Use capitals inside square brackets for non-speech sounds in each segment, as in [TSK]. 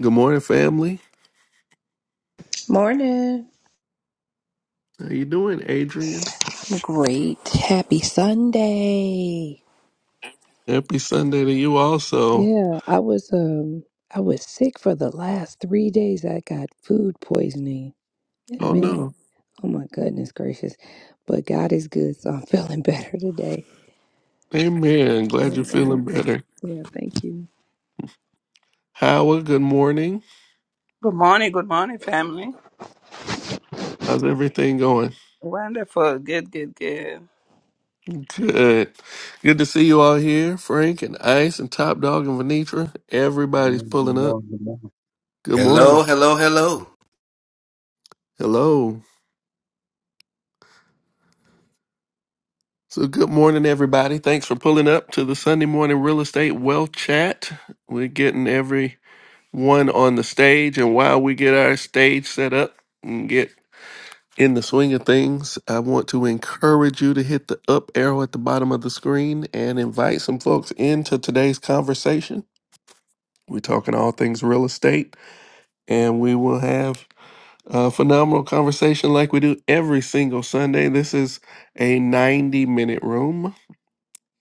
Good morning, family. Morning. How you doing, Adrian? Great. Happy Sunday. Happy Sunday to you also. Yeah, I was um I was sick for the last 3 days. I got food poisoning. And Oh man, no. oh my goodness gracious. But God is good, so I'm [LAUGHS] feeling better today. Amen. Glad you're Mhm. feeling better. Yeah, thank you. Howard, good morning. Good morning, good morning, family. How's everything going? Wonderful, good, good, good. Good. Good to see you all here. Frank and Ice and Top Dog and Venitra. Good Everybody's morning, pulling good up. morning, good morning. Good Hello, morning. hello, hello. Hello. So good morning, everybody. Thanks for pulling up to the Sunday morning real estate wealth chat. We're getting everyone on the stage, and while we get our stage set up, and get in the swing of things, I want to encourage you to hit the up arrow at the bottom of the screen and invite some folks into today's conversation. We're talking all things real estate, and we will have a phenomenal conversation like we do every single Sunday. This is a 90 minute room.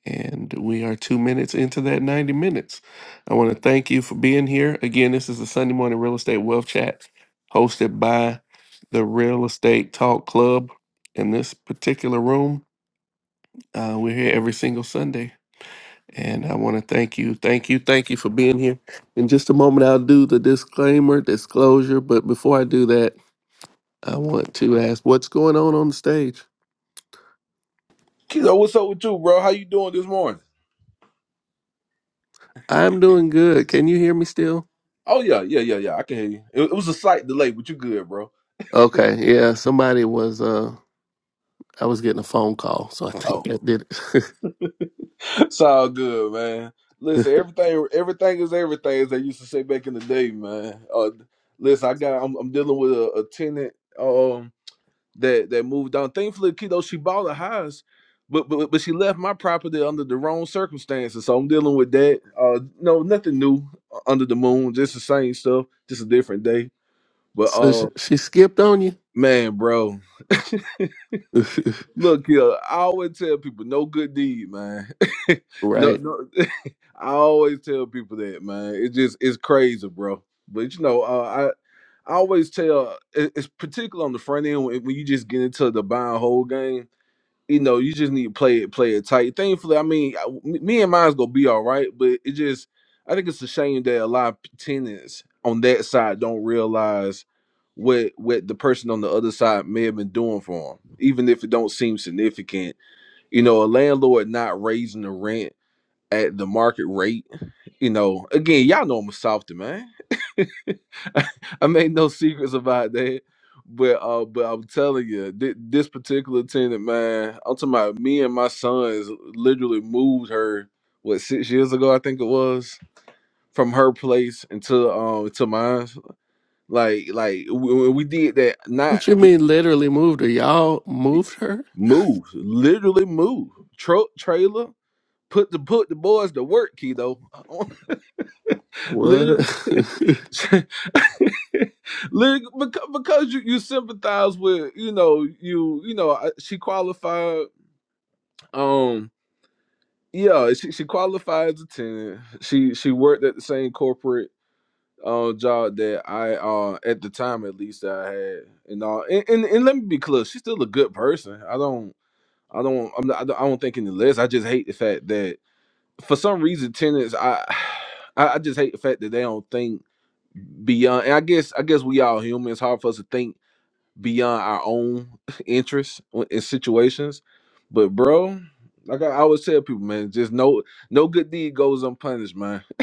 And we are two minutes into that 90 minutes. I want to thank you for being here. Again, this is the Sunday Morning Real Estate Wealth Chat hosted by the Real Estate Talk Club. In this particular room, uh, we're here every single Sunday. And I want to thank you, thank you, thank you for being here. In just a moment, I'll do the disclaimer, disclosure. But before I do that, I want to ask what's going on on the stage? Kizo, what's up with you, bro? How you doing this morning? I'm doing good. Can you hear me still? Oh yeah, yeah, yeah, yeah. I can hear you. It, it was a slight delay, but you good, bro. Okay, yeah, somebody was. uh, I was getting a phone call, so I think Oh, that did it. [LAUGHS] it's all good, man. Listen, everything, everything is everything, as they used to say back in the day, man. Uh, listen, I got, I'm, I'm dealing with a, a tenant, um, that that moved down. Thankfully, kiddo, she bought a house, but but but she left my property under the wrong circumstances, so I'm dealing with that. Uh, no, nothing new uh, under the moon, just the same stuff, just a different day. [LAUGHS] But so she, uh, she skipped on you, man, bro. Look here, I always tell people no good deed, man. [LAUGHS] [LAUGHS] no, right? no, [LAUGHS] I always tell people that, man. It just it's crazy, bro. But you know, uh, I I always tell, it- it's particular on the front end when, when you just get into the buy and hold game you know, you just need to play it, play it tight. Thankfully, I mean, I- me and mine's gonna be all right, but it just, I think it's a shame that a lot of tenants on that side don't realize what what the person on the other side may have been doing for them, even if it don't seem significant. You know, a landlord not raising the rent at the market rate. You know, again, y'all know I'm a softy man. [LAUGHS] I made no secrets about that. But uh, but I'm telling you, thi- this particular tenant, man, I'm talking about me and my sons literally moved her what six years ago, I think it was, from her place into um to mine. Like like we, we did that, not What you mean, literally moved her? Y'all moved her? move, literally move, truck trailer. Put the put the boys to work, kiddo. [LAUGHS] What? literally, [LAUGHS] it [LAUGHS] [LAUGHS] Lig- beca- because you, you sympathize with you know you you know I- she qualified um yeah she, she qualified as a tenant she she worked at the same corporate uh, job that I uh at the time at least that I had and all and, and, and let me be clear she's still a good person I don't I don't I'm not, I don't I don't think any less I just hate the fact that for some reason tenants I [SIGHS] I I just hate the fact that they don't think beyond and I guess I guess we all human it's hard for us to think beyond our own [LAUGHS] interests in situations. But bro, like I always tell people, man, just no no good deed goes unpunished, man. [LAUGHS]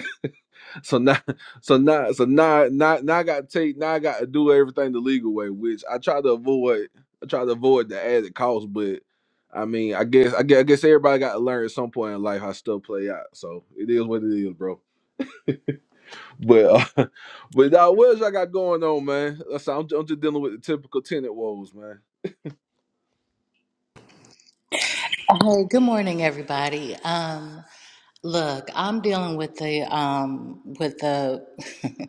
So now, so now, so now, now, now I got to take, now I got to do everything the legal way, which I try to avoid. I try to avoid the added cost, but I mean, I guess, I guess, I guess everybody got to learn at some point in life how stuff play out. So it is what it is, bro. But uh, [LAUGHS] but now, what else I got going on, man? That's I'm, I'm just dealing with the typical tenant woes, man. Hey, good morning, everybody. Um, look, I'm dealing with the um, with the [LAUGHS]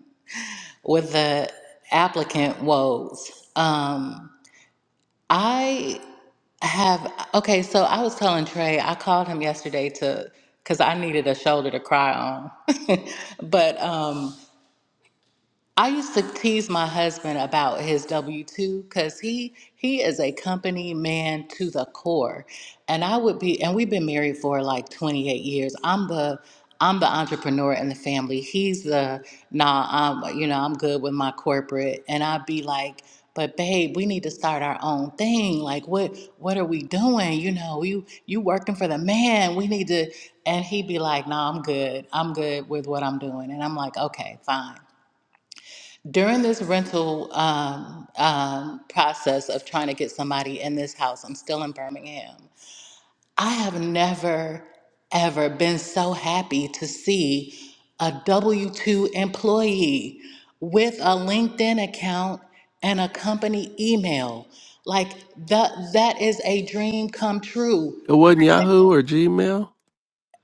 with the applicant woes. Um, I have okay. So I was telling Trey, I called him yesterday to because I needed a shoulder to cry on, [LAUGHS] but um, I used to tease my husband about his W two because he he is a company man to the core, and I would be and we've been married for like twenty eight years. I'm the I'm the entrepreneur in the family. He's the nah. I'm you know I'm good with my corporate, and I'd be like, but babe, we need to start our own thing. Like what what are we doing? You know you you working for the man. We need to. And he'd be like, no, nah, I'm good. I'm good with what I'm doing. And I'm like, okay, fine. During this rental um, um, process of trying to get somebody in this house, I'm still in Birmingham. I have never, ever been so happy to see a W 2 employee with a LinkedIn account and a company email. Like, that, that is a dream come true wasn't Yahoo or Gmail.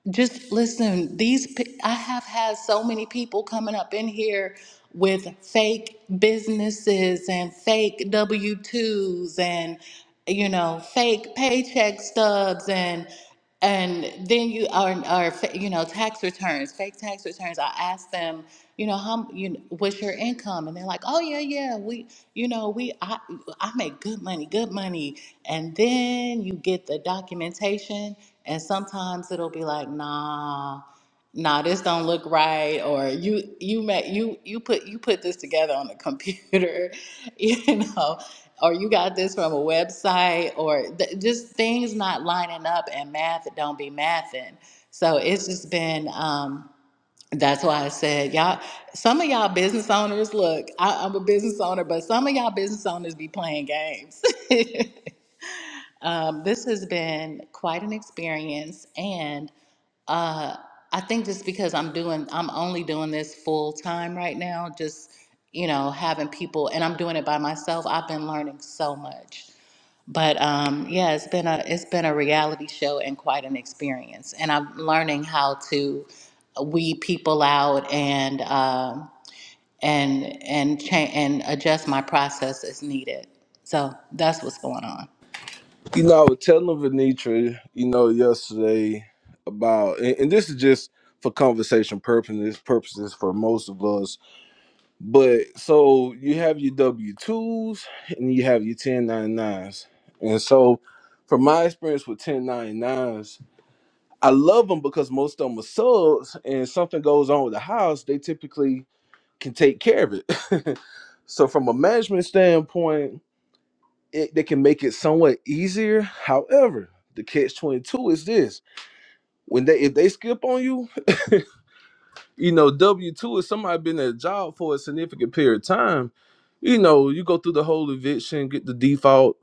just listen these pe- i have had so many people coming up in here with fake businesses and fake w2s and you know fake paycheck stubs and and then you are, are fa- you know tax returns fake tax returns i ask them you know how m- you know, what's your income and they're like oh yeah yeah we you know we i i make good money good money and then you get the documentation and sometimes it'll be like, nah, nah, this don't look right, or you you met you you put you put this together on the computer, [LAUGHS] you know, or you got this from a website, or th- just things not lining up and math don't be mathing. So it's just been. Um, that's why I said y'all. Some of y'all business owners, look, I, I'm a business owner, but some of y'all business owners be playing games. [LAUGHS] Um, this has been quite an experience, and uh, I think just because I'm doing, I'm only doing this full time right now, just, you know, having people, and I'm doing it by myself, I've been learning so much. But um, yeah, it's been a it's been a reality show and quite an experience, and I'm learning how to weed people out and um, and and change and adjust my process as needed. So that's what's going on. You know, I was telling Venitra, you know, yesterday about, and, and this is just for conversation purposes, purposes for most of us. But so you have your W twos and you have your ten ninety nines, and so from my experience with ten ninety nines, I love them because most of them are subs, and something goes on with the house, they typically can take care of it. [LAUGHS] so from a management standpoint it, they can make it somewhat easier. However, the catch twenty two is this: when they if they skip on you, you know W two is somebody been at a job for a significant period of time. You know, you go through the whole eviction, get the default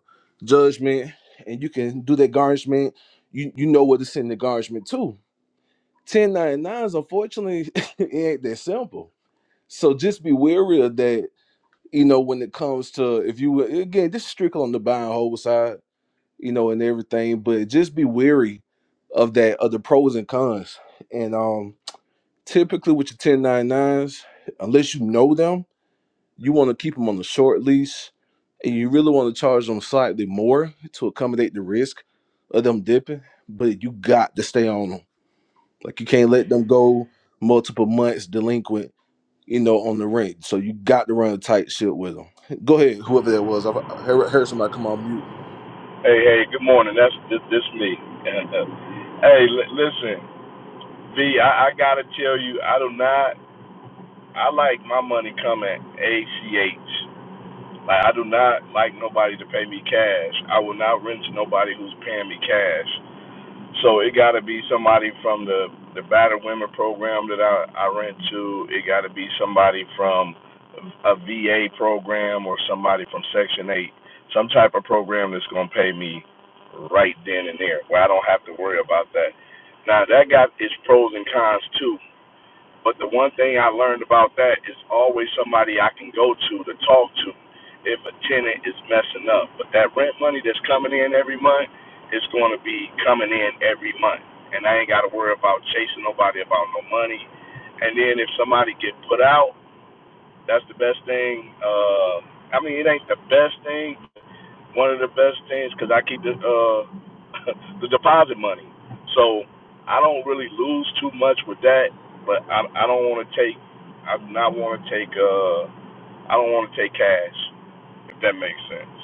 judgment, and you can do that garnishment. You you know what to send the garnishment to. 1099s, unfortunately, [LAUGHS] it ain't that simple. So just be wary of that, you know, when it comes to if you again, this is strictly on the buy and hold side you know, and everything. But just be wary of that of the pros and cons. And um typically with your 1099s, unless you know them, you want to keep them on a short lease and you really want to charge them slightly more to accommodate the risk of them dipping, but you got to stay on them. Like you can't let them go multiple months delinquent, you know, on the rent. So you got to run a tight ship with them. Go ahead, whoever that was. i heard, heard somebody come on mute. Hey, hey, good morning. That's this, this me. And, uh, hey, l- listen, V, I, I gotta tell you, I do not. I like my money coming ACH. Like I do not like nobody to pay me cash. I will not rent to nobody who's paying me cash. So it gotta be somebody from the the battered women program that I I rent to. It gotta be somebody from a VA program or somebody from Section 8, some type of program that's going to pay me right then and there, where I don't have to worry about that. Now, that got its pros and cons too, but the one thing I learned about that is always somebody I can go to to talk to if a tenant is messing up. But that rent money that's coming in every month is going to be coming in every month. And I ain't got to worry about chasing nobody about no money. And then if somebody get put out, that's the best thing. Uh, I mean, it ain't the best thing. One of the best things because I keep the uh, [LAUGHS] the deposit money, so I don't really lose too much with that. But I I don't want to take I do not want to take uh I don't want to take cash if that makes sense.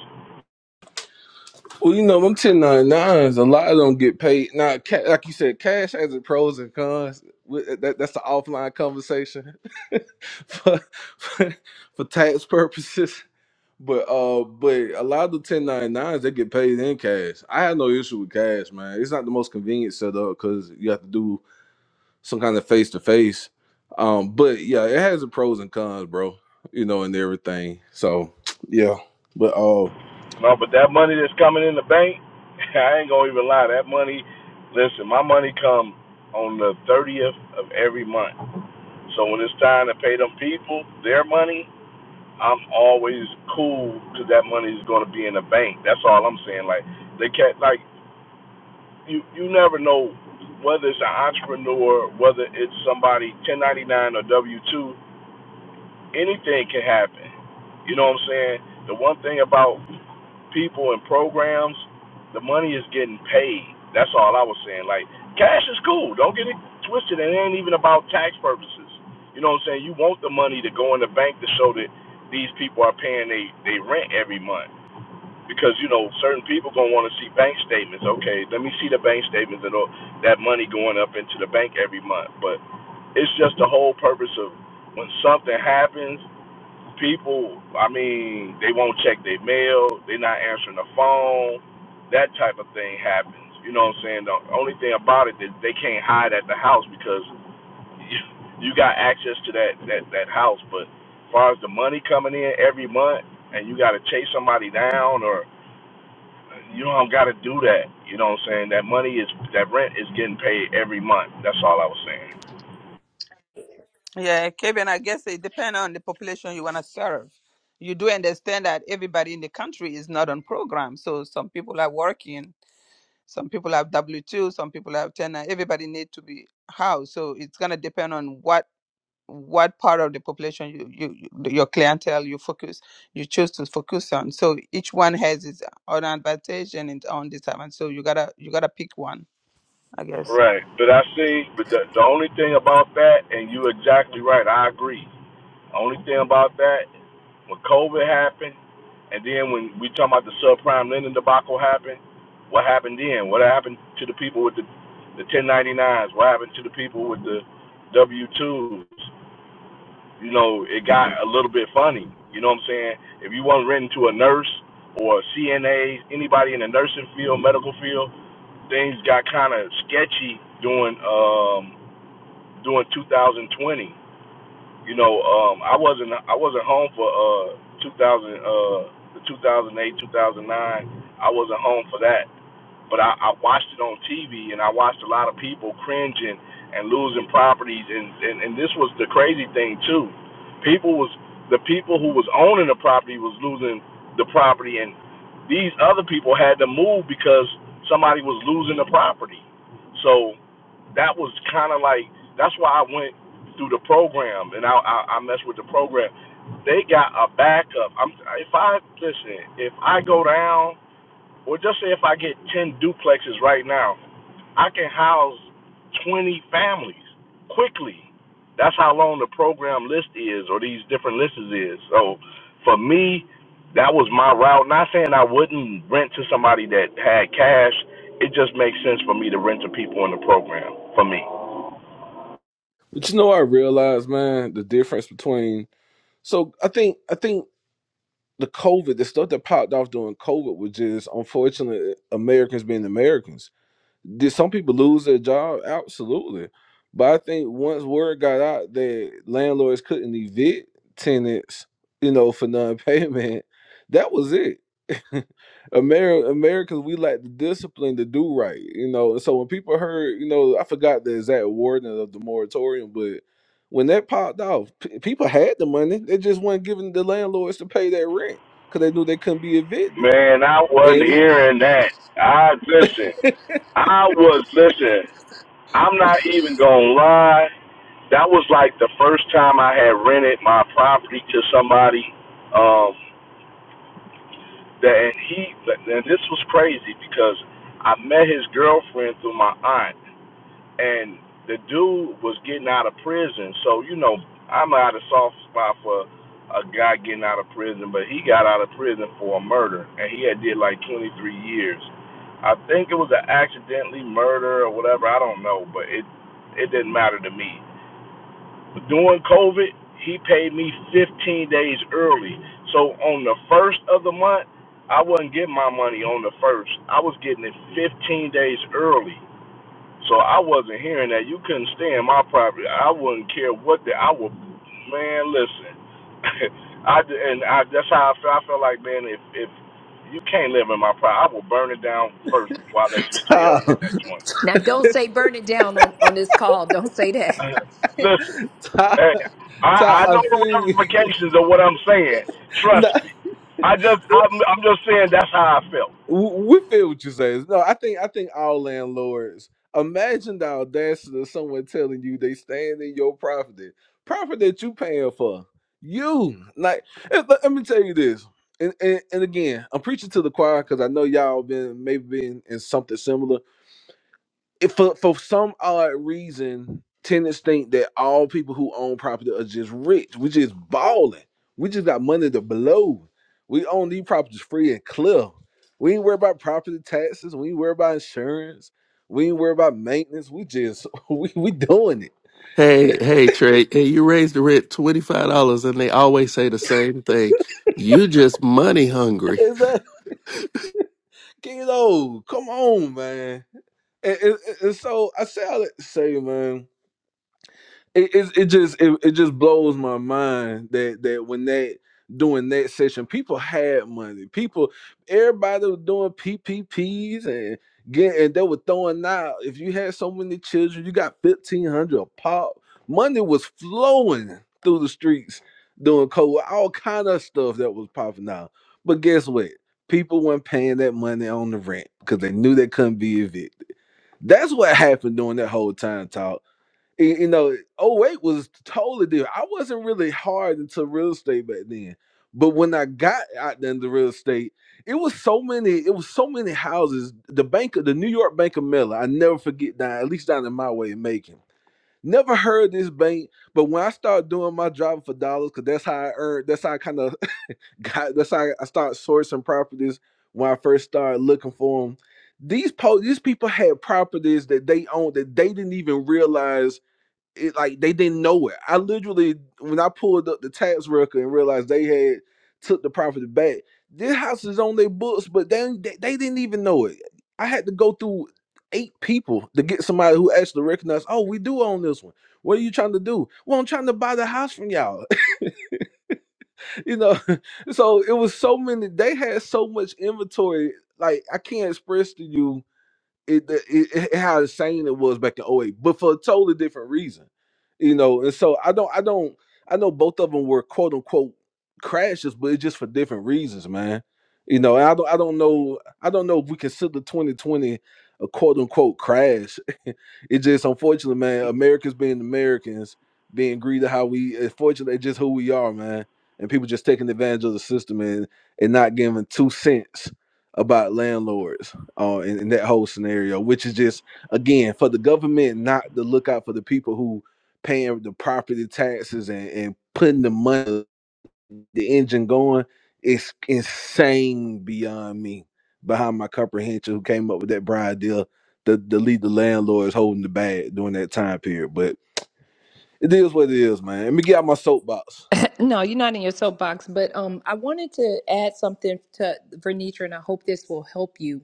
Well, you know, them 1099s, a lot of them get paid. Now, ca- like you said, cash has its pros and cons. We- That, that's an offline conversation [LAUGHS] for, for, for tax purposes. But uh, but a lot of the 1099s, they get paid in cash. I have no issue with cash, man. It's not the most convenient setup because you have to do some kind of face to face. Um, But yeah, it has its pros and cons, bro, you know, and everything. So, [TSK] yeah. But uh, No, but that money that's coming in the bank, [LAUGHS] I ain't gonna even lie. That money, listen, my money come on the thirtieth of every month. So when it's time to pay them people their money, I'm always cool because that money is going to be in the bank. That's all I'm saying. Like they can't like you. You never know whether it's an entrepreneur, whether it's somebody 1099 or W two. Anything can happen. You know what I'm saying? The one thing about people and programs, the money is getting paid. That's all I was saying. Like cash is cool. Don't get it twisted. It ain't even about tax purposes. You know what I'm saying? You want the money to go in the bank to show that these people are paying they they rent every month. Because you know certain people gonna want to see bank statements. Okay, let me see the bank statements and all that money going up into the bank every month. But it's just the whole purpose of when something happens people, I mean, they won't check their mail, they're not answering the phone, that type of thing happens. You know what I'm saying? The only thing about it is they can't hide at the house because [LAUGHS] you, you got access to that, that, that house. But as far as the money coming in every month and you got to chase somebody down or you don't got to do that. You know what I'm saying? That money is, that rent is getting paid every month. That's all I was saying. Yeah, Kevin, I guess it depends on the population you want to serve. You do understand that everybody in the country is not on program, so some people are working, some people have W two, some people have ten. uh, Everybody need to be housed, so it's gonna depend on what what part of the population you, you you- your clientele you focus you choose to focus on. So each one has its own advantage and its own disadvantage. So you gotta you gotta pick one, I guess. Right, but I see. But the the only thing about that, and you're exactly right. I agree. Only thing about that, when COVID happened, and then when we talking about the subprime lending debacle happened, what happened then? What happened to the people with the the 1099s? What happened to the people with the W2s? You know, it got a little bit funny. You know what I'm saying? If you weren't renting to a nurse or a CNA, anybody in the nursing field, medical field, things got kind of sketchy during um during 2020 you know, um, I wasn't I wasn't home for uh 2000 uh the 2008 2009. I wasn't home for that, but I, I watched it on TV and I watched a lot of people cringing and losing properties and and, and this was the crazy thing too. People was the people who was owning the property was losing the property and these other people had to move because somebody was losing the property. So that was kind of like that's why I went through the program and I I, I messed with the program. They got a backup. I'm if I listen, if I go down, or just say if I get ten duplexes right now, I can house twenty families quickly. That's how long the program list is, or these different lists is. So for me, that was my route. Not saying I wouldn't rent to somebody that had cash. It just makes sense for me to rent to people in the program. For me. but you know, what I realized, man, the difference between So I think I think the COVID, the stuff that popped off during COVID was just unfortunately Americans being Americans. Did some people lose their job? Absolutely. But I think once word got out that landlords couldn't evict tenants, you know, for non-payment, that was it. [LAUGHS] America, Americans, we lack the discipline to do right, you know. And so when people heard, you know, I forgot the exact wording of the moratorium, but when that popped off, p- people had the money. They just weren't giving the landlords to pay their rent because they knew they couldn't be evicted. Man, I wasn't And hearing that. I listen. I was listen. I'm not even gonna lie. That was like the first time I had rented my property to somebody. Um, that and he and this was crazy because I met his girlfriend through my aunt. and the dude was getting out of prison. So you know, I'm out of soft spot for a guy getting out of prison, but he got out of prison for a murder, and he had did like 23 years. I think it was an accidentally murder or whatever. I don't know, but it it didn't matter to me. But during COVID, he paid me 15 days early. So on the first of the month, I wasn't getting my money on the first. I was getting it 15 days early. So I wasn't hearing that. You couldn't stay in my property. I wouldn't care what the I would. Man, listen. [LAUGHS] I and I, that's how I feel. I feel like man, if if you can't live in my property, I will burn it down first before I let [LAUGHS] you stay up Ty, in that joint. Now, don't say burn it down on, on this call. Don't say that. [CLEARS THROAT] [LAUGHS] [LAUGHS] listen, Ty, hey, Ty, I I I know the feel you. ramifications of what I'm saying. No, Trust me. I just [LAUGHS] I'm I'm just saying that's how I felt. w- we feel what you say. No, I think I think all landlords imagine the audacity of someone telling you they stand in your property, property that you paying for. You like eh, let, let me tell you this. And, and, and again, I'm preaching to the choir because I know y'all been maybe been in something similar. if for for some odd reason, tenants think that all people who own property are just rich. We just balling. We just got money to blow. We own these properties free and clear. We ain't worry about property taxes. We ain't worry about insurance. We ain't worry about maintenance. We just [LAUGHS] we we doing it. Hey, hey, Trey. Hey, you raised the rent twenty five dollars, and they always say the same thing. You just money hungry. Is that kiddo? Come on, man. And, and- and so I say all that to say, man. it it, it just it, it just blows my mind that that when that doing that session, people had money. People, everybody was doing PPPs and get and they were throwing out. If you had so many children, you got fifteen hundred a pop. Money was flowing through the streets doing COVID all kind of stuff that was popping out. But guess what? People weren't paying that money on the rent because they knew they couldn't be evicted. That's what happened during that whole time talk y- you know, oh eight was totally different. I wasn't really hard into real estate back then. But when I got out there into real estate, it was so many, it was so many houses. The bank of the New York Bank of Mellon, I never forget that. at least down in my way of making. Never heard this bank, but when I started doing my job for dollars, because that's how I earned, that's how I kind of [LAUGHS] got, that's how I started sourcing properties when I first started looking for them. These po- these people had properties that they owned that they didn't even realize it like they didn't know it. I literally when I pulled up the tax record and realized they had took the property back. This house is on their books, but they, they they didn't even know it. I had to go through eight people to get somebody who actually recognized. Oh, we do own this one. What are you trying to do? Well, I'm trying to buy the house from y'all. [LAUGHS] you know, [LAUGHS] so it was so many. They had so much inventory. Like I can't express to you it, it, it how insane it was back in '08, but for a totally different reason, you know. And so I don't, I don't, I know both of them were quote unquote crashes, but it's just for different reasons, man. You know, and I don't, I don't know, I don't know if we consider 2020 a quote unquote crash. [LAUGHS] it just unfortunately, man, Americans being Americans, being greedy how we, unfortunately, it's just who we are, man. And people just taking advantage of the system and and not giving two cents about landlords uh, in, in that whole scenario, which is just again for the government not to look out for the people who paying the property taxes and, and putting the money, the engine going. It's insane beyond me, behind my comprehension. Who came up with that bribe deal? The the lead the landlords holding the bag during that time period, but it is what it is, man. Let me get out my soapbox. No, you're not in your soapbox, but um, I wanted to add something to Vernitra, and I hope this will help you.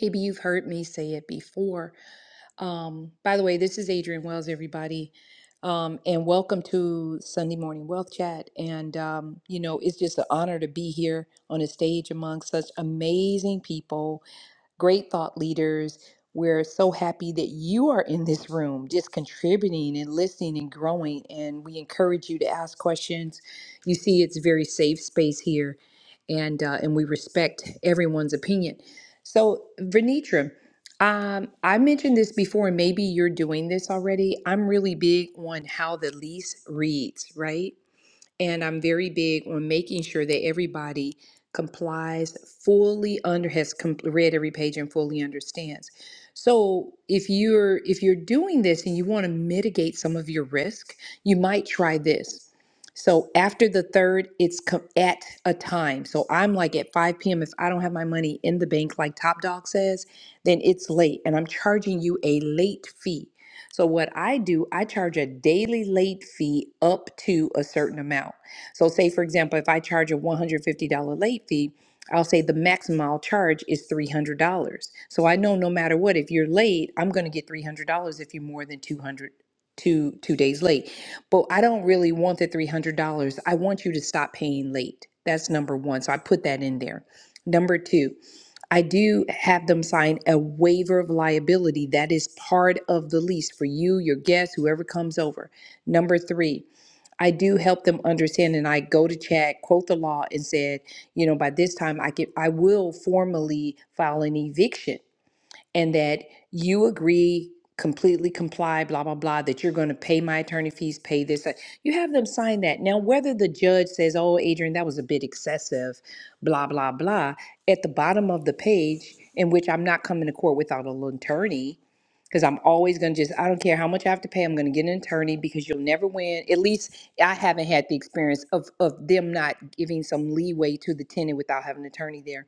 Maybe you've heard me say it before, Um, by the way, this is Adrian Wells, everybody, um, and welcome to Sunday Morning Wealth Chat. And um, you know, it's just an honor to be here on a stage among such amazing people great thought leaders. We're so happy that you are in this room, just contributing and listening and growing. And we encourage you to ask questions. You see, it's a very safe space here, and uh, and we respect everyone's opinion. So, Venitra, um, I mentioned this before, and maybe you're doing this already. I'm really big on how the lease reads, right? and I'm very big on making sure that everybody complies fully under has com- read every page and fully understands. So if you're if you're doing this and you want to mitigate some of your risk, you might try this. So after the third, it's co- at a time. So I'm like at 5 p.m. If I don't have my money in the bank, like Top Dog says, then it's late, and I'm charging you a late fee so what I do, I charge a daily late fee up to a certain amount. So say for example, if I charge a $150 late fee, I'll say the maximum I'll charge is $300. So I know no matter what, if you're late, I'm going to get $300 if you're more than 200 two two days late. But I don't really want the $300. I want you to stop paying late. That's number 1. So I put that in there. Number 2, I do have them sign a waiver of liability. That is part of the lease for you, your guests, whoever comes over. Number three, I do help them understand and I go to Chad, quote the law, and said, you know, by this time I get I will formally file an eviction and that you agree completely comply blah blah blah that you're going to pay my attorney fees pay this that- you have them sign that now whether the judge says oh adrian that was a bit excessive blah blah blah at the bottom of the page in which i'm not coming to court without an attorney because i'm always going to just i don't care how much i have to pay i'm going to get an attorney because you'll never win at least i haven't had the experience of of them not giving some leeway to the tenant without having an attorney there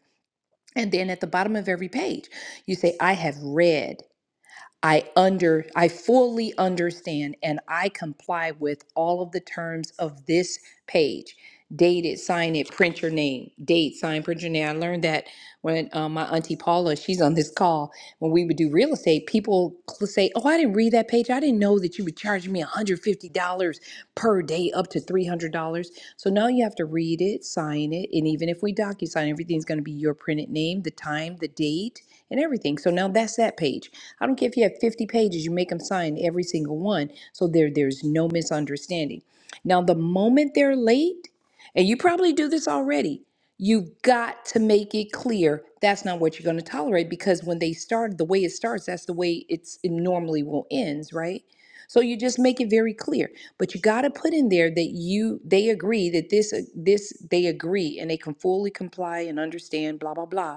and then at the bottom of every page, you say, I have read. I under I fully understand and I comply with all of the terms of this page. Date it, sign it, print your name. Date, sign, print your name. I learned that when um, my auntie Paula, she's on this call, when we would do real estate, people cl- say, "Oh, I didn't read that page. I didn't know that you would charge me $150 per day, up to $300." So now you have to read it, sign it, and even if we docu sign, everything's going to be your printed name, the time, the date, and everything. So now that's that page. I don't care if you have 50 pages, you make them sign every single one so there there's no misunderstanding. Now, the moment they're late, and you probably do this already, you've got to make it clear that's not what you're going to tolerate because when they start the way it starts, that's the way it's it normally will ends, right? So you just make it very clear. But you got to put in there that you they agree that this this they agree and they can fully comply and understand blah blah blah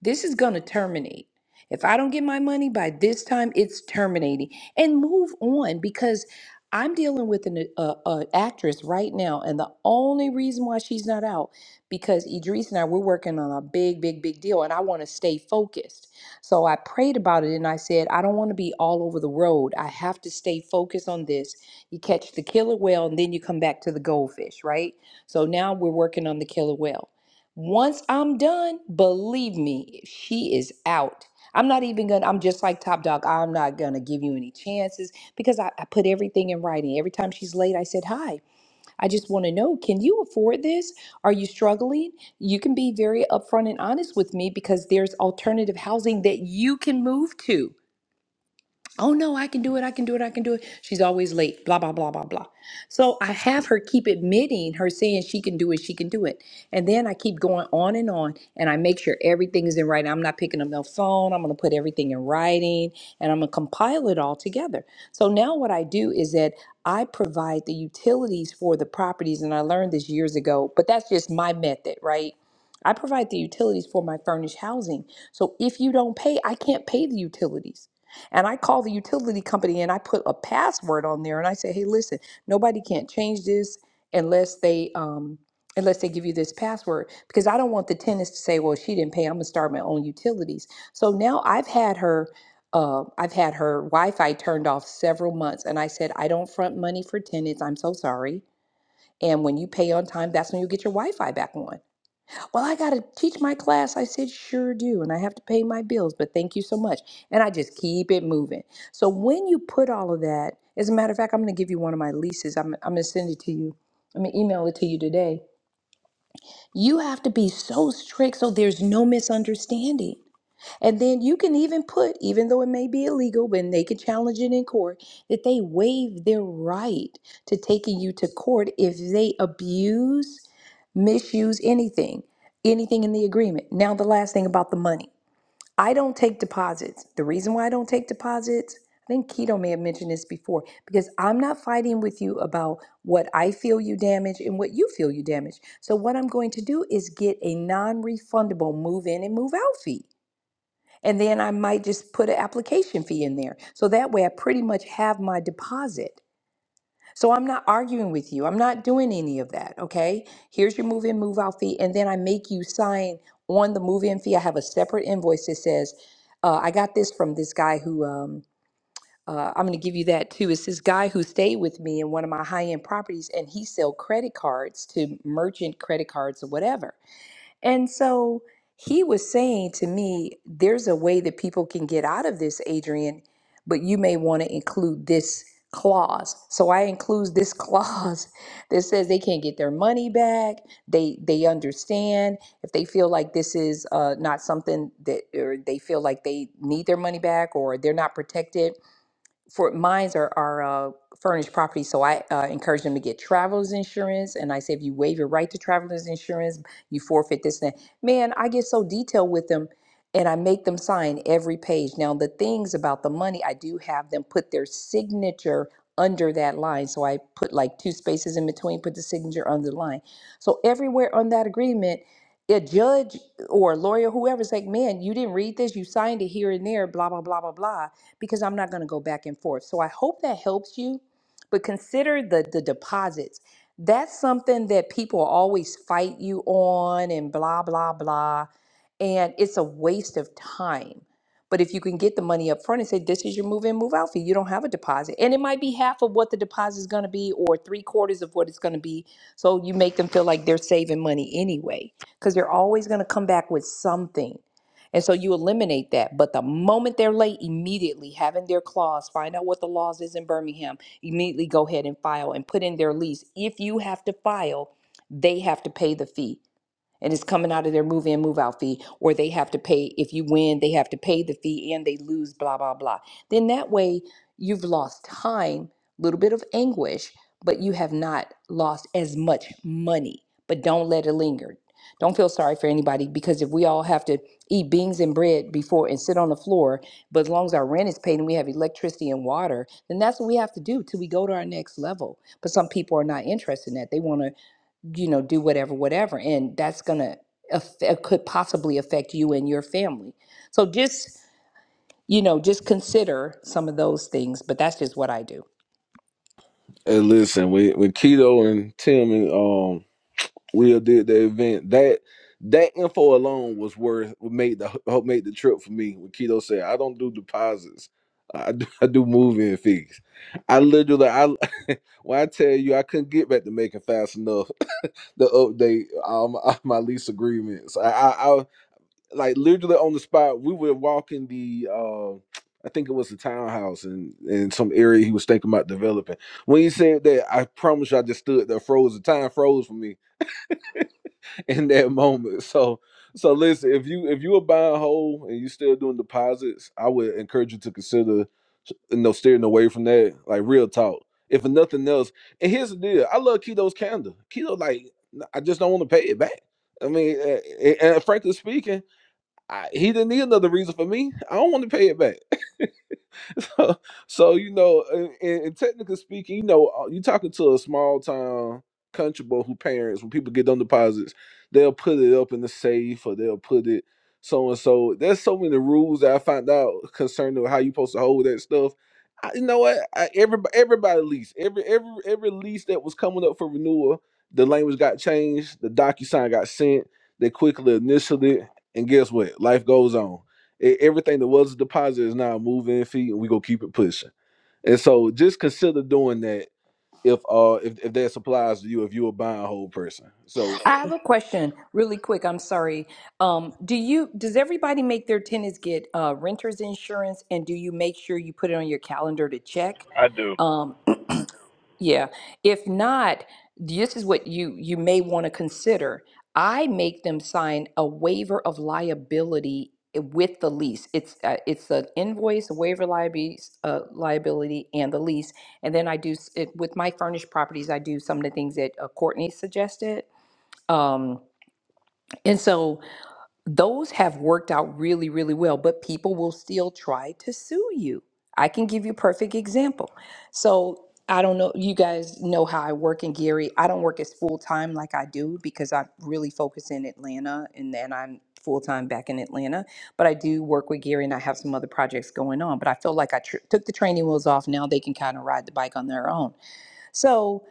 this is going to terminate. If I don't get my money by this time, it's terminating. And move on because I'm dealing with an uh, uh, actress right now, and the only reason why she's not out because Idris and I we're working on a big, big, big deal, and I want to stay focused. So I prayed about it, and I said I don't want to be all over the road. I have to stay focused on this. You catch the killer whale, and then you come back to the goldfish, right? So now we're working on the killer whale. Once I'm done, believe me, she is out. I'm not even gonna, I'm just like Top Dog. I'm not gonna give you any chances because I, I put everything in writing. Every time she's late, I said, Hi, I just wanna know, can you afford this? Are you struggling? You can be very upfront and honest with me because there's alternative housing that you can move to. Oh no, I can do it. I can do it. I can do it. She's always late. Blah, blah, blah, blah, blah. So I have her keep admitting her saying she can do it. She can do it. And then I keep going on and on and I make sure everything is in writing. I'm not picking up no phone. I'm going to put everything in writing and I'm going to compile it all together. So now what I do is that I provide the utilities for the properties. And I learned this years ago, but that's just my method, right? I provide the utilities for my furnished housing. So if you don't pay, I can't pay the utilities. And I call the utility company and I put a password on there and I say, hey, listen, nobody can't change this unless they um, unless they give you this password because I don't want the tenants to say, well, she didn't pay. I'm gonna start my own utilities. So now I've had her. Uh, I've had her Wi-Fi turned off several months, and I said I don't front money for tenants. I'm so sorry. And when you pay on time, that's when you get your Wi-Fi back on. Well, I got to teach my class. I said, sure do. And I have to pay my bills, but thank you so much. And I just keep it moving. So when you put all of that, as a matter of fact, I'm going to give you one of my leases. I'm, I'm going to send it to you. I'm going to email it to you today. You have to be so strict so there's no misunderstanding. And then you can even put, even though it may be illegal, when they can challenge it in court, that they waive their right to taking you to court if they abuse misuse anything, anything in the agreement. Now, the last thing about the money. I don't take deposits. The reason why I don't take deposits, I think Keto may have mentioned this before, because I'm not fighting with you about what I feel you damage and what you feel you damage. So, what I'm going to do is get a non refundable move in and move out fee. And then I might just put an application fee in there. So that way I pretty much have my deposit. So I'm not arguing with you. I'm not doing any of that. Okay. Here's your move in, move out fee. And then I make you sign on the move in fee. I have a separate invoice that says, uh, I got this from this guy who, um, uh, I'm going to give you that too. It's this guy who stayed with me in one of my high end properties and he sell credit cards to merchant credit cards or whatever. And so he was saying to me, there's a way that people can get out of this, Adrian, but you may want to include this clause. So I include this [LAUGHS] clause that says they can't get their money back. They they understand if they feel like this is uh, not something that or they feel like they need their money back or they're not protected for mines are are uh, furnished property, so I uh, encourage them to get travelers insurance. And I say, if you waive your right to travelers insurance, you forfeit this and that. Man, I get so detailed with them, and I make them sign every page. Now the things about the money, I do have them put their signature under that line. So I put like two spaces in between, put the signature under the line. So everywhere on that agreement. A judge or a lawyer, whoever's like, man, you didn't read this, you signed it here and there, blah, blah, blah, blah, blah because I'm not going to go back and forth. So I hope that helps you. But consider the the deposits. That's something that people always fight you on and blah blah blah, and it's a waste of time. But if you can get the money up front and say, this is your move in, move out fee, you don't have a deposit. And it might be half of what the deposit is going to be or three quarters of what it's going to be. So you make them feel like they're saving money anyway, because they're always going to come back with something. And so you eliminate that. But the moment they're late, immediately having their clause, find out what the laws is in Birmingham, immediately go ahead and file and put in their lease. If you have to file, they have to pay the fee and it's coming out of their move in move out fee or they have to pay if you win they have to pay the fee and they lose blah blah blah then that way you've lost time a little bit of anguish but you have not lost as much money but don't let it linger don't feel sorry for anybody because if we all have to eat beans and bread before and sit on the floor but as long as our rent is paid and we have electricity and water then that's what we have to do till we go to our next level but some people are not interested in that they want to you know, do whatever, whatever. And that's going to, affect, could possibly affect you and your family. So just, you know, just consider some of those things, but that's just what I do. And listen, when when Keto and Tim and um Will did the event. That that info alone was worth what made the what made the trip for me. What Keto said, I don't do deposits. I do, [LAUGHS] I do moving fees. I literally, I [LAUGHS] when I tell you, I couldn't get back to making fast enough to update um, [LAUGHS] my lease agreements. I, I, I like literally on the spot. We were walking the, uh, I think it was the townhouse in in some area he was thinking about developing. When he said that, I promise you, I just stood there, froze. The time froze for me in that moment. So so listen, if you if you are buying whole and you still doing deposits, I would encourage you to consider you know steering away from that. Like real talk. If for nothing else, and here's the deal, I love Keto's candor. Keto like I just don't want to pay it back. I mean, a- a- and frankly speaking, I, he didn't need another reason for me. I don't want to pay it back. [LAUGHS] [LAUGHS] so, so you know, and, and and technically speaking, you know, uh, you're talking to a small town country boy who parents when people get them deposits, they'll put it up in the safe or they'll put it so and so. There's so many rules that I found out concerning how you supposed to hold that stuff. I, you know what? I, everybody, everybody lease every every every lease that was coming up for renewal, the language got changed. The DocuSign got sent. They quickly initialed it, and guess what? Life goes on E- everything that was a deposit is now a move-in fee, and we gonna keep it pushing. And so, just consider doing that if uh if, if that applies to you, if you're a buying whole person. So, I have a question really quick. I'm sorry. Um, do you, does everybody make their tenants get uh, renter's insurance? And do you make sure you put it on your calendar to check? I do. Um, Yeah. If not, this is what you you may want to consider. I make them sign a waiver of liability i- with the lease. It's uh, it's an invoice, a waiver liability, uh, liability, and the lease. And then I do s- it with my furnished properties. I do some of the things that uh, Courtney suggested. Um, and so those have worked out really, really well, but people will still try to sue you. I can give you a perfect example. So I don't know, you guys know how I work in Gary. I don't work as full time like I do because I really focus in Atlanta and then I'm full time back in Atlanta. But I do work with Gary and I have some other projects going on. But I feel like I tr- took the training wheels off. Now they can kind of ride the bike on their own. So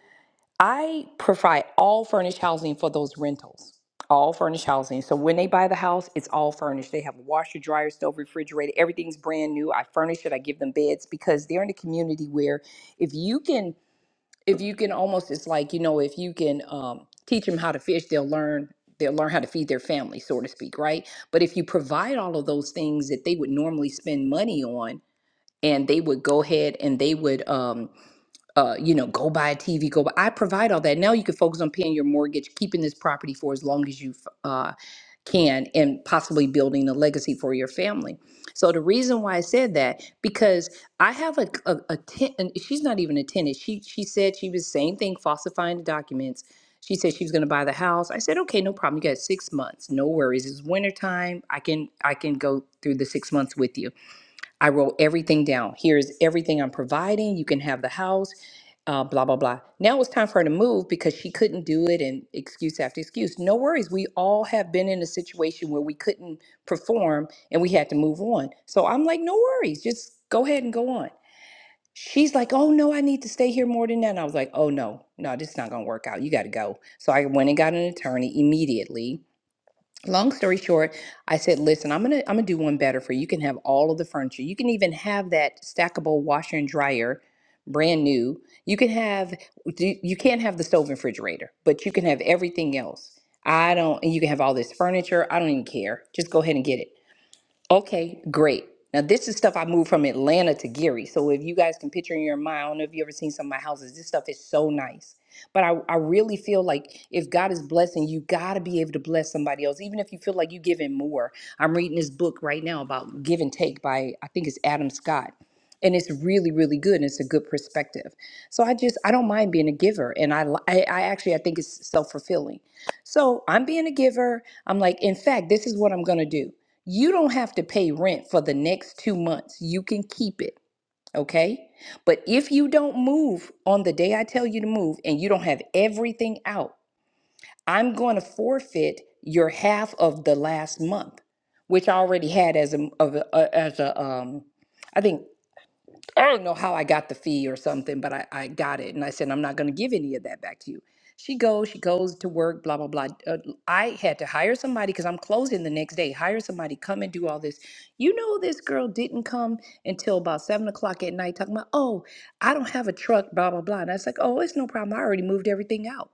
I provide all furnished housing for those rentals. All furnished housing. So when they buy the house, it's all furnished. They have a washer, dryer, stove, refrigerator. Everything's brand new. I furnish it. I give them beds because they're in a community where if you can, if you can almost, it's like, you know, if you can um, teach them how to fish, they'll learn. They'll learn how to feed their family, so to speak, right? But if you provide all of those things that they would normally spend money on, and they would go ahead and they would um, uh, you know, go buy a TV, go buy. I provide all that. Now you can focus on paying your mortgage, keeping this property for as long as you uh, can, and possibly building a legacy for your family. So the reason why I said that because I have a a, a ten, and she's not even a tenant. She she said she was same thing, falsifying the documents. She said she was going to buy the house. I said, okay, no problem. You got six months, no worries. It's winter time. I can I can go through the six months with you I wrote everything down. Here's everything I'm providing. You can have the house, uh, blah, blah, blah. Now it's time for her to move because she couldn't do it and excuse after excuse. No worries. We all have been in a situation where we couldn't perform and we had to move on. So I'm like, no worries. Just go ahead and go on. She's like, oh no, I need to stay here more than that. And I was like, oh no, no, this is not going to work out. You got to go. So I went and got an attorney immediately long story short i said listen i'm gonna i'm gonna do one better for you you can have all of the furniture you can even have that stackable washer and dryer brand new you can have do- you can't have the stove and refrigerator but you can have everything else i don't and you can have all this furniture i don't even care just go ahead and get it Okay, great. Now this is stuff I moved from Atlanta to Gary. So if you guys can picture in your mind, I don't know if you ever seen some of my houses. This stuff is so nice. But I, I really feel like if God is blessing, you gotta be able to bless somebody else, even if you feel like you're giving more. I'm reading this book right now about give and take by I think it's Adam Scott. And it's really, really good, and it's a good perspective. So I just I don't mind being a giver, and I li- I, I actually I think it's self fulfilling. So I'm being a giver. I'm like, in fact, this is what I'm gonna do. You don't have to pay rent for the next two months. You can keep it, okay? But if you don't move on the day I tell you to move and you don't have everything out, I'm going to forfeit your half of the last month, which I already had as a, of a- as a um, I think I don't know how I got the fee or something, but I, I got it. And I said, I'm not going to give any of that back to you. She goes, she goes to work, blah, blah, blah. Uh, I had to hire somebody because I'm closing the next day. Hire somebody, come and do all this. You know, this girl didn't come until about seven o'clock at night talking about, oh, I don't have a truck, blah, blah, blah. And I was like, oh, it's no problem. I already moved everything out.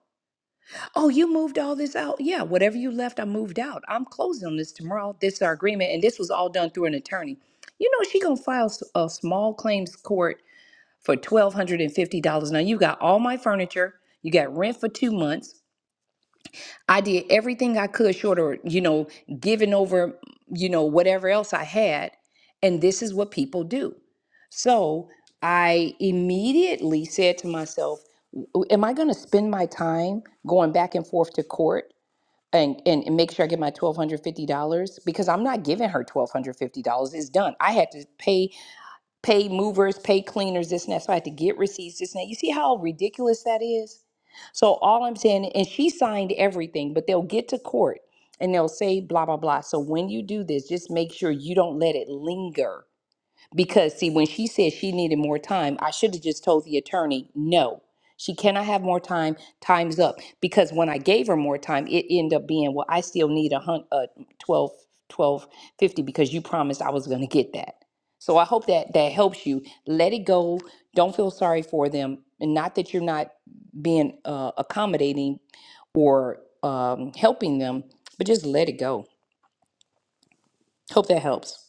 Oh, you moved all this out? Yeah, whatever you left, I moved out. I'm closing on this tomorrow. This is our agreement. And this was all done through an attorney. You know, she going to file s- a small claims court for $1,250. Now you got all my furniture, you got rent for two months. I did everything I could short of, you know, giving over, you know, whatever else I had. And this is what people do. So I immediately said to myself, "W- Am I going to spend my time going back and forth to court and, and, and make sure I get my $1,250? Because I'm not giving her $1,250. It's done. I had to pay pay movers, pay cleaners, this and that. So I had to get receipts, this and that. You see how ridiculous that is? So all I'm saying, and she signed everything, but they'll get to court and they'll say blah, blah, blah. So when you do this, just make sure you don't let it linger because, see, when she said she needed more time, I should have just told the attorney, no, she cannot have more time. Time's up. Because when I gave her more time, it ended up being, well, I still need a hun- uh, 12, twelve fifty because you promised I was going to get that. So I hope that that helps you. Let it go. Don't feel sorry for them. And not that you're not being uh, accommodating or um, helping them, but just let it go. Hope that helps.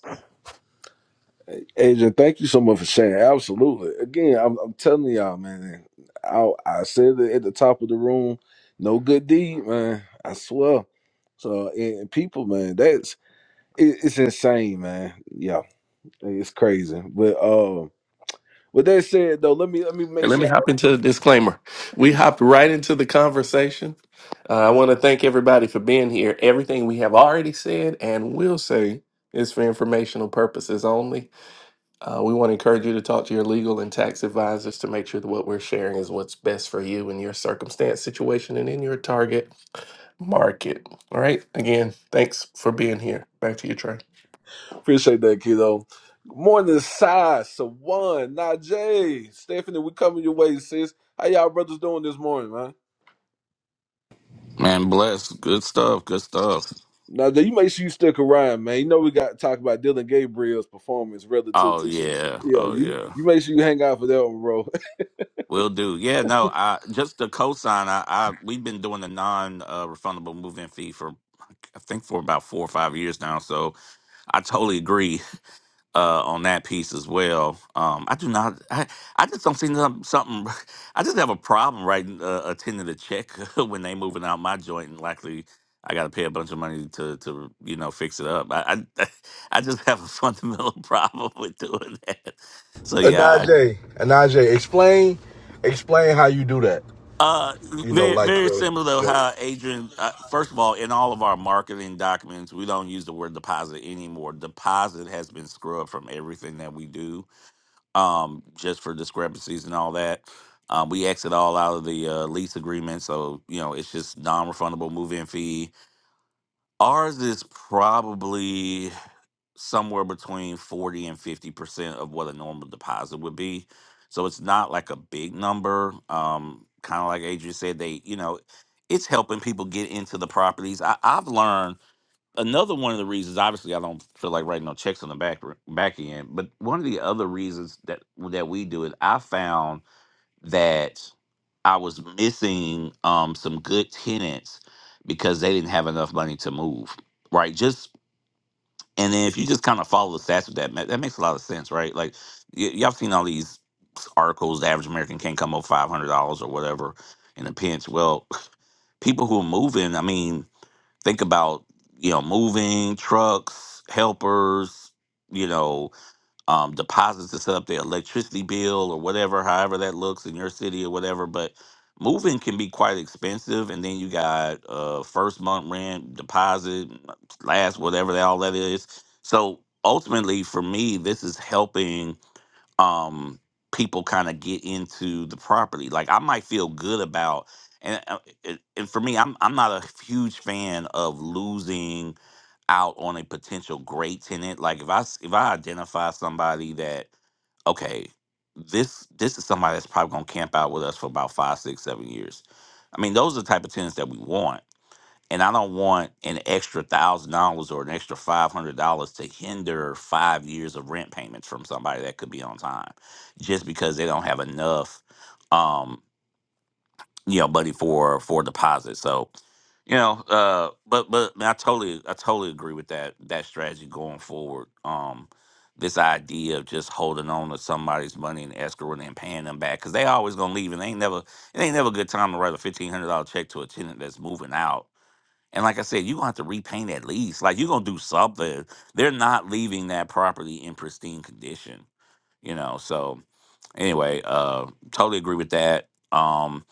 Adrian, thank you so much for sharing. Absolutely. Again, I'm, I'm telling y'all, man. I I said it at the top of the room. No good deed, man. I swear. So, and, and people, man, that's it, it's insane, man. Yeah, it's crazy. But um, with that said, though, let me let me make And let me sure. hop into the disclaimer. We hopped right into the conversation. Uh, I want to thank everybody for being here. Everything we have already said and will say is for informational purposes only. Uh, we want to encourage you to talk to your legal and tax advisors to make sure that what we're sharing is what's best for you in your circumstance, situation, and in your target market. All right. Again, thanks for being here. Back to you, Trey. Appreciate that, kiddo. Morning, Sai, Sawan, Najee, Stephanie, we coming your way, sis. How y'all brothers doing this morning, man? Man, bless. Good stuff. Good stuff. Now, you make sure you stick around, man. You know we got to talk about Dylan Gabriel's performance relative Oh to, yeah. yeah. Oh You yeah. you make sure you hang out for that one, bro. Will do. Yeah. No. I just the cosign. I, I we've been doing the non uh, refundable move-in fee for I think for about four or five years now. So I totally agree. uh, on that piece as well. Um, I do not. I, I just don't see some, something. [LAUGHS] I just have a problem writing uh, attending a check [LAUGHS] when they moving out my joint and likely I got to pay a bunch of money to to you know fix it up. I I, [LAUGHS] I just have a fundamental [LAUGHS] problem with doing that. So yeah, Anaje, Anaje, explain, explain how you do that. I, uh, You know, very like very your, similar though. your. How Adrian, uh, first of all, in all of our marketing documents, we don't use the word deposit anymore. Deposit has been scrubbed from everything that we do um, just for discrepancies and all that. Um, we exit all out of the uh, lease agreement, so you know it's just non-refundable move-in fee. Ours is probably somewhere between forty and fifty percent of what a normal deposit would be, so it's not like a big number. Um, kind of like Adrian said, they you know it's helping people get into the properties. I, I've learned another one of the reasons obviously i don't feel like writing no checks on the back back end but one of the other reasons that that we do it i found that i was missing um some good tenants because they didn't have enough money to move right just and then if you just kind of follow the stats with that ma- that makes a lot of sense right like y- y'all seen all these articles the average american can't come up $500 or whatever in a pinch well [LAUGHS] people who are moving i mean think about you know moving trucks helpers you know um, deposits to set up their electricity bill or whatever however that looks in your city or whatever but moving can be quite expensive and then you got uh, first month rent deposit last whatever that all that is so ultimately for me this is helping um people kind of get into the property like i might feel good about and uh, it- and for me i'm i'm not a huge fan of losing out on a potential great tenant like if i s- if i identify somebody that okay this this is somebody that's probably going to camp out with us for about five six seven years i mean those are the type of tenants that we want and I don't want an extra thousand dollars or an extra five hundred dollars to hinder five years of rent payments from somebody that could be on time, just because they don't have enough, um, you know, money for for deposit. So you know, uh, but but I totally I totally agree with that that strategy going forward. Um, this idea of just holding on to somebody's money and escrowing and then paying them back because they always gonna leave and they ain't never it ain't never a good time to write a fifteen hundred dollar check to a tenant that's moving out and like I said, you're gonna have to repaint at least. Like you're gonna do something. They're not leaving that property in pristine condition, you know. So anyway, uh totally agree with that. Um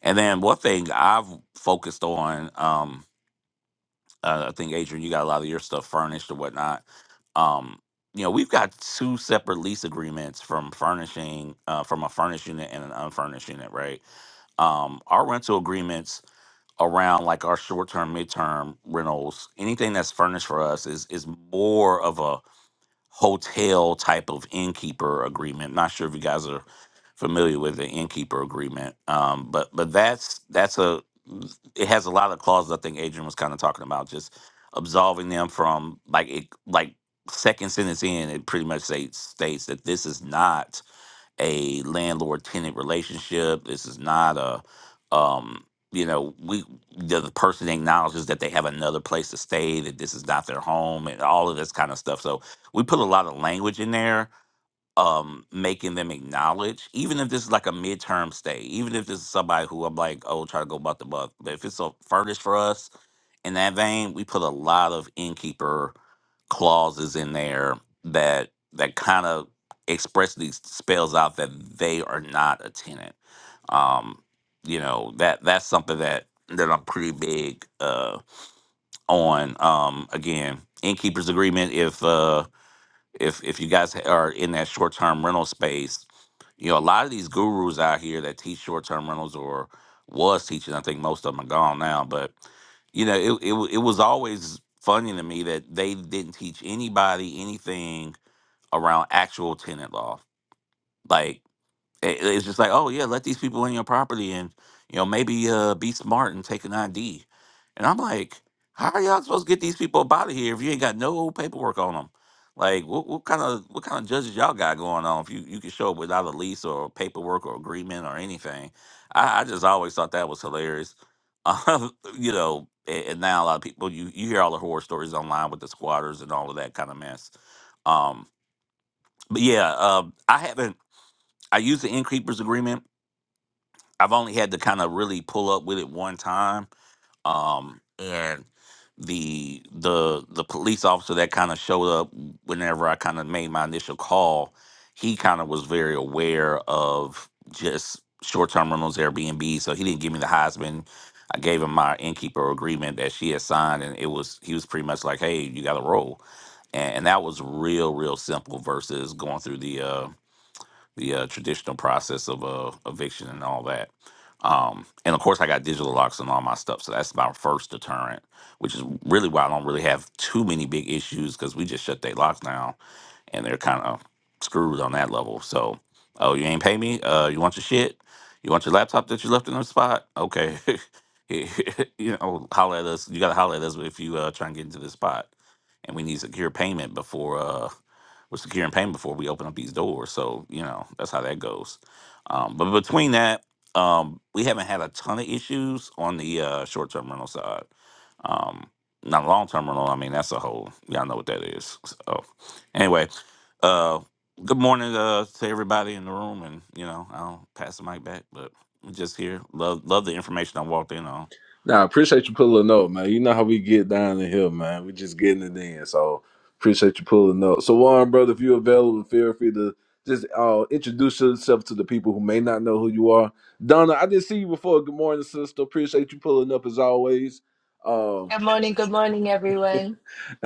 and then one thing I've focused on, um, uh, I think Adrian, you got a lot of your stuff furnished or whatnot. Um, you know, we've got two separate lease agreements from furnishing, uh, from a furnished unit and an unfurnished unit, right? Um, our rental agreements around like our short-term, midterm rentals, anything that's furnished for us is is more of a hotel type of innkeeper agreement. Not sure if you guys are familiar with the innkeeper agreement, um, but but that's that's a it has a lot of clauses. I think Adrian was kind of talking about just absolving them from like it like second sentence in it pretty much states states that this is not a landlord tenant relationship. This is not a, um, you know, we the, the person acknowledges that they have another place to stay, that this is not their home, and all of this kind of stuff. So we put a lot of language in there, um, making them acknowledge, even if this is like a midterm stay, even if this is somebody who I'm like, oh, try to go about the buck, but if it's a furnished for us in that vein, we put a lot of innkeeper clauses in there that that kind of expressly spells out that they are not a tenant. Um, you know that that's something that that I'm pretty big uh, on. Um, again, innkeeper's agreement. If uh, if if you guys are in that short term rental space, you know a lot of these gurus out here that teach short term rentals or was teaching. I think most of them are gone now, but you know it it wa- it was always funny to me that they didn't teach anybody anything around actual tenant law, like. It- it's just like, oh yeah, let these people in your property and you know maybe uh, be smart and take an ID. And I'm like, how are y'all supposed to get these people up out of here if you ain't got no paperwork on them? Like, what, what kind of what kind of judges y'all got going on? If you you can show up without a lease or paperwork or agreement or anything, I, I just always thought that was hilarious. [LAUGHS] Um, you know, and, and now a lot of people you you hear all the horror stories online with the squatters and all of that kind of mess. Um, but yeah, um, I haven't. I used the in creepers agreement I've only had to kind of really pull up with it one time. Um, and the the the police officer that kind of showed up whenever I kind of made my initial call, he kind of was very aware of just short term rentals Airbnb, so he didn't give me the Heisman. I gave him my innkeeper agreement that she had signed, and it was he was pretty much like, "Hey, you got to roll," and, and that was real, real simple versus going through the uh, the uh, traditional process of uh, eviction and all that. Um, and of course, I got digital locks on all my stuff, so that's my first deterrent, which is really why I don't really have too many big issues because we just shut their locks down and they're kind of screwed on that level. So, oh, you ain't pay me? Uh, you want your shit? You want your laptop that you left in the spot? Okay, [LAUGHS] you know, holler at us. You gotta holler at us if you uh, try and get into this spot, and we need secure payment before. uh with securing payment before we open up these doors. So you know that's how that goes. Um, but between that, um, we haven't had a ton of issues on the uh, short term rental side. Um, not long term rental. I mean that's a whole y'all know what that is. So anyway, uh, good morning uh, to everybody in the room, and you know I'll pass the mic back, but. I'm Just here, love love the information I walked in on. Nah, appreciate you pulling up, man. You know how we get down in here, man. We just getting it in. So appreciate you pulling up. So Warren, brother, if you're available, feel free to just uh, introduce yourself to the people who may not know who you are. Donna, I didn't see you before. Good morning, sister. Appreciate you pulling up as always. Um, Good morning, good morning, everyone. [LAUGHS]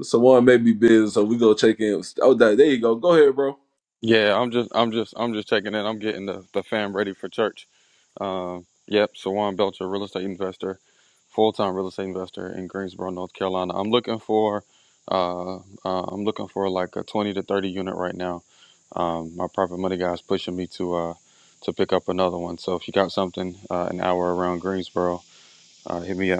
Sawan may be busy, so we go check in. Oh, there there you go. Go ahead, bro. Yeah, I'm just, I'm just, I'm just checking in. I'm getting the, the fam ready for church. Um, yep, Sawan Belcher, real estate investor, full time real estate investor in Greensboro, North Carolina. I'm looking for, uh, uh, I'm looking for like a 20 to 30 unit right now. Um, my private money guy's pushing me to, uh, to pick up another one. So if you got something, uh, an hour around Greensboro, uh, hit me up.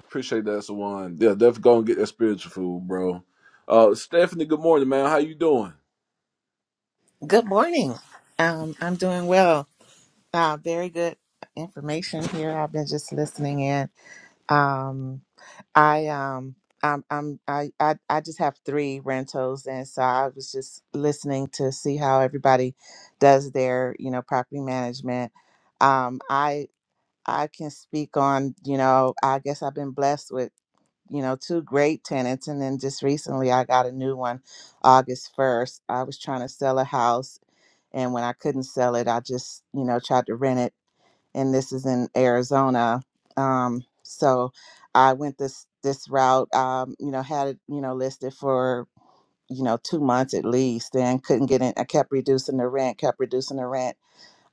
Appreciate that, Sawan. Yeah, definitely go and get that spiritual food, bro. Uh, Stephanie, good morning, man. How you doing? Good morning. Um, I'm doing well. Uh, very good information here. I've been just listening in. Um, I um, I'm, I'm I, I I just have three rentals, and so I was just listening to see how everybody does their you know property management. Um, I I can speak on you know I guess I've been blessed with you know two great tenants, and then just recently I got a new one, August first. I was trying to sell a house and when I couldn't sell it, I just you know tried to rent it. And this is in Arizona, um, so I went this this route. Um, you know, had it you know listed for you know two months at least, and couldn't get in. I kept reducing the rent, kept reducing the rent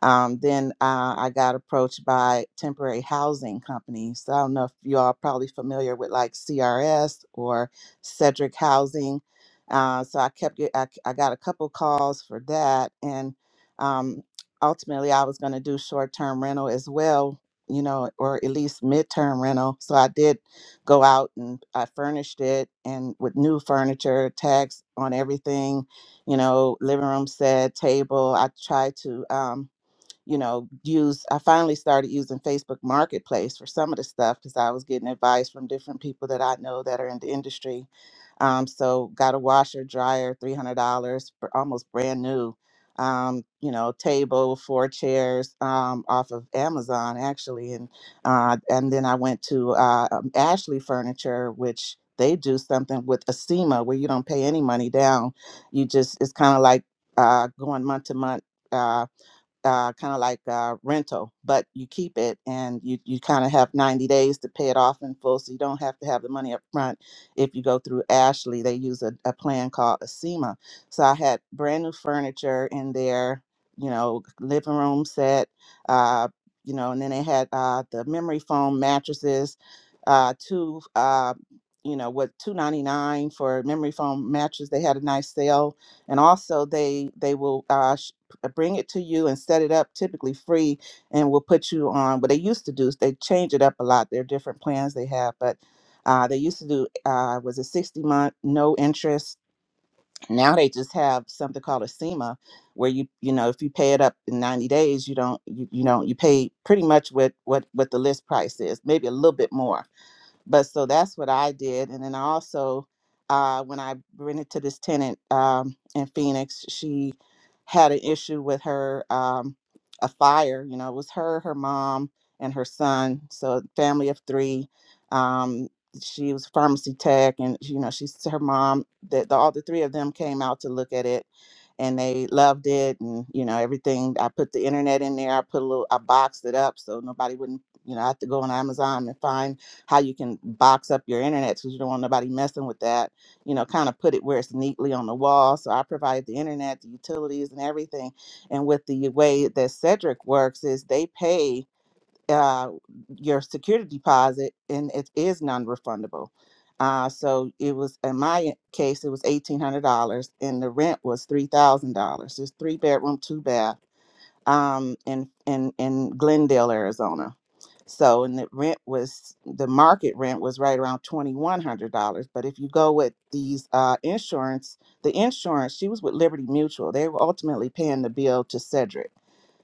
um, then uh, I got approached by temporary housing companies. So I don't know if you all are probably familiar with like CRS or Cedric Housing. Uh, so I kept get, I, I got a couple calls for that, and um, ultimately I was going to do short term rental as well, you know, or at least midterm rental. So I did go out and I furnished it and with new furniture, tags on everything, you know, living room set, table. I tried to. Um, you know, use I finally started using Facebook Marketplace for some of the stuff because I was getting advice from different people that I know that are in the industry. Um, so got a washer, dryer, three hundred dollars, almost brand new. Um, you know, table, four chairs um, off of Amazon actually, and uh, and then I went to uh, um, Ashley Furniture, which they do something with ASEMA where you don't pay any money down. You just it's kind of like uh, going month to month uh, uh, kind of like uh, rental, but you keep it and you, you kind of have 90 days to pay it off in full. So you don't have to have the money up front. If you go through Ashley, they use a, a plan called a SEMA. So I had brand new furniture in there, you know, living room set, uh, you know, and then they had uh, the memory foam mattresses, uh, two, uh, you know, what, 299 for memory foam mattress. They had a nice sale and also they they will uh, I bring it to you and set it up typically free and we'll put you on what they used to do is they change it up a lot there are different plans they have but uh, they used to do uh, was a 60 month no interest now they just have something called a SEMA where you you know if you pay it up in 90 days you don't you, you know you pay pretty much what what what the list price is maybe a little bit more but so that's what I did. And then I also, uh, when I rented to this tenant um, in Phoenix, she had an issue with her um, a fire. You know, it was her, her mom, and her son. So a family of three. Um, she was a pharmacy tech, and you know, she's her mom. That the, all the three of them came out to look at it, and they loved it, and you know, everything. I put the internet in there. I put a little, I boxed it up so nobody wouldn't. You know, I have to go on Amazon and find how you can box up your internet because you don't want nobody messing with that. You know, kind of put it where it's neatly on the wall. So I provide the internet, the utilities, and everything. And with the way that Cedric works is they pay uh, your security deposit, and it is non-refundable. Uh, so it was in my case, it was eighteen hundred dollars, and the rent was three thousand dollars. It's three bedroom, two bath, um, in in in Glendale, Arizona so, and the rent was the market rent was right around twenty one hundred dollars. But if you go with these uh, insurance, the insurance she was with Liberty Mutual, they were ultimately paying the bill to Cedric,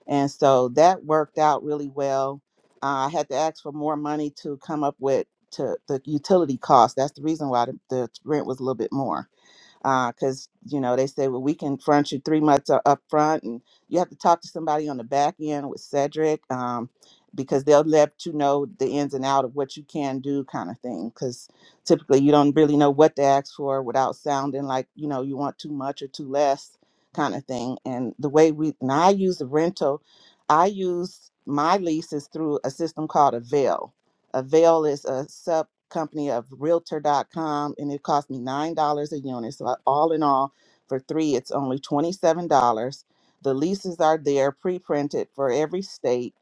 and so that worked out really well. Uh, I had to ask for more money to come up with to the utility cost. That's the reason why the, the rent was a little bit more because you know they say well we can front you three months u- up front and you have to talk to somebody on the back end with cedric um, because they'll let you know the ins and out of what you can do kind of thing because typically you don't really know what to ask for without sounding like you know you want too much or too less kind of thing and the way we and i use the rental i use my leases through a system called a Avail is a sub company of realtor.com and it cost me $9 a unit. So, I- all in all, for three, it's only $27. The leases are there, pre printed for every state.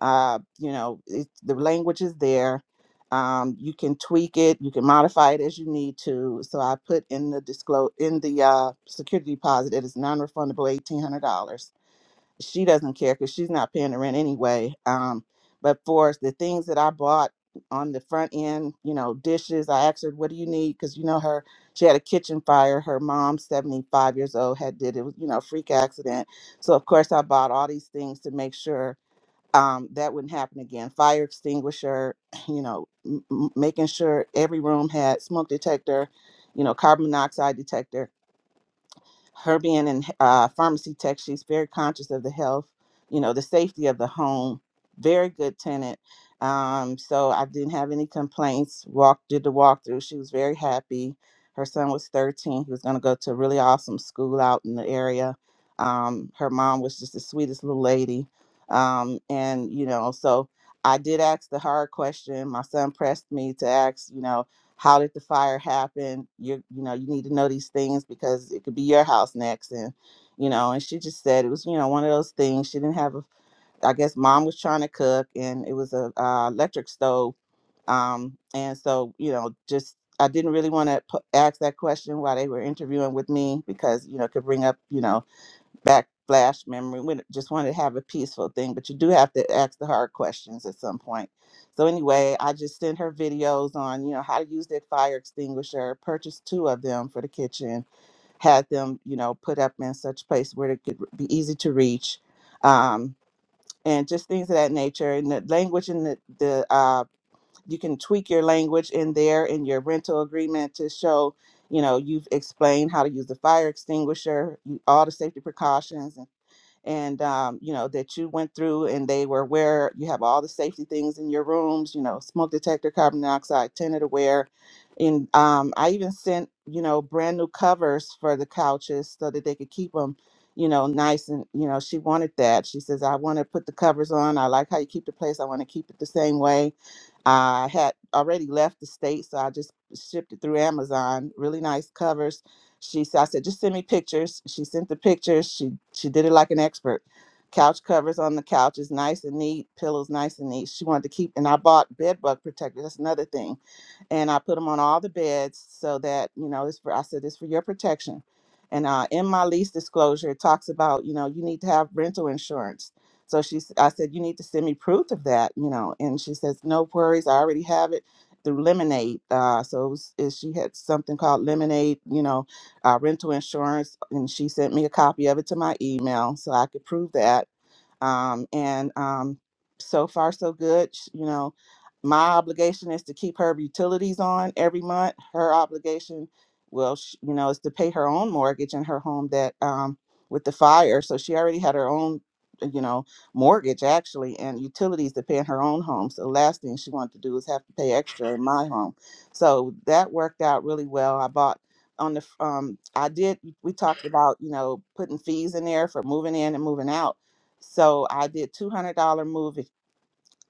Uh, you know, it, the language is there. Um, you can tweak it, you can modify it as you need to. So, I put in the disclose in the uh, security deposit, it is non refundable $1,800 she doesn't care because she's not paying the rent anyway. Um, but for the things that I bought on the front end, you know, dishes, I asked her, "What do you need?" Because you know her, she had a kitchen fire. Her mom, seventy five years old, had did it, was, you know, freak accident. So of course, I bought all these things to make sure um, that wouldn't happen again. Fire extinguisher, [SIGHS] [CLEARS THROAT] you know, m- m- making sure every room had smoke detector, you know, carbon monoxide detector her being in uh, pharmacy tech, she's very conscious of the health, you know, the safety of the home. Very good tenant. Um, so I didn't have any complaints. Walked did the walkthrough. She was very happy. Her son was 13. He was going to go to a really awesome school out in the area. Um, her mom was just the sweetest little lady. Um, and you know, so I did ask the hard question. My son pressed me to ask, you know, how did the fire happen you you know you need to know these things because it could be your house next and you know and she just said it was you know one of those things she didn't have a i guess mom was trying to cook and it was a uh, electric stove um and so you know just i didn't really want to p- ask that question while they were interviewing with me because you know it could bring up you know backflash memory. We just wanted to have a peaceful thing, but you do have to ask the hard questions at some point. So anyway, I just sent her videos on, you know, how to use that fire extinguisher, purchased two of them for the kitchen, had them, you know, put up in such place where it could be easy to reach. Um, and just things of that nature. And the language in the, the uh, you can tweak your language in there in your rental agreement to show you know you've explained how to use the fire extinguisher you- all the safety precautions and and um, you know that you went through and they were aware you have all the safety things in your rooms you know smoke detector carbon dioxide tenant aware and um, i even sent you know brand new covers for the couches so that they could keep them you know nice and you know she wanted that she says i want to put the covers on i like how you keep the place i want to keep it the same way I had already left the state, so I just shipped it through Amazon. Really nice covers. She said, I said, just send me pictures. She sent the pictures. She she did it like an expert. Couch covers on the couch is nice and neat. Pillows nice and neat. She wanted to keep, and I bought bed bug protectors. That's another thing, and I put them on all the beds so that you know it's for. I said it's for your protection. And uh, in my lease disclosure, it talks about you know you need to have rental insurance. So she, s- I said, you need to send me proof of that, you know. And she says, no worries, I already have it through Lemonade. Uh, so it was, it, she had something called Lemonade, you know, uh, rental insurance, and she sent me a copy of it to my email so I could prove that um, and um, so far so good. Sh- You know, my obligation is to keep her utilities on every month. Her obligation, well, sh you know, is to pay her own mortgage in her home that um, with the fire. So she already had her own, uh, you know, mortgage actually and utilities to pay in her own home. So the last thing she wanted to do was have to pay extra in my home. So that worked out really well. I bought on the f- um I did we talked about, you know, putting fees in there for moving in and moving out so I did two hundred dollar move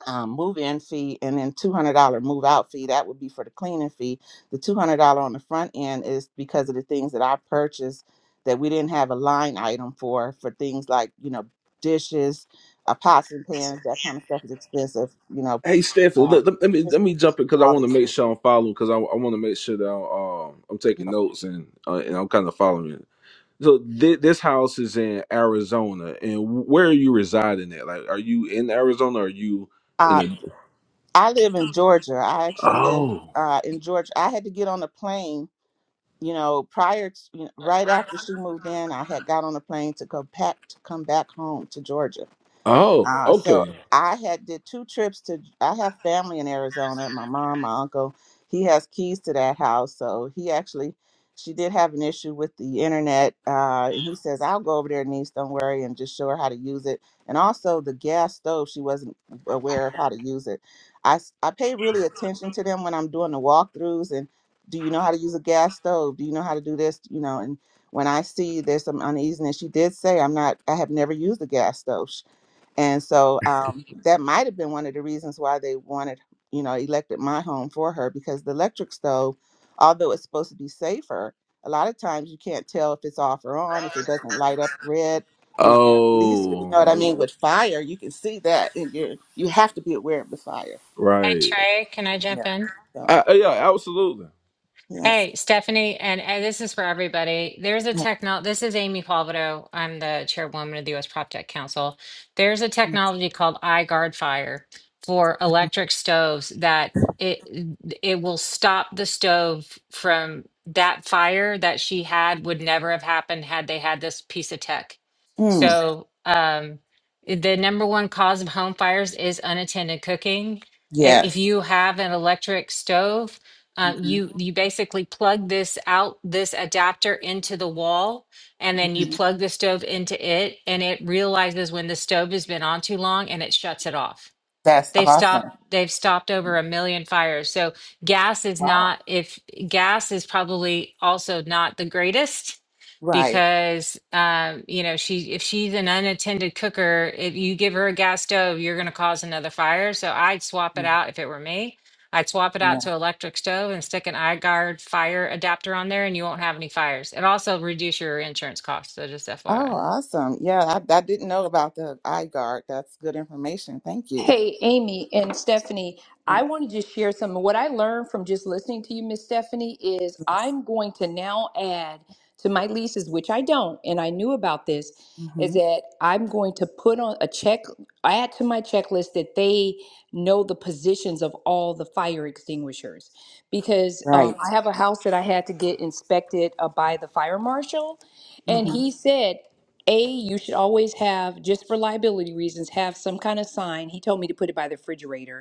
um, move in fee and then two hundred dollar move out fee. That would be for the cleaning fee. The two hundred dollar on the front end is because of the things that I purchased that we didn't have a line item for for things like you know dishes, uh, pots and pans. That kind of stuff is expensive. You know, Hey Stanford, uh, look, let, let me just let me jump in because I all want to these make things. sure I'm following because I, I want to make sure that I'm, um, I'm You taking know, notes and uh, and I'm kind of following. it. So thi- this house is in Arizona, and where are you residing at? Like, are you in Arizona? Or are you in uh, a? I live in Georgia. I actually live Oh, uh, in Georgia. I had to get on a plane you know, prior to, you know, right after she moved in, I had got on a plane to go back to come back home to Georgia. oh, Uh, so okay, I had did two trips to. I have family in Arizona. My mom, my uncle. He has keys to that house, so he actually, she did have an issue with the internet, uh, and he says I'll go over there, niece. Don't worry, and just show her how to use it. And also the gas stove, she wasn't aware of how to use it. I s- I pay really attention to them when I'm doing the walkthroughs and. Do you know how to use a gas stove? Do you know how to do this? You know, and when I see there's some uneasiness, she did say, "I'm not. I have never used a gas stove." And so um, that might have been one of the reasons why they wanted, you know, elected my home for her because the electric stove, although it's supposed to be safer, a lot of times you can't tell if it's off or on, if it doesn't light up red, you know. At least you know what I oh, mean with fire, you can see that, and you you have to be aware of the fire. Hey right, Trey, can I jump in? So I, I- yeah, absolutely. yes, Hey, Stephanie, and, and this is for everybody. There's a techno, this is Amy Palvido. I'm the chairwoman of the US Prop Tech Council. There's a technology called iGuard Fire for electric stoves that it it will stop the stove from that fire that she had would never have happened had they had this piece of tech. Mm, So, um, the number one cause of home fires is unattended cooking. If if yes, you have an electric stove, um, Mhm. you you basically plug this out this adapter into the wall, and then you Mhm. plug the stove into it, and it realizes when the stove has been on too long, and it shuts it off that's they awesome. stopped they've stopped over a million fires so gas is Wow, not if gas is probably also not the greatest right. because um, you know she if she's an unattended cooker if you give her a gas stove you're going to cause another fire so i'd swap it out if it were me i'd swap it out to electric stove and stick an iGuard fire adapter on there and you won't have any fires it also reduce your insurance costs so just Oh, fyi awesome. Yeah, I, I didn't know about the eye guard. That's good information. Thank you. Hey, Amy and Stephanie, I Yeah. want to just share some of what I learned from just listening to you, Miss Stephanie, is Yes. I'm going to now add to my leases, which I don't, and I knew about this, is hmm that I'm going to put on a check, add to my checklist that they know the positions of all the fire extinguishers. Because um, Right. I have a house that I had to get inspected uh, by the fire marshal, and hmm he said, a, you should always have, just for liability reasons, have some kind of sign. He told me to put it by the refrigerator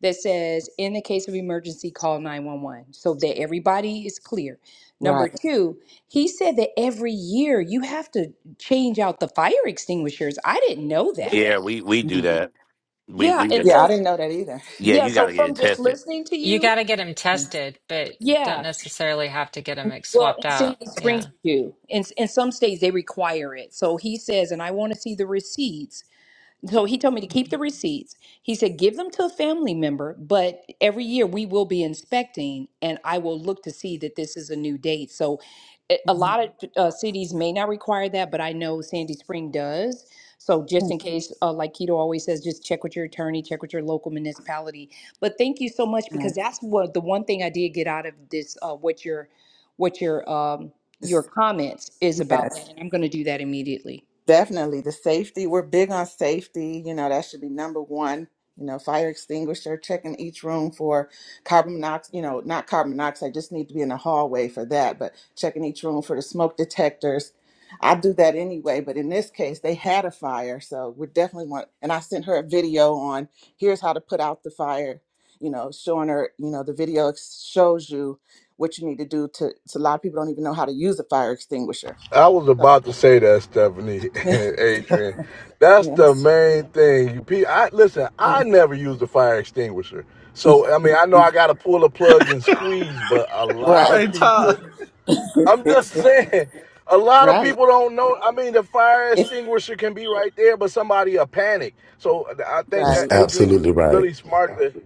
that says, in the case of emergency, call 911 so that everybody is clear. Number Right. two, he said that every year you have to change out the fire extinguishers. I didn't know that. Yeah, we we do Mhm. that. We Yeah. we And get it. Yeah, I so, didn't know that either. Yeah, [LAUGHS] yeah, you got so to get it from just tested. listening to You you, got to get them Yes. tested, but don't yeah. necessarily have to get them like, Well, swapped in out. Sandy Yeah. Springs, you do. In, in some states, they require it. So he says, and I want to see the receipts So he told me to keep the receipts. He said, give them to a family member, but every year we will be inspecting and I will look to see that this is a new date. So a a lot of uh, cities may not require that, but I know Sandy Spring does. So just Mhm. in case, uh, like Keto always says, just check with your attorney, check with your local municipality. But thank you so much because Right. that's what the one thing I did get out of this, uh, what your, what your, um, your comments is about Yes. that. And I'm going to do that immediately. Definitely the safety. We're big on safety. You know, that should be number one. You know, fire extinguisher, checking each room for carbon monoxide, you know, not carbon monoxide, just need to be in the hallway for that, but checking each room for the smoke detectors. I do that anyway, but in this case, they had a fire. So we definitely want, and I sent her a video on here's how to put out the fire, you know, showing her, you know, the video ex- shows you what you need to do to, to a lot of people don't even know how to use a fire extinguisher. I was about to say that, Stephanie [LAUGHS] and So [LAUGHS] Adrian. That's the Yes. main thing. You, I listen. yes. I never used a fire extinguisher, so I mean, I know I got to pull a plug and squeeze, but a Right. lot [LAUGHS] right. Hey, of Todd. people. I'm just [LAUGHS] saying, a lot of people don't know. I mean, the fire It's extinguisher can be right there, but somebody a panic. So I think That's that right. Adrian, you, absolutely you right. really smart to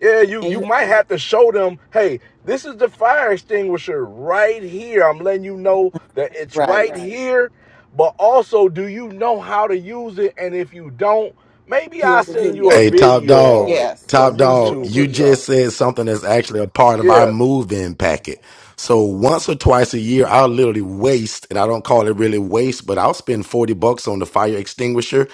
yeah, you you And might have to show them, hey, this is the fire extinguisher right here. I'm letting you know that it's right. right Right. here. But also, do you know how to use it? And if you don't, maybe I'll Here's a send you a video. Hey, top video dog, on it from top Yes. Here's dog, a YouTube you or video. just something. said something that's actually a part of our Yeah. move-in packet. So once or twice a year, Mm. I'll literally waste, and I don't call it really waste, but I'll spend 40 bucks on the fire extinguisher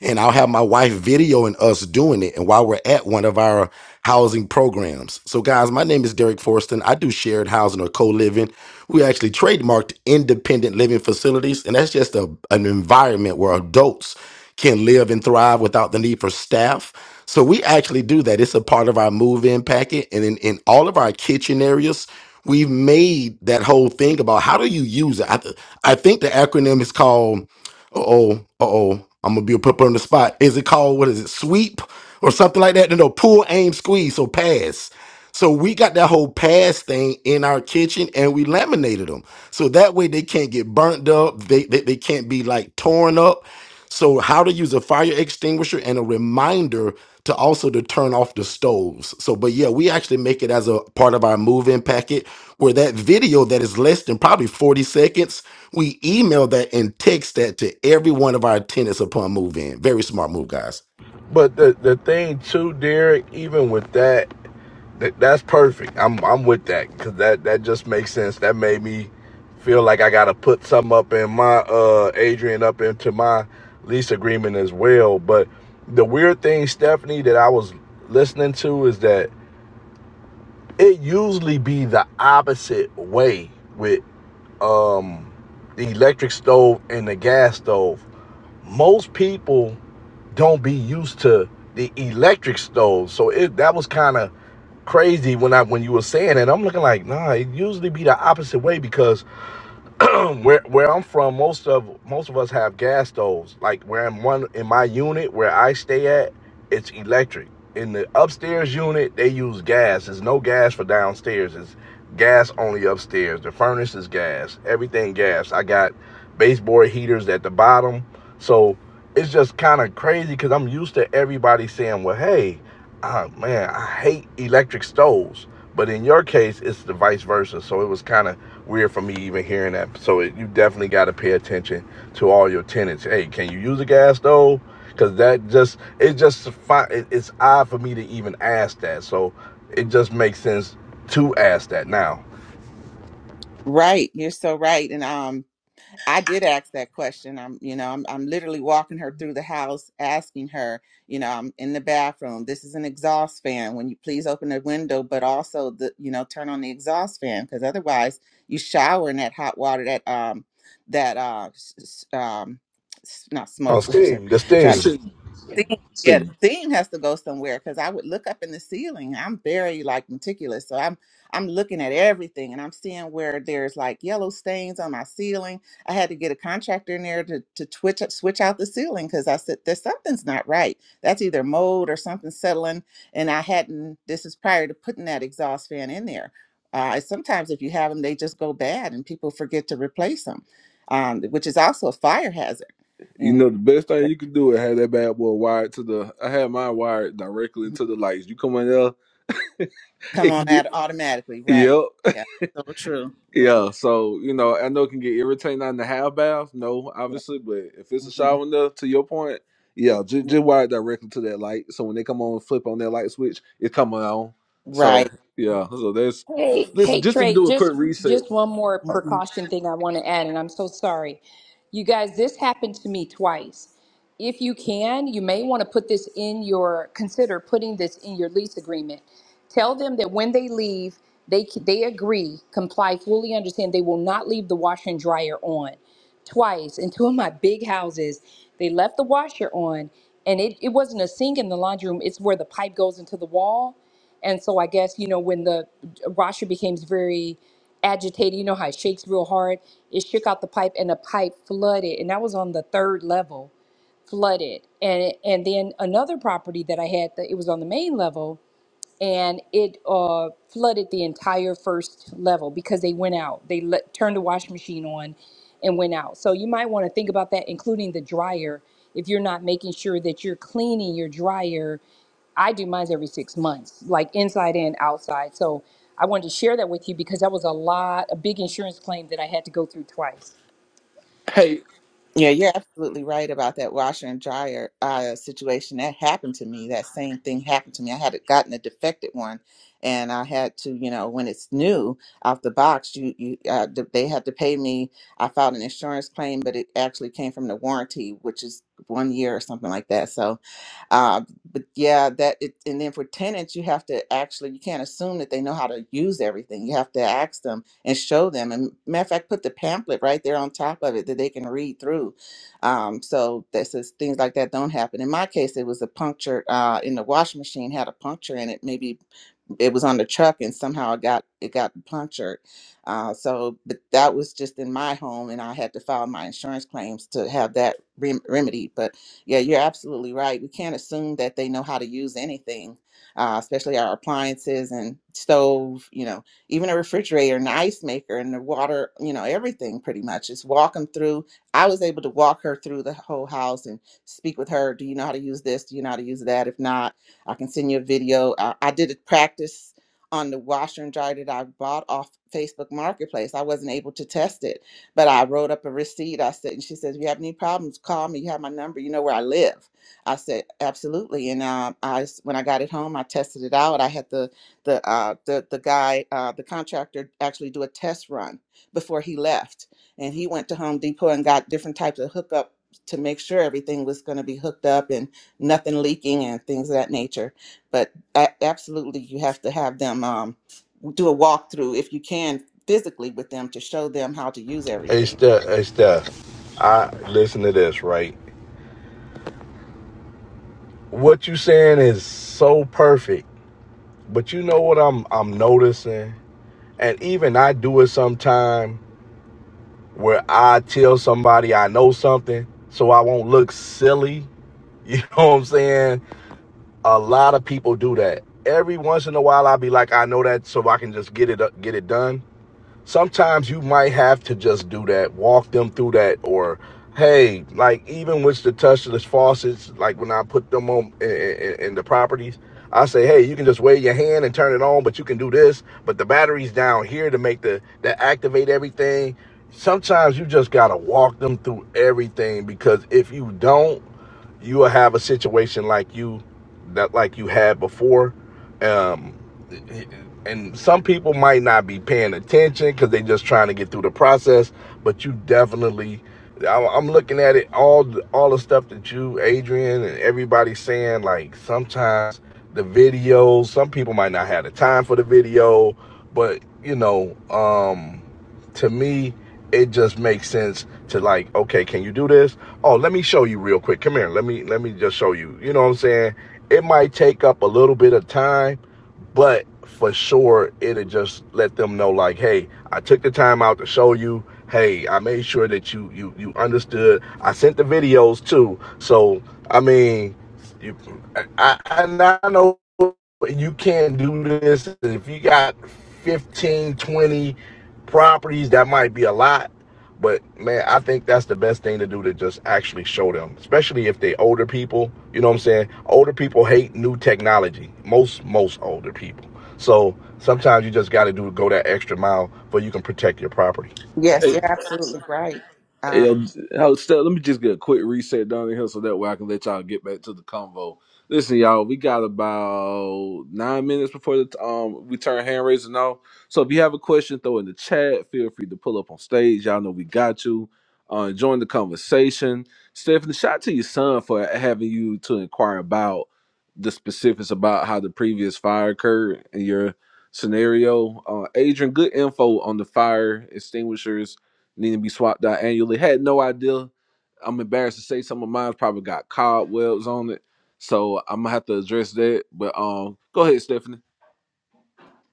and I'll have my wife videoing us doing it and while we're at one of our housing programs. So guys, my name is Derek Forston. I do shared housing or co-living. We actually trademarked independent living facilities and that's just a, an environment where adults can live and thrive without the need for staff. So we actually do that. It's a part of our move-in packet and in, in all of our kitchen areas We've made that whole thing about how do you use it. I, th- I think the acronym is called uh oh, uh oh. I'm gonna be a put on the spot. Is it called what is it, sweep or something like that? No, no, pull, aim, squeeze, so pass. So we got that whole pass thing in our kitchen and we laminated them. So that way they can't get burnt up, they, they they can't be like torn up. So, how to use a fire extinguisher and a reminder to also to turn off the stoves. So, but yeah, we actually make it as a part of our move-in packet where that video that is less than probably 40 seconds, we email that and text that to every one of our tenants upon move-in. Very smart move, guys. But the, the thing too, Derek, even with that, Th- that's perfect. I'm I'm with that because that that just makes sense. That made me feel like I gotta put something up in my uh Adrian up into my lease agreement as well. But the weird thing, Stephanie, that I was listening to is that it usually be the opposite way with um the electric stove and the gas stove. Most people don't be used to the electric stove. So it that was kind of crazy when I when you were saying it. I'm looking like, nah, it usually be the opposite way because [CLEARS THROAT] where where I'm from, most of most of us have gas stoves. Like where I'm one in my unit where I stay at, it's electric. In the upstairs unit, they use gas. There's no gas for downstairs. It's gas only upstairs. The furnace is gas. Everything gas. I got baseboard heaters at the bottom. So it's just kind of crazy because I'm used to everybody saying, "Well, hey." Ah man, I hate electric stoves. But in your case, it's the vice versa. So it was kind of weird for me even hearing that. So it, you definitely got to pay attention to all your tenants. Hey, can you use a gas stove? Because that just it just it's odd for me to even ask that. So it just makes sense to ask that now. Right. You're so right. And um I did ask that question. I'm, you know, I'm, I'm literally walking her through the house, asking her, you know, I'm in the bathroom. This is an exhaust fan. When you please open the window, but also the, you know, turn on the exhaust fan because otherwise you shower in that hot water that, um, that, uh, s- s- um, s- not On smoke. [LAUGHS] I'm Steam, the trying Steam. Sing, theme. Yeah, sing. the theme has to go somewhere because I would look up in the ceiling. I'm very like meticulous, so I'm I'm looking at everything and I'm seeing where there's like yellow stains on my ceiling. I had to get a contractor in there to to twitch switch out the ceiling because I said there's something's not right. That's either mold or something settling, and I hadn't. This is prior to putting that exhaust fan in there. Uh, sometimes if you have them, they just go bad and people forget to replace them, um, which is also a fire hazard. You And know the best thing you can do is have that bad boy wired to the. I had mine wired directly into the lights. You come in there. come It on can get out automatically. Right. yep. Yeah. So true. Yeah. Yeah, so you know, I know it can get irritating not in the half bath. No, Yeah. obviously, but if it's a hmm shower enough, to your point, yeah, just, just wire it directly to that light. So when they come on, flip on that light switch, it come on. So Right. yeah, so that's Hey, listen. hey Just to Trey, do a quick just reset. just one more Mhm. precaution thing I want to add, and I'm so sorry. You guys, this happened to me twice if you can, you may want to put this in your, consider putting this in your lease agreement. Tell them that when they leave, they, they agree, comply, fully understand they will not leave the washer and dryer on. Twice in two of my big houses, they left the washer on and it, it wasn't a sink in the laundry room, it's where the pipe goes into the wall. And so I guess, you know, when the washer becomes very agitated, you know how it shakes real hard, it shook out the pipe and the pipe flooded. And that was on the third level flooded and and then another property that i had that it was on the main level and it uh flooded the entire first level because they went out they let, turned the washing machine on and went out so you might want to think about that including the dryer if you're not making sure that you're cleaning your dryer I do mine every six months, like inside and outside. So I wanted to share that with you because that was a lot, a big insurance claim that I had to go through twice. Yeah, you're absolutely right about that washer and dryer uh, situation. That happened to me. That same thing happened to me. I had gotten a defective one, and I had to, you know, when it's new out the box, you, you, uh, th- they had to pay me. I filed an insurance claim, but it actually came from the warranty, which is one year or something like that. So, Uh, but yeah, that it, and then for tenants, you have to actually you can't assume that they know how to use everything. You have to ask them and show them. And matter of fact, put the pamphlet right there on top of it that they can read through. Um, so that says things like that don't happen. In my case, it was a puncture uh, in the washing machine had a puncture in it, maybe it was on the truck and somehow it got it got punctured uh, so but that was just in my home and i had to file my insurance claims to have that rem- remedy but yeah you're absolutely right we can't assume that they know how to use anything uh, especially our appliances and stove you know even a refrigerator and ice maker and the water you know everything pretty much just walk them through i was able to walk her through the whole house and speak with her do you know how to use this do you know how to use that if not I can send you a video. I, I did a practice on the washer and dryer that I bought off Facebook Marketplace. I wasn't able to test it, but I wrote up a receipt. I said, and she says, if you have any problems, call me. You have my number. You know where I live. I said, absolutely. And uh, I, s- when I got it home, I tested it out. I had the the uh, the the guy, uh, the contractor, actually do a test run before he left, and he went to Home Depot and got different types of hookup to make sure everything was going to be hooked up and nothing leaking and things of that nature. But a- absolutely, you have to have them um, do a walkthrough if you can physically with them to show them how to use Hey everything. Steph, hey Steph. I listen to this right. What you saying is so perfect. But you know what I'm I'm noticing And even I do it sometime where I tell somebody I know something so I won't look silly. [LAUGHS] You know what I'm saying? A lot of people do that. Every once in a while I'll be like, I know that so I can just get it get it done sometimes you might have to just do that, walk them through that, or hey, like even with the touchless faucets, like when I put them on in, in, in the properties, I say, hey, you can just wave your hand and turn it on, but you can do this, but the battery's down here to make the to activate everything. Sometimes you just gotta walk them through everything because if you don't you will have a situation like you that like you had before um and some people might not be paying attention because they are just trying to get through the process but you definitely I- am looking at it all all the stuff that you adrian and everybody's saying like sometimes the videos some people might not have the time for the video but you know um to me, it just makes sense to like, okay, can you do this? Oh, let me show you real quick. Come here. Let me let me just show you. You know what I'm saying? It might take up a little bit of time, but for sure it'll just let them know like, hey, I took the time out to show you. Hey, I made sure that you you you understood. I sent the videos too. So I mean, you, I, I, I know but you can't do this if you got 15, 20 properties that might be a lot but man i think that's the best thing to do to just actually show them especially if they older people you know what i'm saying older people hate new technology most most older people so sometimes you just got to do go that extra mile but you can protect your property Yes, Hey, you're absolutely right. hey, um, how- Steph, let me just get a quick reset down in here so that way I can let y'all get back to the convo. Listen, y'all, we got about nine minutes before the t- um we turn hand raising off. So if you have a question, throw in the chat. Feel free to pull up on stage. Y'all know we got you. Uh, join the conversation. Stephanie, shout out to your son for having you to inquire about the specifics about how the previous fire occurred scenario. Uh, Adrian, good info on the fire extinguishers needing to be swapped out annually. Had no idea. I'm embarrassed to say some of mine's probably got cobwebs on it, so I'm gonna have to address that. But um, go ahead, Stephanie.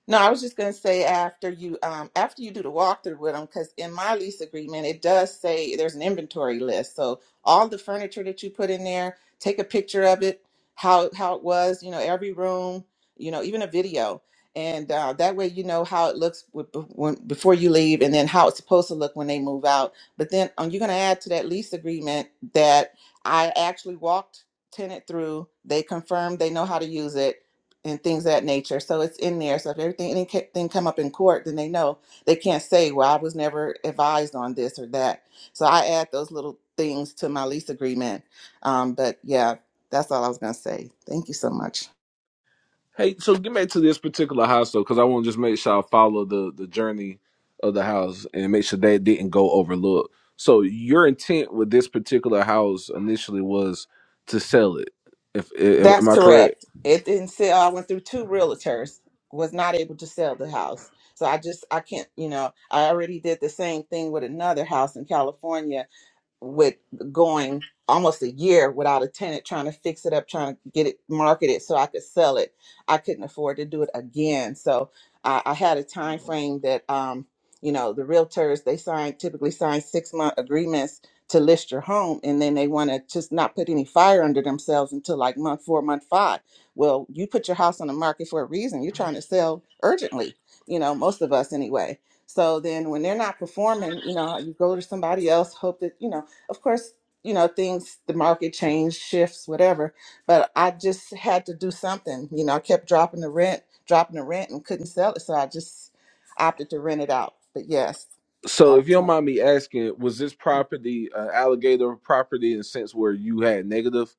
No, I was just going to say after you um after you do the walkthrough with them, because in my lease agreement it does say there's an inventory list. So all the furniture that you put in there, take a picture of it, how how it was, you know, every room, you know, even a video, and uh, that way you know how it looks with, when, before you leave, and then how it's supposed to look when they move out. But then um, you're going to add to that lease agreement that I actually walked tenant through. They confirmed they know how to use it and things of that nature. So it's in there. So if everything anything come up in court, then they know they can't say, "Well, I was never advised on this or that." So I add those little things to my lease agreement. Um, but yeah, that's all I was gonna say. Thank you so much. Hey, so get back to this particular house though, because I want to just make sure I follow the the journey of the house and make sure that didn't go overlooked. So your intent with this particular house initially was to sell it. If, if am That's I correct? correct. It didn't sell. I went through two realtors. Was not able to sell the house. So I just I can't. You know, I already did the same thing with another house in California with going almost a year without a tenant trying to fix it up trying to get it marketed so i could sell it i couldn't afford to do it again so i, I had a time frame that um, you know the realtors they sign typically sign six month agreements to list your home and then they want to just not put any fire under themselves until like month four month five well you put your house on the market for a reason you're trying to sell urgently you know most of us anyway so then when they're not performing you know you go to somebody else hope that you know of course, you know, things, the market change, shifts, whatever. But I just had to do something. You know, I kept dropping the rent, dropping the rent and couldn't sell it. So I just opted to rent it out. But yes, So, I was if you don't trying. mind me asking, was this property uh, alligator property in a sense where you had negative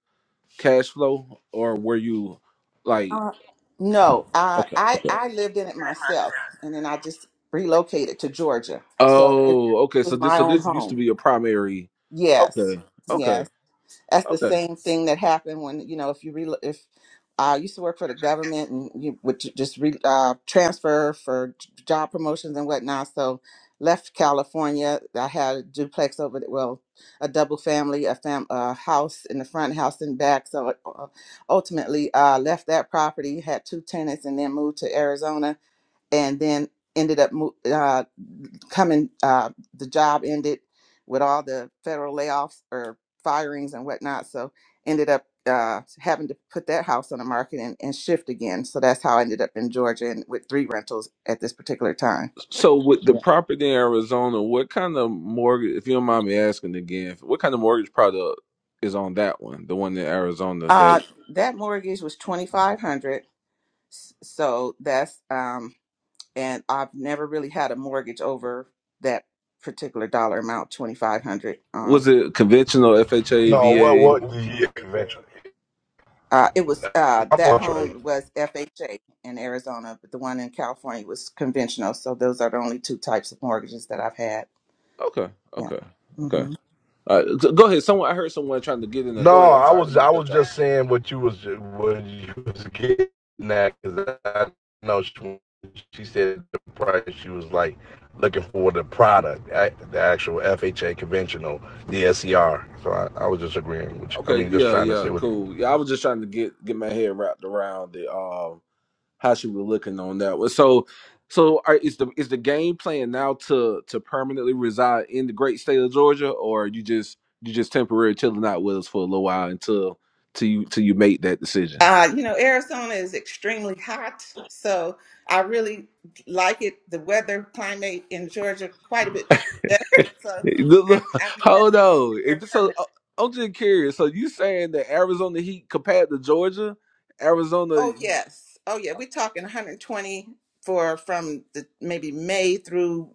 cash flow, or were you like Uh, no, I, okay, I, okay, I lived in it myself. And then I just relocated to Georgia. So it oh, okay? So was this, my so own this used to home. be a primary. Yes. Okay, yes. okay, that's the okay. same thing that happened when you know if you re- if I used to work for the government and you would ju- just re- uh, transfer for j- job promotions and whatnot. So left California. I had a duplex over there, well, a double family, a fam, a house in the front, house in back. So uh, uh, ultimately, uh, left that property, had two tenants, and then moved to Arizona, and then ended up moving coming uh the job ended with all the federal layoffs or firings and whatnot so ended up uh having to put that house on the market and, and shift again so that's how i ended up in georgia and with three rentals at this particular time So, with the Yeah. property in Arizona, what kind of mortgage? If you don't mind me asking again, what kind of mortgage product is on that one? The one in Arizona uh that that mortgage was 2500. so that's um and i've never really had a mortgage over that particular dollar amount 2500 was it conventional no what FHA, VA? what yeah, eventually Uh, it was uh, my that fault Trey. home was FHA in Arizona, but the one in California was conventional. So those are the only two types of mortgages that I've had. Okay, Yeah. okay, okay. hmm Uh, go ahead. Someone I heard someone trying to get in there. Go No, ahead. I'm I sorry, I didn't was mean I to cut was you all just saying what you was what you was getting at because I know she, she said the price she was like looking for the product, the actual FHA conventional, the SER. So I, I was just agreeing with you. I Okay, mean, just yeah, trying to yeah, say what. cool. Yeah, I was just trying to get get my head wrapped around the um how she was looking on that one. So, so are, is the is the game plan now to to permanently reside in the great state of Georgia, or you just you just temporary chilling out with us for a little while until till you till you make that decision? Uh, you know, Arizona is extremely hot, so I really like it. The weather climate in Georgia quite a bit better. [LAUGHS] So Look, I'm look, I'm [LAUGHS] planning Hold on. here If so, permanent. uh, I'm just curious. So you saying that Arizona Heat compared to Georgia? Arizona. Oh yes, oh yeah. We're talking 120 for from the maybe May through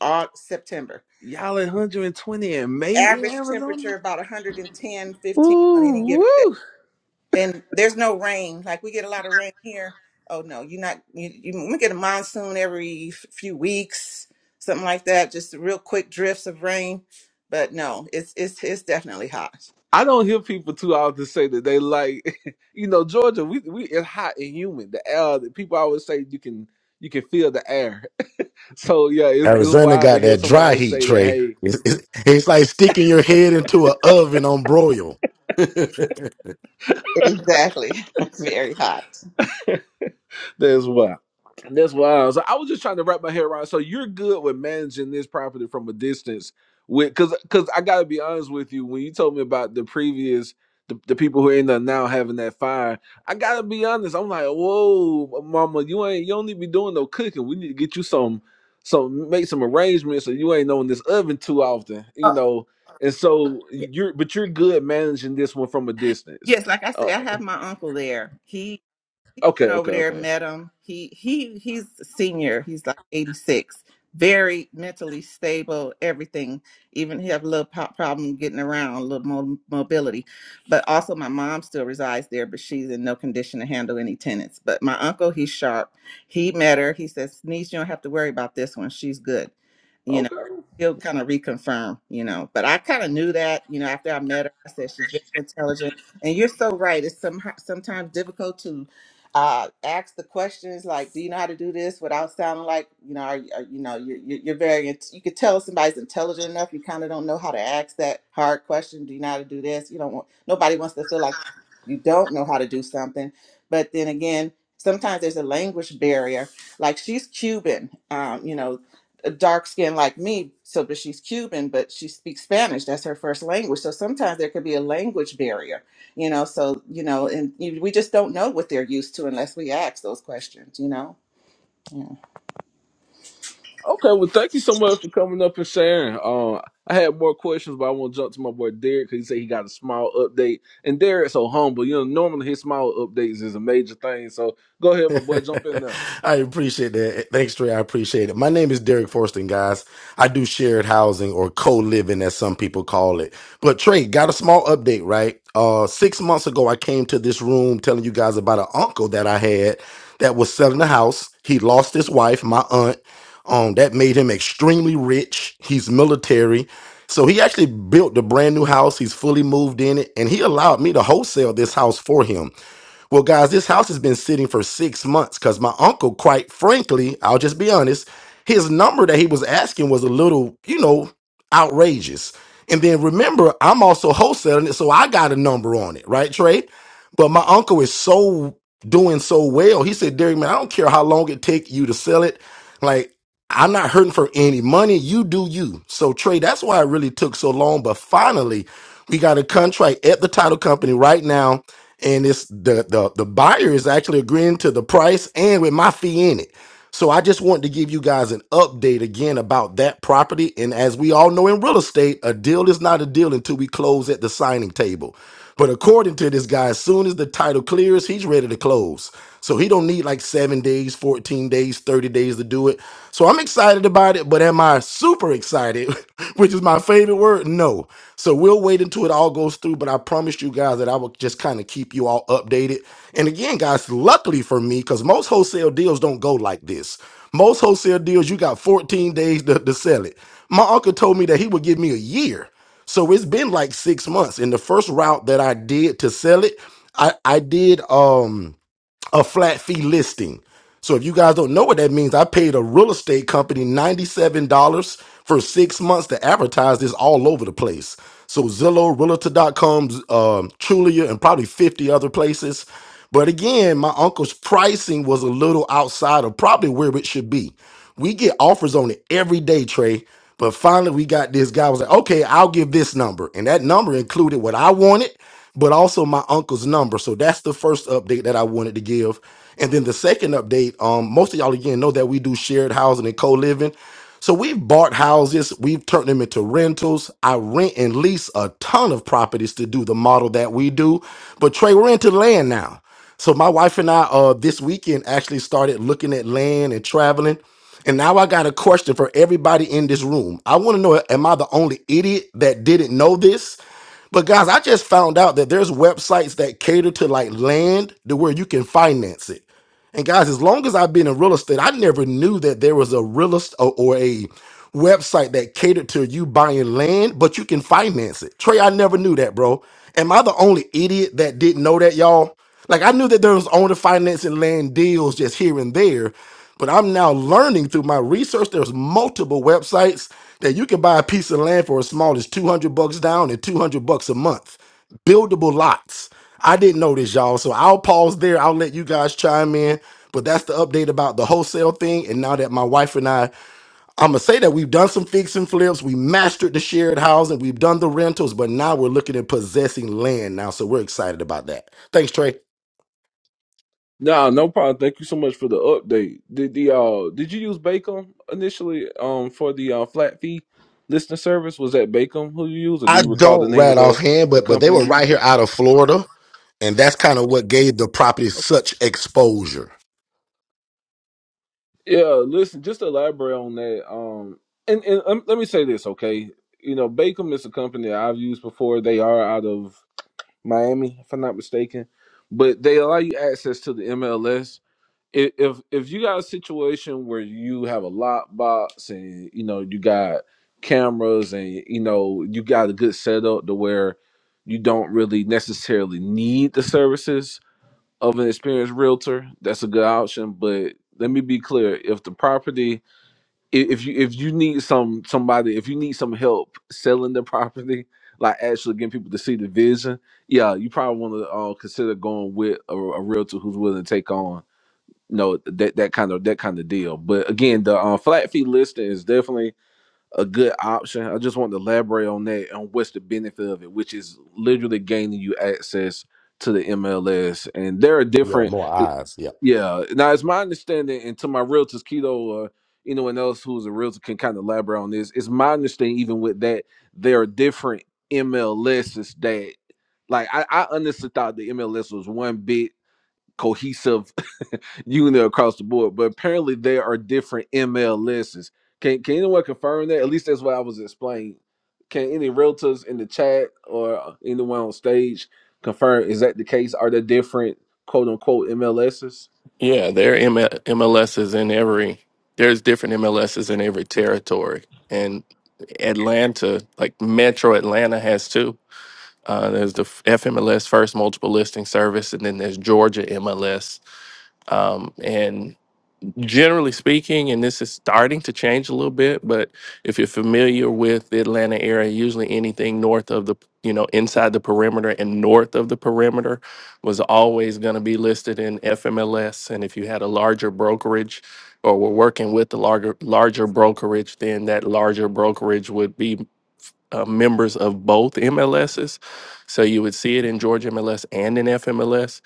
August, September. Y'all at 120 in May in average Arizona? temperature about 110 15 on any Ooh, given day woo. and there's no rain like we get a lot of rain here oh no you're not you, you we get a monsoon every f- few weeks something like that just real quick drifts of rain but no it's it's it's definitely hot I don't hear people too often say that they like, [LAUGHS] you know, Georgia. We we it's hot and humid. The air. the People always say you can you can feel the air. [LAUGHS] So yeah, it's it's Arizona wild to got hear that dry somebody heat, say that. Trey. Hey. It's, it's, it's like sticking your head into an oven on broil. [LAUGHS] exactly [LAUGHS] very hot That's why. That's why. So I was just trying to wrap my head around. So you're good with managing this property from a distance, with because because I gotta be honest with you. When you told me about the previous. The, the people who end up now having that fire, I gotta be honest. I'm like, whoa, mama, you ain't you don't need to be doing no cooking. We need to get you some, some make some arrangements so you ain't on this oven too often, you Oh, know. And so you're, but you're good managing this one from a distance. yes like i say Oh, i have my uncle there he He okay, went over okay, there, okay, met him. He he he's a senior. He's like 86. Very mentally stable, everything. Even he have a little po- problem getting around, a little mo- mobility. But also, my mom still resides there, but she's in no condition to handle any tenants. But my uncle, he's sharp. He met her. He says, "Niece, you don't have to worry about this one. She's good." You know, okay. he'll kind of reconfirm. You know, but I kind of knew that. You know, after I met her, I said she's very intelligent. And you're so right. It's some, sometimes difficult to uh, ask the questions like, "Do you know how to do this?" without sounding like you know, are, you- are, you know, you're, you're you're very. int- You could tell somebody's intelligent enough. You kind of don't know how to ask that hard question. Do you know how to do this? You don't want nobody wants to feel like you don't know how to do something. But then again, sometimes there's a language barrier. Like she's Cuban, um, you know, dark skin like me. So, but she's Cuban, but she speaks Spanish. That's her first language. So sometimes there could be a language barrier you know so you know and you, we just don't know what they're used to unless we ask those questions you know yeah Okay, well, thank you so much for coming up and sharing. Um, I had more questions, but I want to jump to my boy Derek because he said he got a small update, and Derek's so humble. You know, normally his small updates is a major thing. So go ahead, my boy, jump in there. [LAUGHS] I appreciate that. Thanks, Trey. I appreciate it. My name is Derek Forston, guys. I do shared housing or co-living, as some people call it. But Trey, got a small update, right? Uh, six months ago, I came to this room telling you guys about an uncle that I had that was selling a house. He lost his wife, my aunt. Um, that made him extremely rich. He's military. So he actually built the brand new house. He's fully moved in it, and he allowed me to wholesale this house for him. Well, guys, this house has been sitting for six months because my uncle, quite frankly, I'll just be honest, his number that he was asking was a little, you know, outrageous. And then remember, I'm also wholesaling it, so I got a number on it, right, Trey? But my uncle is so doing so well. He said, Derek, man, I don't care how long it take you to sell it. Like, I'm not hurting for any money. You do you. So, Trey, that's why it really took so long. But finally, we got a contract at the title company right now and it's the the the buyer is actually agreeing to the price and with my fee in it. So I just wanted to give you guys an update again about that property. And as we all know in real estate, a deal is not a deal until we close at the signing table. But according to this guy, as soon as the title clears, he's ready to close. So he don't need like seven days, 14 days, 30 days to do it. So I'm excited about it, but am I super excited, [LAUGHS] which is my favorite word? No. So we'll wait until it all goes through, but I promised you guys that I will just kind of keep you all updated. And again, guys, luckily for me, because most wholesale deals don't go like this. Most wholesale deals, you got 14 days to, to sell it. My uncle told me that he would give me a year. So it's been like six months. And the first route that I did to sell it, I, I did um a flat fee listing. So if you guys don't know what that means, I paid a real estate company $97 for six months to advertise this all over the place. So Zillow, Realtor.com, um, Trulia, and probably 50 other places. But again, my uncle's pricing was a little outside of probably where it should be. We get offers on it every day, Trey. But finally, we got this guy was like, okay, I'll give this number. And that number included what I wanted but also my uncle's number. So that's the first update that I wanted to give. And then the second update, um, most of y'all again know that we do shared housing and co-living. So we've bought houses, we've turned them into rentals. I rent and lease a ton of properties to do the model that we do. But Trey, we're into land now. So my wife and I uh this weekend actually started looking at land and traveling. And now I got a question for everybody in this room. I want to know am I the only idiot that didn't know this? But guys, I just found out that there's websites that cater to like land to where you can finance it. And guys, as long as I've been in real estate, I never knew that there was a real estate or, or a website that catered to you buying land, but you can finance it. Trey, I never knew that, bro. Am I the only idiot that didn't know that, y'all? Like I knew that there was owner financing land deals just here and there, but I'm now learning through my research there's multiple websites that you can buy a piece of land for as small as 200 bucks down and 200 bucks a month. Buildable lots. I didn't know this, y'all. So I'll pause there. I'll let you guys chime in. But that's the update about the wholesale thing. And now that my wife and I, I'm gonna say that we've done some fix and flips. We mastered the shared housing. We've done the rentals, but now we're looking at possessing land now. So we're excited about that. Thanks, Trey. No, no problem. Thank you so much for the update. Did the uh, did you use Bacon initially um for the uh, flat fee listening service? Was that Bacon who you used, or do I you recall the don't name of rat the offhand, the but but they were company? right here out of Florida, and that's kind of what gave the property such exposure. Yeah, listen, just to elaborate on that. Um, and and um, let me say this, okay? You know, Bakem is a company that I've used before. They are out of Miami, if I'm not mistaken, but they allow you access to the MLS. If if you got a situation where you have a lot box and you know you got cameras and you know you got a good setup to where you don't really necessarily need the services of an experienced realtor, that's a good option. But let me be clear: if the property, i- if you if you need some somebody, if you need some help selling the property, like actually getting people to see the vision, yeah, you probably want to uh, consider going with a, a realtor who's willing to take on you know that that kind of that kind of deal. But again, the uh, flat fee listing is definitely a good option. I just want to elaborate on that on what's the benefit of it, which is literally gaining you access to the MLS, and there are Yeah, different more eyes. Yeah. yeah. Now, it's my understanding, and to my realtors, Keto, uh, anyone else who's a realtor can kind of elaborate on this. It's my understanding, even with that, there are different MLSs that, like, I, I honestly thought the MLS was one big cohesive [LAUGHS] unit across the board, but apparently there are different MLSs. Can Can anyone confirm that? At least that's what I was explaining. Can any realtors in the chat or uh, anyone on stage confirm is that the case? Are there different quote unquote MLSs? Yeah, there are ML- MLSs in every. There's different MLSs in every territory, and Atlanta, like Metro Atlanta, has two. Uh, there's the FMLS First Multiple Listing Service, and then there's Georgia MLS. Um, and generally speaking, and this is starting to change a little bit, but if you're familiar with the Atlanta area, usually anything north of the, you know, inside the perimeter and north of the perimeter was always going to be listed in FMLS. And if you had a larger brokerage or were working with the larger larger brokerage, then that larger brokerage would be uh, members of both MLSs. So you would see it in Georgia MLS and in FMLS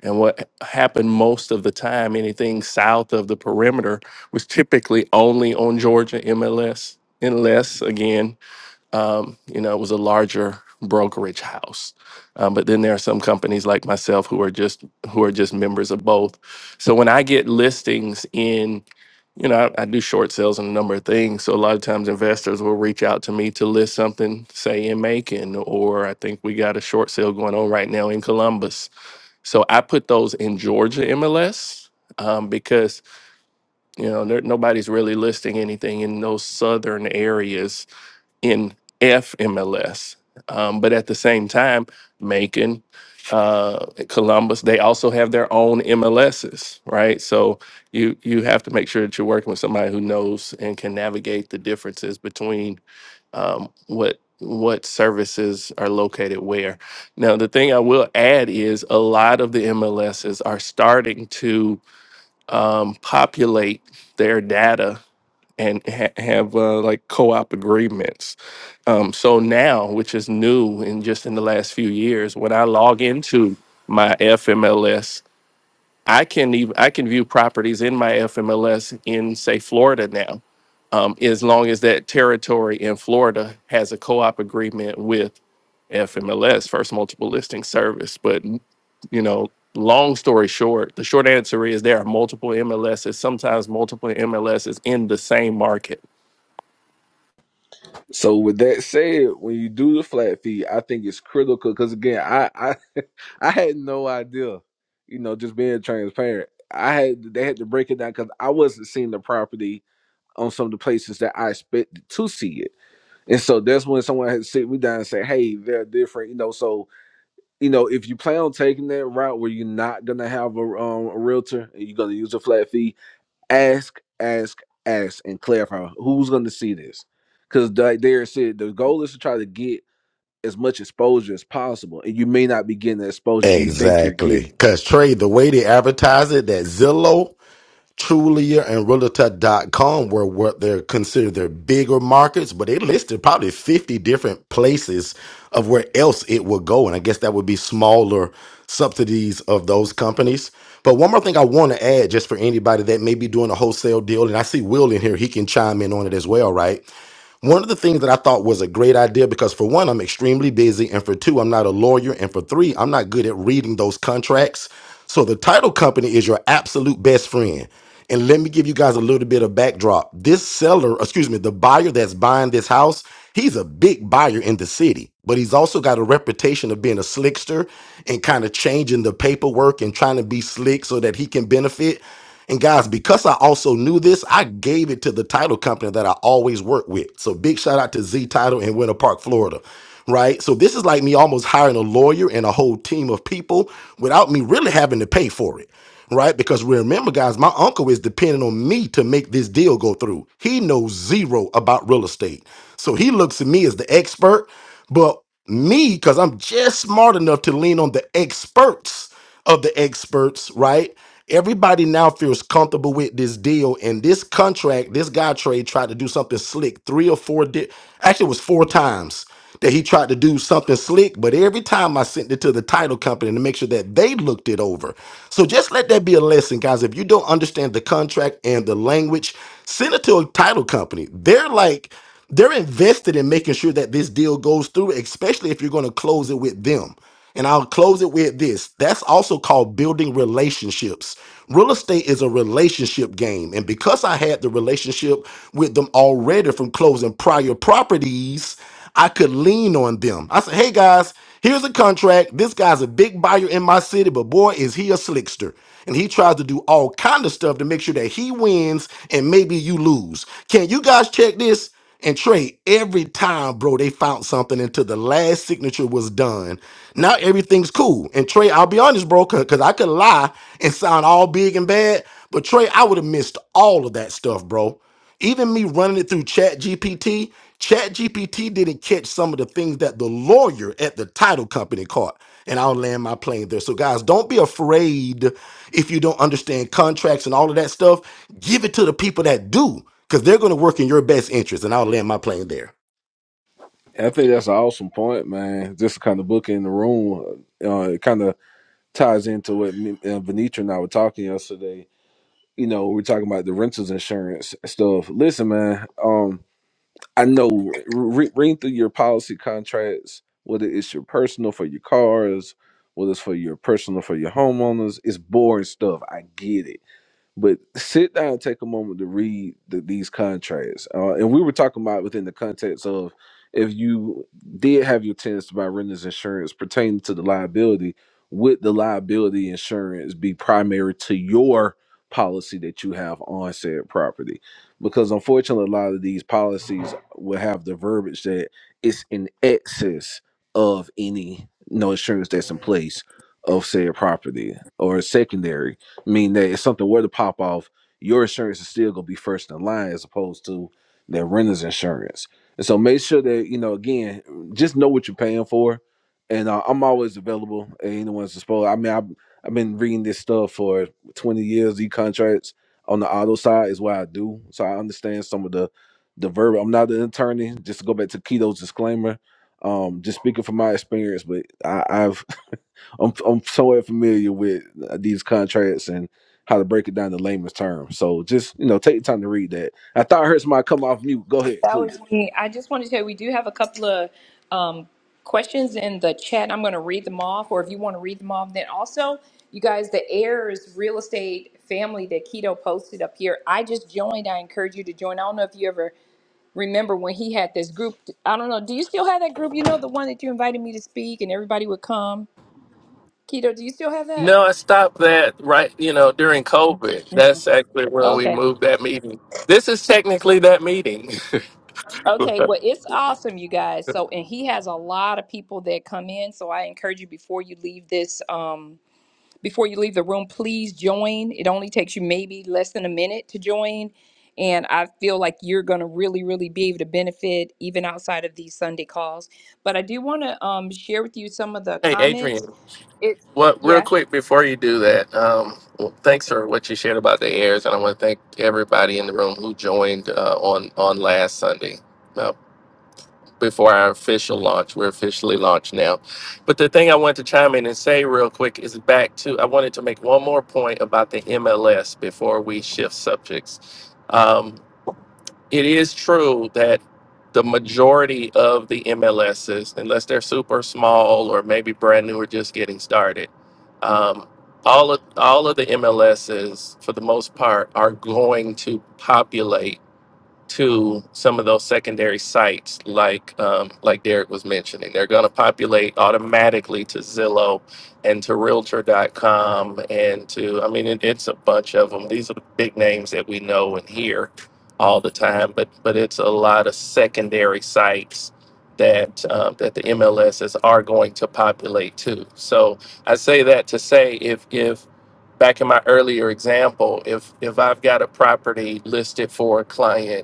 and what happened most of the time, anything south of the perimeter was typically only on Georgia MLS, unless again, um, you know, it was a larger brokerage house. Um, but then there are some companies like myself who are just who are just members of both. So when I get listings in, you know, I, I do short sales and a number of things. So a lot of times investors will reach out to me to list something, say in Macon, or I think we got a short sale going on right now in Columbus so I put those in Georgia MLS um, because you know there, nobody's really listing anything in those southern areas in FMLS. Um, but at the same time, Macon, uh, Columbus, they also have their own MLSs, right? So you you have to make sure that you're working with somebody who knows and can navigate the differences between um, what what services are located where. Now, the thing I will add is a lot of the MLSs are starting to um, populate their data and ha- have uh, like co-op agreements. Um, so now, which is new in just in the last few years, when I log into my FMLS, I can even I can view properties in my FMLS in say Florida now um, as long as that territory in Florida has a co-op agreement with FMLS, First Multiple Listing Service. But you know, long story short, the short answer is there are multiple MLSs, sometimes multiple MLSs in the same market. So with that said, when you do the flat feet, I think it's critical because again, I, I I had no idea, you know, just being transparent. I had they had to break it down because I wasn't seeing the property on some of the places that I expected to see it, and so that's when someone had to sit me down and say, "Hey, they're different," you know. So you know, if you plan on taking that route where you're not gonna have a um a realtor and you're gonna use a flat fee, ask, ask, ask, and clarify who's going to see this. Because like Derek said, the goal is to try to get as much exposure as possible, and you may not be getting the exposure you think you're Exactly. getting. Cause Trey, the way they advertise it, that Zillow. Trulia and Realtor dot com were what they're considered their bigger markets, but they listed probably 50 different places of where else it would go. And I guess that would be smaller subsidies of those companies. But one more thing I want to add, just for anybody that may be doing a wholesale deal, and I see Will in here, he can chime in on it as well, right? One of the things that I thought was a great idea because, for one, I'm extremely busy, and for two, I'm not a lawyer, and for three, I'm not good at reading those contracts. So, the title company is your absolute best friend. And let me give you guys a little bit of backdrop. This seller, excuse me, the buyer that's buying this house, he's a big buyer in the city, but he's also got a reputation of being a slickster and kind of changing the paperwork and trying to be slick so that he can benefit. And guys, because I also knew this, I gave it to the title company that I always work with. So big shout out to Z Title in Winter Park, Florida. Right? So this is like me almost hiring a lawyer and a whole team of people without me really having to pay for it. Right? Because remember, guys, my uncle is depending on me to make this deal go through. He knows zero about real estate. So he looks at me as the expert, but me, because I'm just smart enough to lean on the experts of the experts, right? Everybody now feels comfortable with this deal and this contract. This guy trade tried to do something slick three or four. Di- Actually, it was four times that he tried to do something slick. But every time I sent it to the title company to make sure that they looked it over. So just let that be a lesson, guys. If you don't understand the contract and the language, send it to a title company. They're like. They're invested in making sure that this deal goes through, especially if you're going to close it with them. And I'll close it with this. That's also called building relationships. Real estate is a relationship game. And because I had the relationship with them already from closing prior properties, I could lean on them. I said, hey guys, here's a contract. This guy's a big buyer in my city, but boy, is he a slickster. And he tries to do all kind of stuff to make sure that he wins and maybe you lose. Can you guys check this? And trade every time, bro, they found something until the last signature was done. Now everything's cool. And Trey, I'll be honest, bro, because I could lie and sound all big and bad. But Trey, I would have missed all of that stuff, bro. Even me running it through Chat GPT, Chat GPT didn't catch some of the things that the lawyer at the title company caught. And I'll land my plane there. So, guys, don't be afraid if you don't understand contracts and all of that stuff. Give it to the people that do, because they're going to work in your best interest. And I'll land my plane there. I think that's an awesome point, man. Just kind of book in the room, uh, uh, it kind of ties into what me, uh, Venetra and I were talking yesterday. You know, we are talking about the renters insurance stuff. Listen, man. Um, I know re- reading through your policy contracts, whether it's your personal for your cars, whether it's for your personal for your homeowners, it's boring stuff. I get it. But sit down, take a moment to read the, these contracts. Uh, and we were talking about within the context of if you did have your tenants by renters insurance pertaining to the liability, would the liability insurance be primary to your policy that you have on said property? Because unfortunately, a lot of these policies will have the verbiage that it's in excess of any no insurance that's in place of said property or secondary mean that if something were to pop off, your insurance is still gonna be first in line as opposed to their renter's insurance. And so make sure that you know again, just know what you're paying for. And uh, I'm always available at anyone's disposal. I mean, I've I've been reading this stuff for 20 years. E contracts on the auto side is what I do, so I understand some of the the verb. I'm not an attorney. Just to go back to Keto's disclaimer, um, just speaking from my experience, but I, I've I'm I'm somewhat familiar with uh, these contracts and how to break it down in layman's terms. So just you know, take the time to read that. I thought I heard somebody come off mute. Go ahead, That please. was me. I just wanted to tell you, we do have a couple of um, questions in the chat. I'm going to read them off, or if you want to read them off, then also, you guys, the heirs real estate family that Keto posted up here. I just joined. I encourage you to join. I don't know if you ever remember when he had this group. I don't know. Do you still have that group? You know, the one that you invited me to speak and everybody would come. Keto, do you still have that? No, I stopped that right, you know, during COVID. That's actually when we Okay. moved that meeting. This is technically that meeting. [LAUGHS] Okay, well, it's awesome, you guys. So, and he has a lot of people that come in. So, I encourage you before you leave this. Um, Before you leave the room, please join. It only takes you maybe less than a minute to join. And I feel like you're going to really, really be able to benefit even outside of these Sunday calls. But I do want to um, share with you some of the Hey, Adrian. comments. It, Well, real yeah, quick before you do that, um, well, thanks for what you shared about the airs, and I want to thank everybody in the room who joined uh, on on last Sunday. Uh, before our official launch, we're officially launched now. But the thing I want to chime in and say real quick is back to I wanted to make one more point about the MLS before we shift subjects. Um, it is true that the majority of the MLSs, unless they're super small or maybe brand new or just getting started, um, all of all of the MLSs, for the most part, are going to populate to some of those secondary sites, like um, like Derek was mentioning. They're going to populate automatically to Zillow and to Realtor.com and to I mean, it, it's a bunch of them. These are the big names that we know and hear all the time, but but it's a lot of secondary sites that uh, that the MLSs are going to populate to. So I say that to say if if back in my earlier example, if if I've got a property listed for a client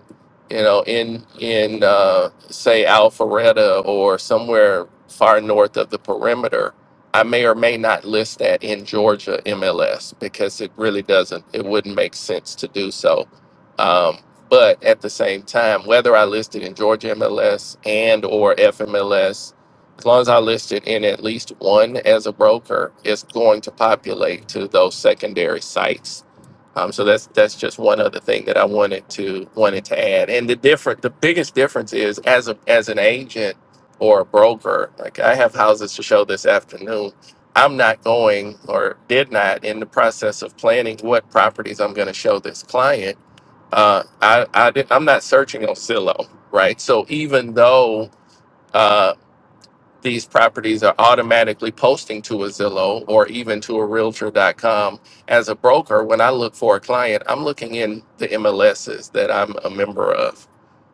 you know, in in uh, say Alpharetta or somewhere far north of the perimeter, I may or may not list that in Georgia MLS because it really doesn't. It wouldn't make sense to do so. Um, but at the same time, whether I list it in Georgia MLS and or FMLS, as long as I list it in at least one as a broker, it's going to populate to those secondary sites um, so that's that's just one other thing that I wanted to wanted to add. And the different, the biggest difference is as a as an agent or a broker. Like I have houses to show this afternoon. I'm not going or did not in the process of planning what properties I'm going to show this client. Uh, I, I did, I'm not searching on Zillow, right? So even though uh, these properties are automatically posting to a Zillow or even to a realtor.com. As a broker, when I look for a client, I'm looking in the MLSs that I'm a member of.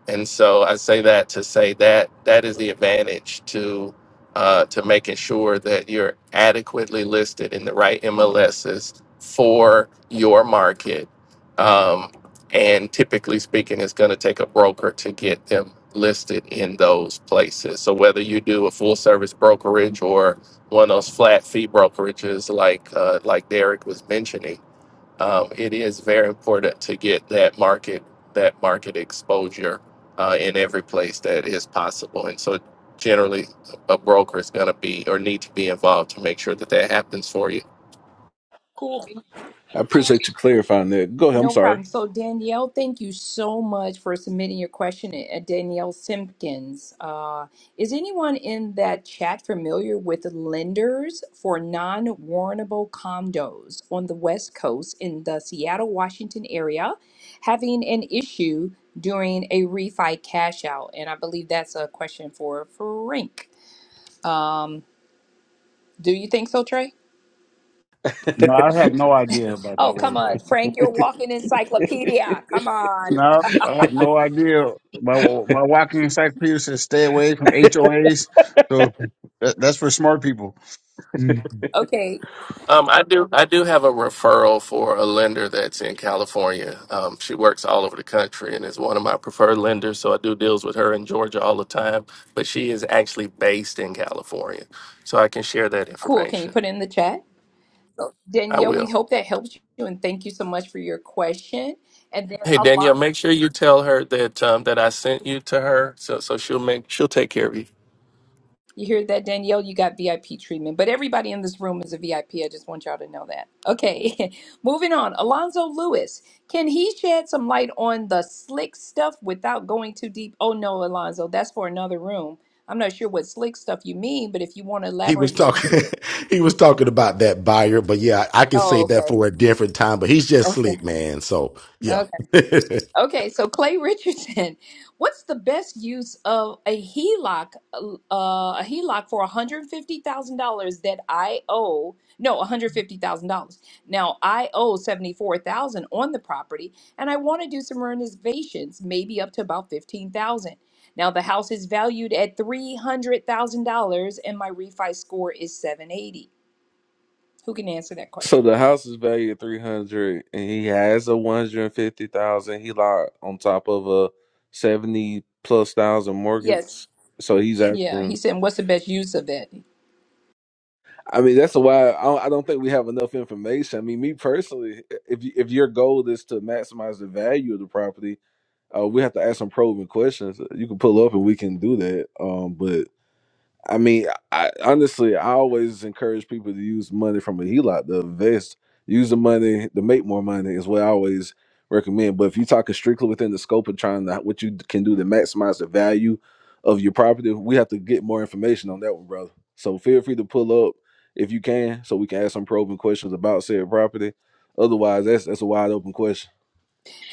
And so I say that to say that that is the advantage to uh, to making sure that you're adequately listed in the right MLSs for your market. Um, and typically speaking, it's going to take a broker to get them listed in those places. So whether you do a full service brokerage or one of those flat fee brokerages like uh, like Derek was mentioning um, it is very important to get that market that market exposure uh, in every place that is possible. And so, generally, a broker is going to be or need to be involved to make sure that that happens for you. cool. I appreciate you clarifying that. Go ahead. I'm No problem. sorry. So, Danielle, thank you so much for submitting your question. Uh, Danielle Simpkins. Uh, is anyone in that chat familiar with lenders for non warrantable condos on the West Coast in the Seattle, Washington area having an issue during a refi cash out? And I believe that's a question for Frank. Um, do you think so, Trey? No, I have no idea about that Oh, come word. baby. on, Frank, you're walking encyclopedia. Come on. No, I have no idea. My my walking encyclopedia says stay away from HOAs, so that, that's for smart people. Okay, Um, I do I do have a referral for a lender that's in California. Um, she works all over the country and is one of my preferred lenders. So I do deals with her in Georgia all the time, but she is actually based in California. So I can share that Cool. Can you information. put it in the chat? So, I Danielle, will. we hope that helps you and thank you so much for your question. And then Hey Danielle, Alon, make sure you tell her that um, that I sent you to her, so so she'll make she'll take care of you. you hear that, Danielle? You got VIP treatment, but everybody in this room is a VIP. I P. I just want y'all to know that. Okay, [LAUGHS] moving on. Alonzo Lewis, can he shed some light on the slick stuff without going too deep? Oh, no, Alonzo, that's for another room. I'm not sure what slick stuff you mean, but if you want to He was elaborate a little talking. more. [LAUGHS] he was talking about that buyer, but yeah, I can Oh, save that okay. for a different time. But he's just slick, Okay. man. So yeah, okay. Okay, so Clay Richardson, [LAUGHS] what's the best use of a HELOC, uh, a HELOC for $150,000 that I owe, no, $150,000. Now I owe 74,000 on the property and I want to do some renovations, maybe up to about 15,000. Now the house is valued at $300,000 and my refi score is 780. Who can answer that So question? the house is valued at three hundred, and he has a one hundred and fifty thousand. He locked on top of a seventy plus thousand Yes. mortgage. So he's Yeah, he asking. said, what's the best use of it? I mean, that's why I don't, I don't think we have enough information. I mean, me personally, if you, if your goal is to maximize the value of the property. Uh, we have to ask some probing questions. You can pull up and we can do that. Um, but I mean, I honestly, I always encourage people to use money from a HELOC to invest. Use the money to make more money is what I always recommend. But if you're talking strictly within the scope of trying to what you can do to maximize the value of your property, we have to get more information on that one, brother. So feel free to pull up if you can, so we can ask some probing questions about said property. Otherwise, that's that's a wide open question.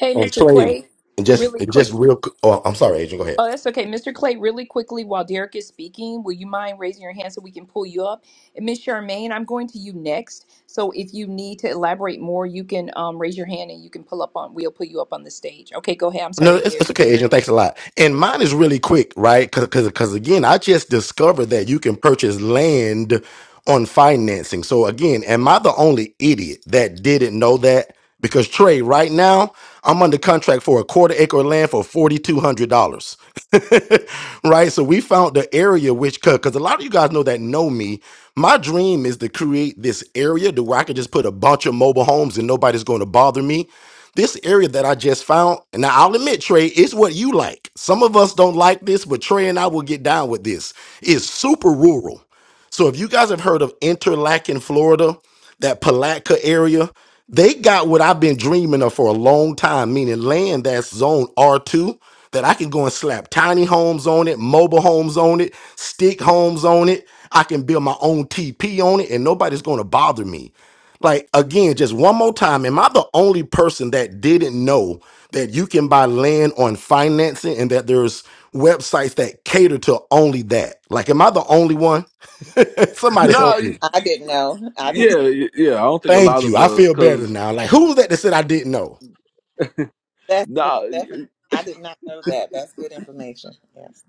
[LAUGHS] on Mr. trade Clay, and just really and quick just real. qu- Oh, I'm sorry, Adrian. Go ahead. Oh, that's okay. Mr. Clay, really quickly while Derek is speaking, will you mind raising your hand so we can pull you up? And Ms. Charmaine, I'm going to you next. So if you need to elaborate more, you can um, raise your hand and you can pull up on, we'll pull you up on the stage. Okay, go ahead. I'm No, sorry, it's, it's Derek. okay, Adrian. Derek. Thanks a lot. And mine is really quick, right? Because because again, I just discovered that you can purchase land on financing. So again, am I the only idiot that didn't know that? Because Trey, right now, I'm under contract for a quarter acre of land for forty two hundred dollars. [LAUGHS] right? So we found the area which because a lot of you guys know that know me. My dream is to create this area to where I can just put a bunch of mobile homes and nobody's going to bother me. This area that I just found, and now I'll admit, Trey, it's what you like. Some of us don't like this, but Trey and I will get down with this. It's super rural. So if you guys have heard of Interlaken, Florida, that Palatka area, they got what I've been dreaming of for a long time, meaning land that's zone R2 that I can go and slap tiny homes on it, mobile homes on it, stick homes on it. I can build my own TP on it and nobody's going to bother me. Like again, just one more time. Am I the only person that didn't know that you can buy land on financing and that there's websites that cater to only that? Like, am I the only one? [LAUGHS] Somebody No, help me. i didn't know i didn't Yeah, y- yeah. I don't think a Thank lot you. of I us, feel better cause now. Like, who was that that said I didn't know? that's me nah, stephanie i did not know that that's good information yes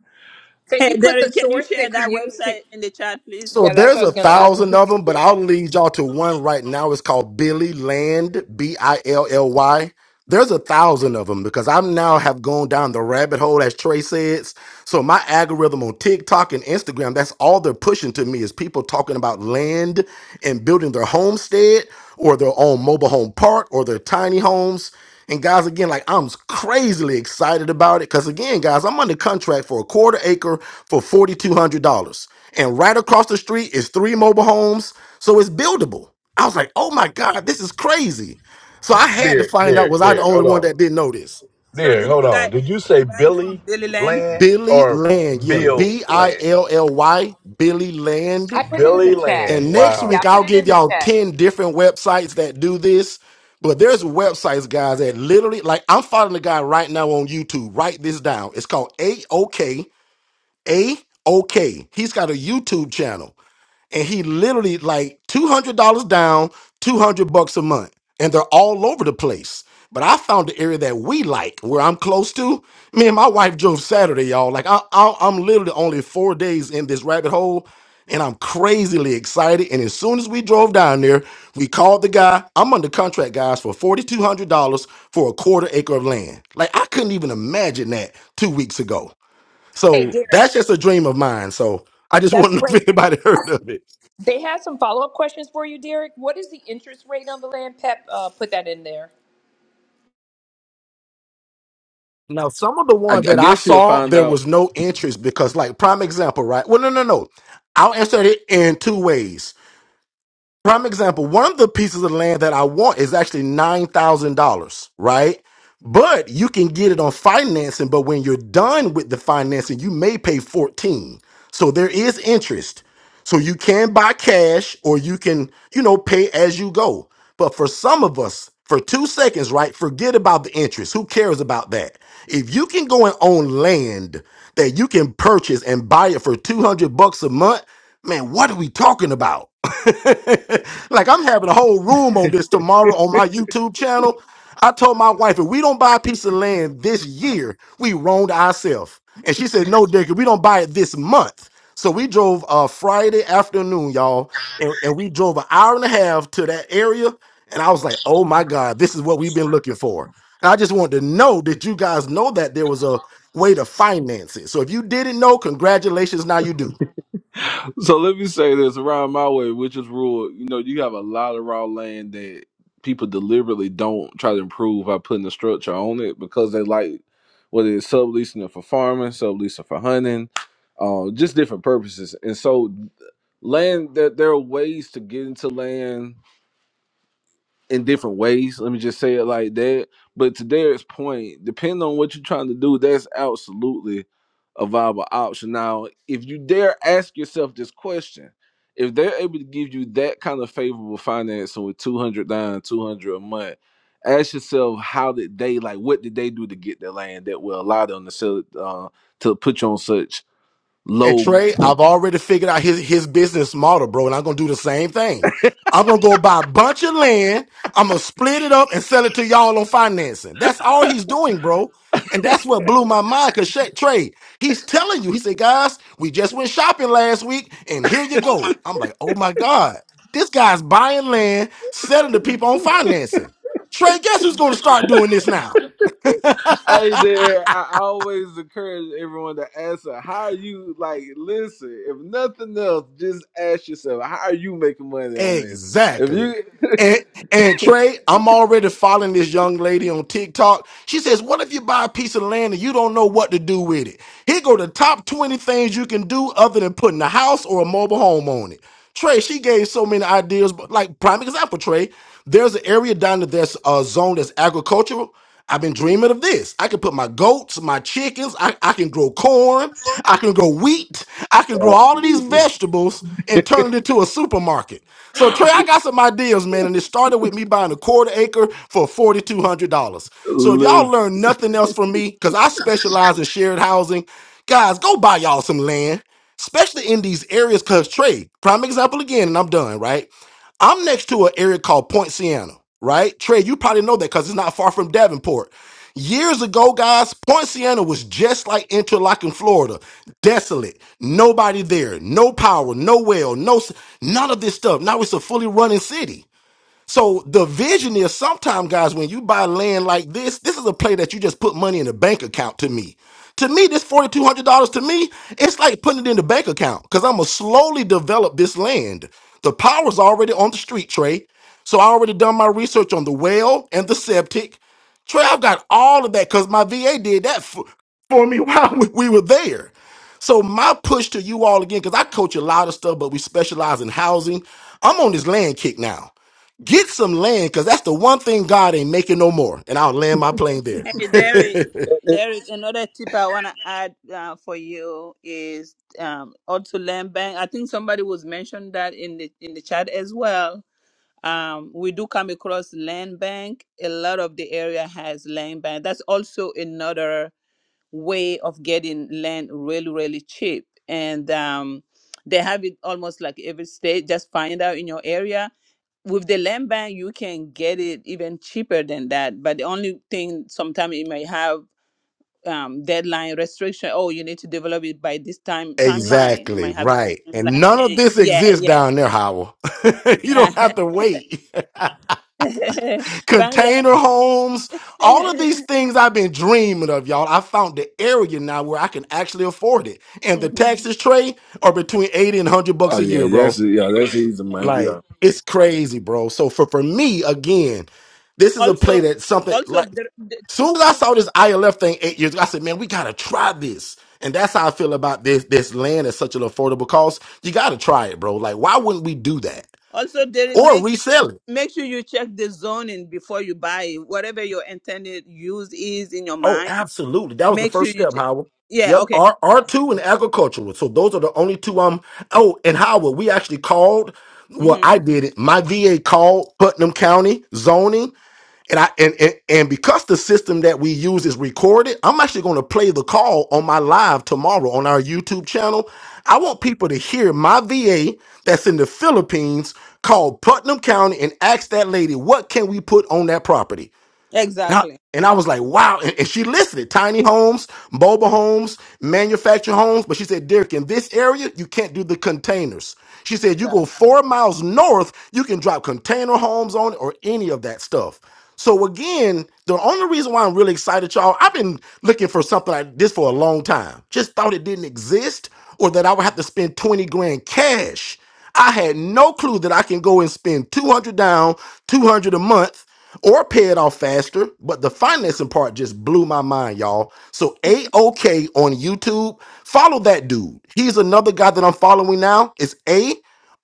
Can Hey, you put the Derek, can you source share that you that use? to? website in the chat, please? So Yeah, that's what there's I a was going to ask him. thousand Can of you them, but share that? I'll lead y'all to one right now. It's called Billy Land, B I L L Y. There's a thousand of them because I'm now have gone down the rabbit hole, as Trey says. So my algorithm on TikTok and Instagram, that's all they're pushing to me is people talking about land and building their homestead or their own mobile home park or their tiny homes. And guys, again, like I'm crazily excited about it because again, guys, I'm under contract for a quarter acre for forty two hundred dollars, and right across the street is three mobile homes, so it's buildable. I was like, oh my god, this is crazy. So I had to There, find out, there, was I the there. only Hold one on, that didn't know this? So, there. did Hold you guys on. Did you did say you buy from Billy Dailyland? Land Billy or Land. Yeah, Bill B I Land? L L Y, Billy Land. I put it in Billy the chat. Land. And next Yeah, I week, Wow. I'll put it give in the y'all chat. 10 different websites that do this. But there's websites, guys, that literally, like, I'm following the guy right now on YouTube. Write this down. It's called AOK. AOK. He's got a YouTube channel. and he literally like two hundred dollars down, two hundred bucks a month, and they're all over the place. But I found the area that we like, where I'm close to. Me and my wife drove Saturday, y'all. Like I, I, I'm literally only four days in this rabbit hole, and I'm crazily excited. And as soon as we drove down there, we called the guy. I'm under contract, guys, for forty two hundred dollars for a quarter acre of land. Like I couldn't even imagine that two weeks ago. Hey, So that's Derek, just a dream of mine. So I just [LAUGHS] that's wanted to know great. if anybody [LAUGHS] heard of it. They had some follow up questions for you, Derek. What is the interest rate on the land? Pep uh, put that in there. Now, some of the I, I ones that I guess you'll saw, find there out. was no interest because, like, prime example, right? Well, no, no, no. I'll answer it in two ways. Prime example, one of the pieces of land that I want is actually $9,000, right? But you can get it on financing, but when you're done with the financing, you may pay 14. So there is interest. So you can buy cash or you can, you know, pay as you go. But for some of us, for two seconds, right, forget about the interest. Who cares about that? If you can go and own land that you can purchase and buy it for 200 bucks a month, man, what are we talking about? [LAUGHS] like, I'm having a whole room on this tomorrow on my YouTube channel. I told my wife, if we don't buy a piece of land this year, we wronged ourselves. And she said, no, Dick, we don't buy it this month. So we drove uh Friday afternoon, y'all, and, and we drove an hour and a half to that area. And I was like, oh my God, this is what we've been looking for. And I just wanted to know that you guys know that there was a way to finance it. So if you didn't know, congratulations, now you do. So let me say this around my way, which is rural. You know, you have a lot of raw land that people deliberately don't try to improve by putting a structure on it because they like whether it's subleasing it for farming, subleasing for hunting, uh, just different purposes. And so land that there there are ways to get into land in different ways. Let me just say it like that. But to Derek's point, depending on what you're trying to do, that's absolutely a viable option. Now, if you dare ask yourself this question, if they're able to give you that kind of favorable financing with 200 down, 200 a month, ask yourself how did they like what did they do to get that land that will allow them to sell it uh, to put you on such And low Trey, I've already figured out his, his business model, bro, and I'm gonna do the same thing. I'm gonna go buy a bunch of land, I'm gonna split it up and sell it to y'all on financing. That's all he's doing, bro. And that's what blew my mind because Trey, he's telling you, he said, guys, we just went shopping last week, and here you go. I'm like, oh my God, this guy's buying land, selling to people on financing. Trey, guess who's gonna start doing this now? Hey [LAUGHS] there, I always encourage everyone to ask her, how are you like listen, if nothing else, just ask yourself, how are you making money on this? If Exactly. you And and Trey, I'm already following this young lady on TikTok. She says, "What if you buy a piece of land and you don't know what to do with it? Here go the top 20 things you can do other than putting a house or a mobile home on it." Trey, she gave so many ideas, but like prime example, Trey, there's an area down there that's a zone that's agricultural. I've been dreaming of this. I can put my goats, my chickens, I, I can grow corn, I can grow wheat, I can grow all of these these Absolutely. vegetables and turn it into a supermarket. So Trey, I [LAUGHS] got some ideas, man, and it started with me buying a quarter acre for forty two hundred dollars. So if y'all listen learn nothing else from me, because I specialize in shared housing, guys, go buy y'all some land, especially in these areas. Because Trey, prime example again, and I'm done. Right? I'm next to an area called Point Siena, right? Trey, you probably know that because it's not far from Davenport. Years ago, guys, Point Siena was just like Interlochen, Florida, desolate, nobody there, no power, no well, no s- none of this stuff. Now it's a fully running city. So the vision is sometimes, guys, when you buy land like this, this is a play that you just put money in a bank account to me. To me, this $4,200 to me, it's like putting it in the bank account because I'm going to slowly develop this land. The power's already on the street, Trey. So I already done my research on the well and the septic. Trey, I've got all of that because my VA did that for, for me [LAUGHS] while we we were there. So my push to you all again, because I coach a lot of stuff, but we specialize in housing. I'm on this land kick now. Get some land, because that's the one thing God ain't making no more. And I'll land my plane there. Hey, Derek. [LAUGHS] Derek, another tip I want to add uh, for you is um, also land bank. I think somebody was mentioned that in the in the chat as well. Um, we do come across land bank. A lot of the area has land bank. That's also another way of getting land really really cheap and um, they have it almost like every state just find out in your area with the land bank you can get it even cheaper than that but the only thing sometimes it may have um, deadline restriction oh you need to develop it by this time timeline you exactly. might have Right. And timeline. none of Eh, this yeah exists yeah down there, Howell. [LAUGHS] you don't have to wait. [LAUGHS] [LAUGHS] Bangla- Container homes, all of these [LAUGHS] things I've been dreaming of, y'all. I found the area now where I can actually afford it. And the Mhm. taxes trade are between 80 and 100 Oh bucks a year, yeah, bro. that's yeah, that's easy, man. Like, Yeah. it's crazy, bro. So for, for me, again, this is a play also that something also like the, the- Soon as I saw this ILF thing eight years ago, I said, man, we gotta try this. And that's how I feel about this this land at such an affordable cost. You gotta try it, bro. Like, why wouldn't we do that? also they Or make resell it. make sure you check the zoning before you buy it. Whatever your intended use is in your Oh, mind, absolutely. That was the make sure first you step, check. Howard. Yeah, Yep. okay. R Yeah. R two and agricultural. So those are the only two um oh and Howard, we actually called well, hmm I did it. My VA called Putnam County zoning And I and, and and because the system that we use is recorded, I'm actually going to play the call on my live tomorrow on our YouTube channel. I want people to hear my VA that's in the Philippines called Putnam County and ask that lady, what can we put on that property? And I, Exactly. and I was like, wow. And, and she listed it, tiny homes, mobile homes, manufactured homes. But she said, Derek, in this area, you can't do the containers. She said, you go Exactly. four miles north, you can drop container homes on it or any of that stuff. So again, the only reason why I'm really excited, y'all, I've been looking for something like this for a long time. Just thought it didn't exist or that I would have to spend 20 grand cash. I had no clue that I can go and spend 200 down, 200 a month or pay it off faster. But the financing part just blew my mind, y'all. So a okay on YouTube, follow that dude. He's another guy that I'm following now. It's a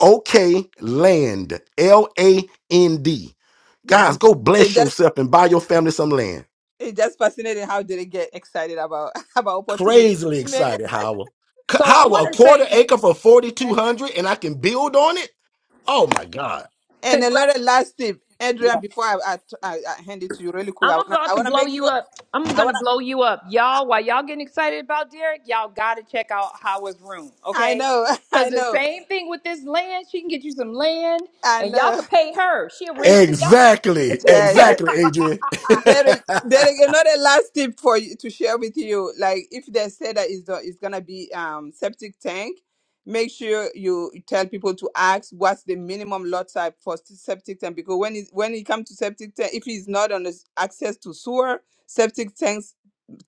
okay Land, L A N D. hmm Guys, go It bless just yourself and buy your family some land. it just fascinating how did it get excited about [LAUGHS] about opportunity. Crazily I mean, excited, Howard. C- So I it Howard, a want just- to quarter say, acre for 4200 and I can build on it? Oh my God. and Congrats. another last tip, Adrian. Yeah. Before I, I, I I hand it to you really quick, I I'm wanna about I to wanna blow make you sure up. I'm I gonna wanna blow you up, y'all. While y'all getting excited about Derek, y'all gotta check out Howard's room, I okay? know [LAUGHS] I Cause the know same thing with this land. She can get you some land, I and y'all know. could pay her. She'll rent it to y'all [LAUGHS] Exactly. [LAUGHS] until you Yes, pay it Exactly, off. [LAUGHS] Adrian. Derek, Derek, another last tip for you to share with you. Like if they say that is the it's gonna be um septic tank, make sure you tell people to ask what's the minimum lot type for s- septic tank because when it when it comes to septic tank, if it's not on the s- access to sewer, septic tanks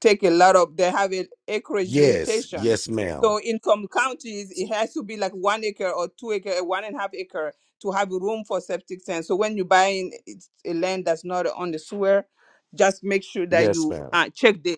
take a lot of they have an [LAUGHS] acreage yes. limitation Yes, ma'am. so in some counties it has to be like one acre or two acre uh, one and a half acre to have room for septic tank so when you buy in it's a land that's not on the sewer just make sure that Yes, you ma'am. uh, check the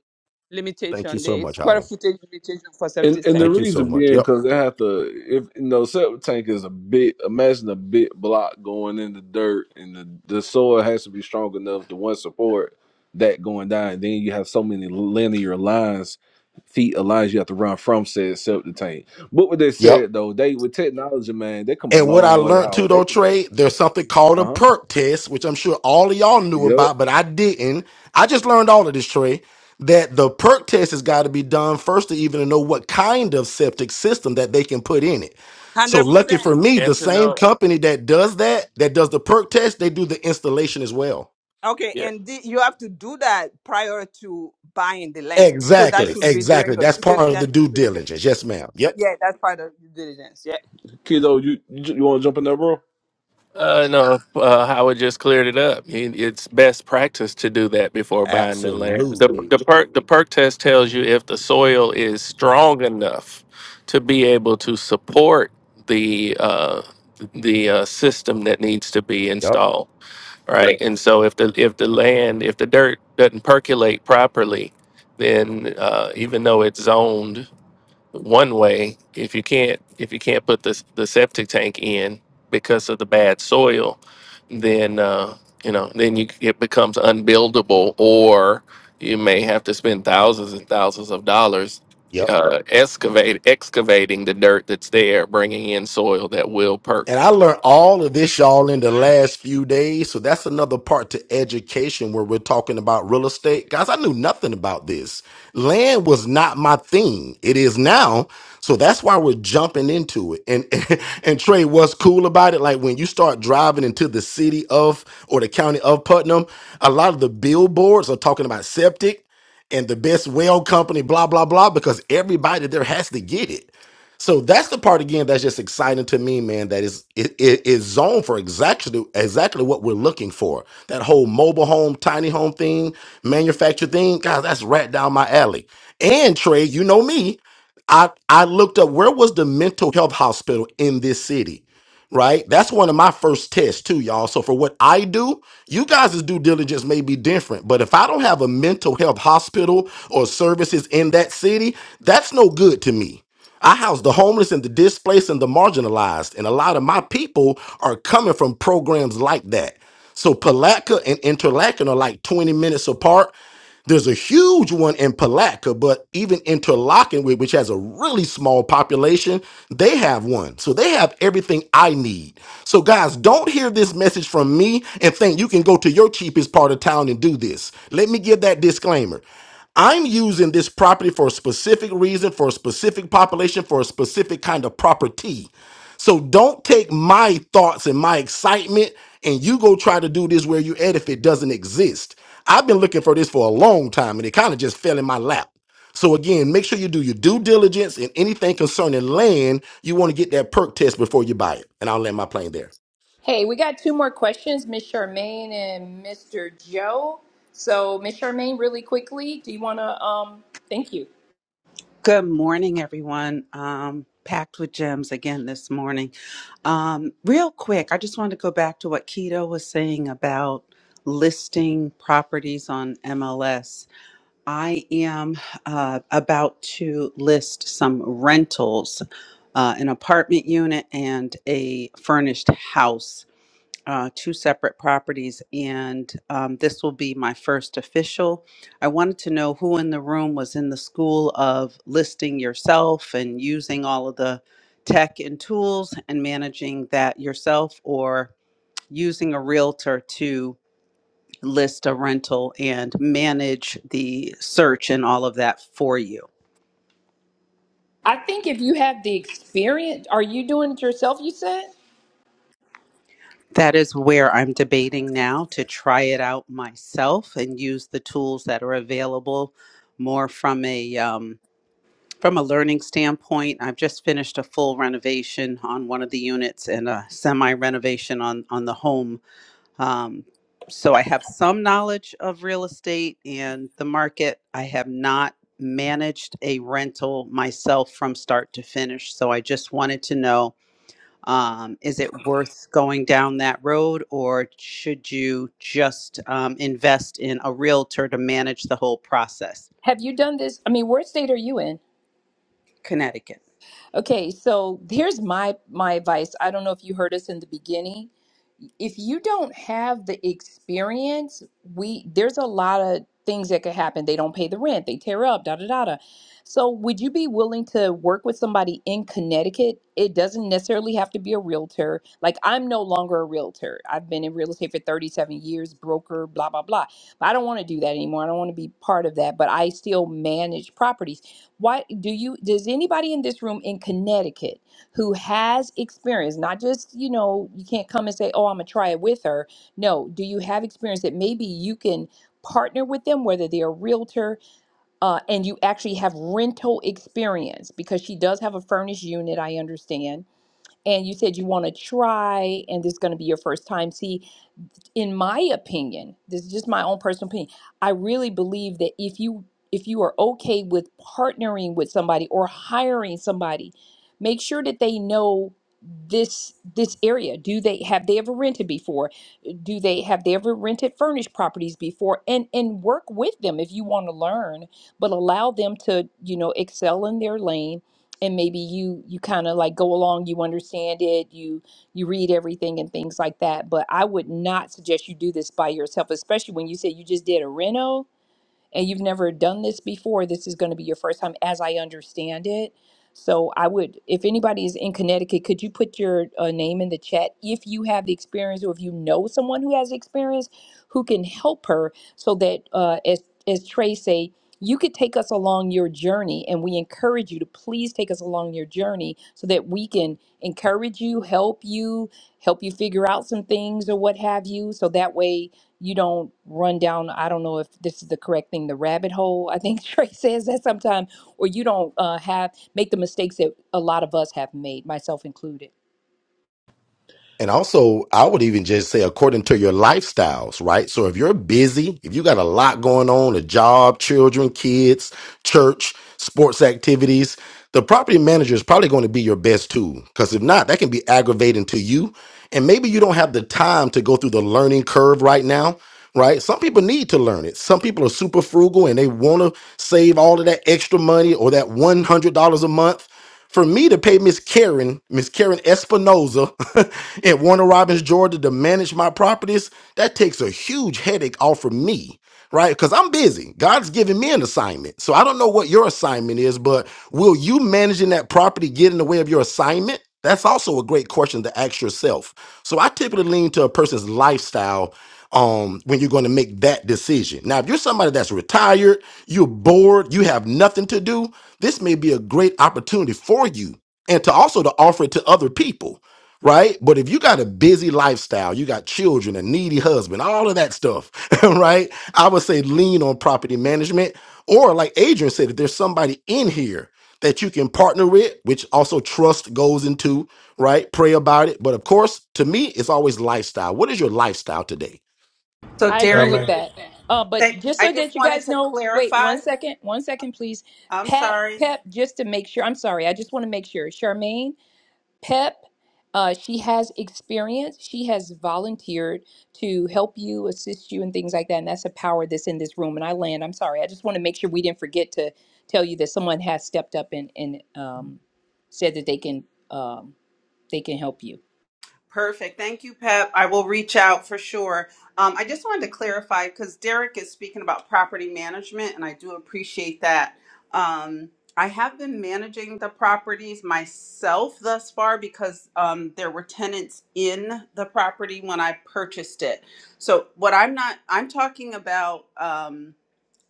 Thank you limitation so the much, square Holland. footage limitation for And septic and the Thank tank you so reason much. being Yep. because they have to if you know septic tank is a big imagine a big block going in the dirt and the, the soil has to be strong enough to one support that going down. And then you have so many linear lines, feet of lines you have to run from said septic tank. But what they Yep. said though, they with technology, man, they come a And what I long way, learned too, Howard. though, They can Trey, there's something called a uh huh. perk test, which I'm sure all of y'all knew Yep. about, but I didn't. I just learned all of this, Trey, that the perk test has got to be done first to even know what kind of septic system that they can put in it. So 100% lucky for me, And the to same know, company that does that, that does the perk test, they do the installation as well. okay yeah, and the, you have to do that prior to buying the land so that Exactly. should yes. be during Exactly. your That's due part of diligence the due period diligence. Yes, ma'am. Yep. yeah that's part of due diligence yeah Kiddo, you you, you wanna jump in there, bro? Uh, no, uh, Howard just cleared it up. He, it's best practice to do that before buying the land. The Absolutely. the perk the perk test tells you if the soil is strong enough to be able to support the uh, the uh, system that needs to be Yep. installed. right? And so if the if the land, if the dirt doesn't percolate properly, then uh, even though it's zoned one way, if you can't if you can't put the the septic tank in because of the bad soil, then uh, you know then you it becomes unbuildable, or you may have to spend thousands and thousands of dollars. Yep. Uh, excavate excavating the dirt that's there, bringing in soil that will perk. And I learned all of this, y'all, in the last few days. So that's another part to education where we're talking about real estate. Guys, I knew nothing about this. Land was not my thing. It is now. So that's why we're jumping into it. And, [LAUGHS] and Trey, what's cool about it? Like when you start driving into the city of or the county of Putnam, a lot of the billboards are talking about septic and the best well company, blah, blah, blah, because everybody there has to get it. So that's the part again that's just exciting to me, man. That is it is zoned for exactly exactly what we're looking for. That whole mobile home, tiny home thing, manufactured thing, guys, that's right down my alley. And Trey, you know me, I I looked up where was the mental health hospital in this city right? That's one of my first tests too, y'all. So for what I do, you guys' due diligence may be different, but if I don't have a mental health hospital or services in that city, that's no good to me. I house the homeless and the displaced and the marginalized, and a lot of my people are coming from programs like that. So Palatka and Interlaken are like 20 minutes apart. There's a huge one in Palatka, but even Interlaken, whi- which has a really small population, they have one. So they have everything I need. So, guys, don't hear this message from me and think you can go to your cheapest part of town and do this. Let me give that disclaimer. I'm using this property for a specific reason, for a specific population, for a specific kind of property. So don't take my thoughts and my excitement and you go try to do this where you at if it doesn't exist. I've been looking for this for a long time and it kind of just fell in my lap. So again, make sure you do your due diligence in anything concerning land. You want to get that perk test before you buy it. And I'll land my plane there. Hey, we got two more questions, Miss Charmaine and Mr. Joe. So, Miss Charmaine, really quickly, do you want to? Um, thank you. Good morning, everyone. Um, packed with gems again this morning. Um, real quick, I just wanted to go back to what Keto was saying about listing properties on MLS. I am uh, about to list some rentals, uh, an apartment unit and a furnished house uh, two separate properties, and um, this will be my first official. I wanted to know who in the room was in the school of listing yourself and using all of the tech and tools and managing that yourself, or using a realtor to list a rental and manage the search and all of that for you. I think if you have the experience, are you doing it yourself? You said. That is where I'm debating now to try it out myself and use the tools that are available more from a um, From a learning standpoint, I've just finished a full renovation on one of the units and a semi renovation on, on the home. Um, so I have some knowledge of real estate and the market. I have not managed a rental myself from start to finish. So I just wanted to know um, is it worth going down that road or should you just um, invest in a realtor to manage the whole process? Have you done this? I mean, what state are you in? Connecticut. Okay, so here's my my advice. I don't know if you heard us in the beginning if you don't have the experience, we there's a lot of things that could happen. They don't pay the rent, they tear up, da da da da. So would you be willing to work with somebody in Connecticut? It doesn't necessarily have to be a realtor. Like I'm no longer a realtor. I've been in real estate for 37 years, broker, blah blah blah. But I don't want to do that anymore. I don't want to be part of that, but I still manage properties. Why do you does anybody in this room in Connecticut who has experience, not just, you know, you can't come and say, oh, I'm going to try it with her. No, do you have experience that maybe you can partner with them, whether they're a realtor uh, and you actually have rental experience because she does have a furnished unit, I understand. And you said you want to try, and this is going to be your first time. See in my opinion, this is just my own personal opinion. I really believe that if you if you are okay with partnering with somebody or hiring somebody, make sure that they know this this area. Do they have they ever rented before? Do they have they ever rented furnished properties before? And and work with them if you want to learn, but allow them to, you know, excel in their lane and maybe you you kind of like go along, you understand it, you you read everything and things like that. But I would not suggest you do this by yourself, especially when you say you just did a reno and you've never done this before. This is going to be your first time, as I understand it. So I would, if anybody is in Connecticut, could you put your uh, name in the chat if you have the experience or if you know someone who has experience who can help her so that, uh, as as Trey say, you could take us along your journey, and we encourage you to please take us along your journey so that we can encourage you, help you, help you figure out some things or what have you. So that way you don't run down, I don't know if this is the correct thing, the rabbit hole. I think [LAUGHS] Trey says that sometimes, or you don't uh, have, make the mistakes that a lot of us have made, myself included. And also, I would even just say according to your lifestyles, right? So if you're busy, if you got a lot going on, a job, children, kids, church, sports activities, the property manager is probably going to be your best tool. Because if not, that can be aggravating to you. And maybe you don't have the time to go through the learning curve right now, right? Some people need to learn it. Some people are super frugal and they want to save all of that extra money or that $100 a month for me to pay Miss Karen, Miss Karen Espinoza [LAUGHS] in Warner Robins, Georgia to manage my properties, that takes a huge headache off of me, right? Because I'm busy. God's giving me an assignment. So I don't know what your assignment is, but will you managing that property get in the way of your assignment? That's also a great question to ask yourself. So I typically lean to a person's lifestyle um, when you're going to make that decision. Now, if you're somebody that's retired, you're bored, you have nothing to do, this may be a great opportunity for you and to also to offer it to other people, right? But if you got a busy lifestyle, you got children, a needy husband, all of that stuff, [LAUGHS] right? I would say lean on property management. Or like Adrian said, if there's somebody in here that you can partner with, which also trust goes into, right? Pray about it. But of course, to me, it's always lifestyle. What is your lifestyle today? So I agree Derek, with Charmaine. that. Uh, but Thank, just I so just that you wanted guys to know, wait one clarify. second, one second, please. I'm Pat, sorry. Pep, just to make sure, I'm sorry, I just want to make sure. Charmaine, PEP. Uh, she has experience. She has volunteered to help you, assist you, and things like that. And that's a power that's in this room. And I land. I'm sorry. I just want to make sure we didn't forget to tell you that someone has stepped up and and um, said that they can um, they can help you. Perfect. Thank you, Pep. I will reach out for sure. Um, I just wanted to clarify because Derek is speaking about property management, and I do appreciate that. Um, I have been managing the properties myself thus far because um, there were tenants in the property when I purchased it. So, what I'm not, I'm talking about. Um,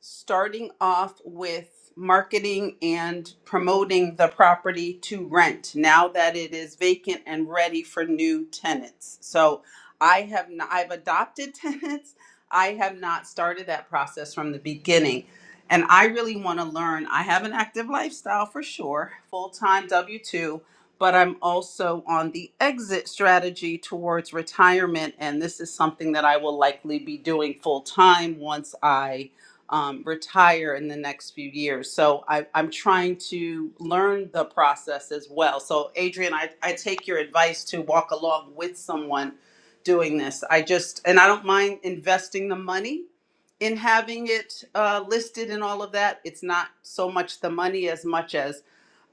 starting off with marketing and promoting the property to rent now that it is vacant and ready for new tenants. So I have not, I've adopted [LAUGHS] tenants. I have not started that process from the beginning. And I really want to learn. I have an active lifestyle for sure, full time W 2, but I'm also on the exit strategy towards retirement. And this is something that I will likely be doing full time once I um, retire in the next few years. So I, I'm trying to learn the process as well. So, Adrian, I, I take your advice to walk along with someone doing this. I just, and I don't mind investing the money in having it uh, listed and all of that. It's not so much the money as much as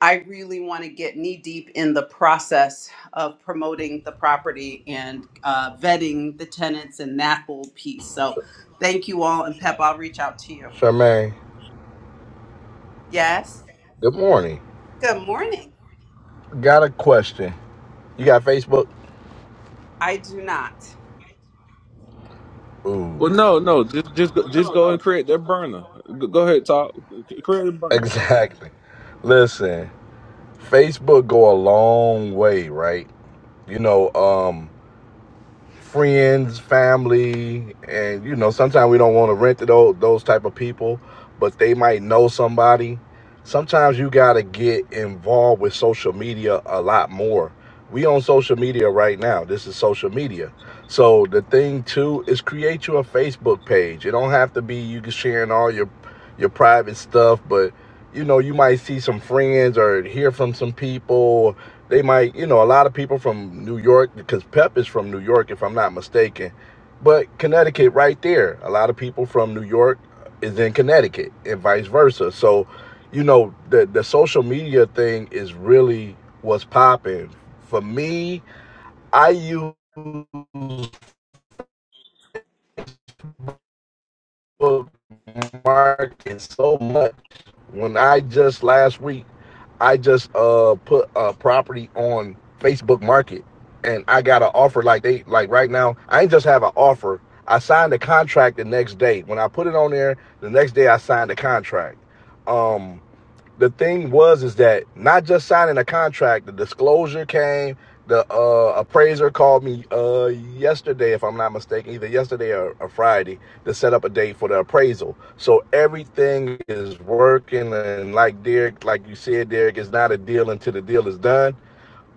I really want to get knee deep in the process of promoting the property and uh, vetting the tenants and that whole piece. So thank you all. And Pep, I'll reach out to you. Charmaine. Yes. Good morning. Good morning. Got a question. You got Facebook? I do not. Ooh. Well [LAUGHS] no, no, just just go just go and create that burner. Go, go ahead, talk. Create a burner. Exactly. Listen, Facebook go a long way, right? You know, um, friends, family, and you know, sometimes we don't want to rent to those those type of people, but they might know somebody. Sometimes you gotta get involved with social media a lot more. We on social media right now. This is social media. So the thing too is create you a Facebook page. It don't have to be you sharing all your your private stuff, but you know, you might see some friends or hear from some people. They might, you know, a lot of people from New York, because Pep is from New York, if I'm not mistaken. But Connecticut, right there, a lot of people from New York is in Connecticut, and vice versa. So, you know, the the social media thing is really what's popping. For me, I use market so much. When I just last week, I just uh put a property on Facebook Market, and I got an offer like they like right now. I ain't just have an offer. I signed the contract the next day. When I put it on there, the next day I signed the contract. Um, the thing was is that not just signing a contract, the disclosure came. The uh, appraiser called me uh, yesterday, if I'm not mistaken, either yesterday or, or Friday, to set up a date for the appraisal. So everything is working, and like Derek, like you said, Derek, it's not a deal until the deal is done.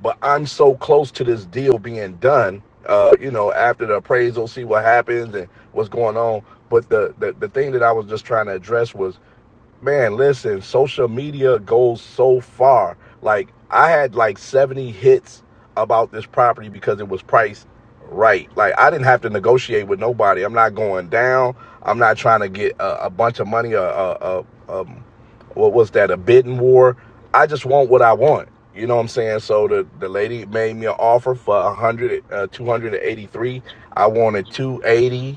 But I'm so close to this deal being done. Uh, you know, after the appraisal, see what happens and what's going on. But the, the the thing that I was just trying to address was man, listen, social media goes so far. Like I had like 70 hits about this property because it was priced right. Like I didn't have to negotiate with nobody. I'm not going down. I'm not trying to get a, a bunch of money. A, a, a um, what was that? A bidding war. I just want what I want. You know what I'm saying? So the, the lady made me an offer for 100, uh, 283. I wanted 280.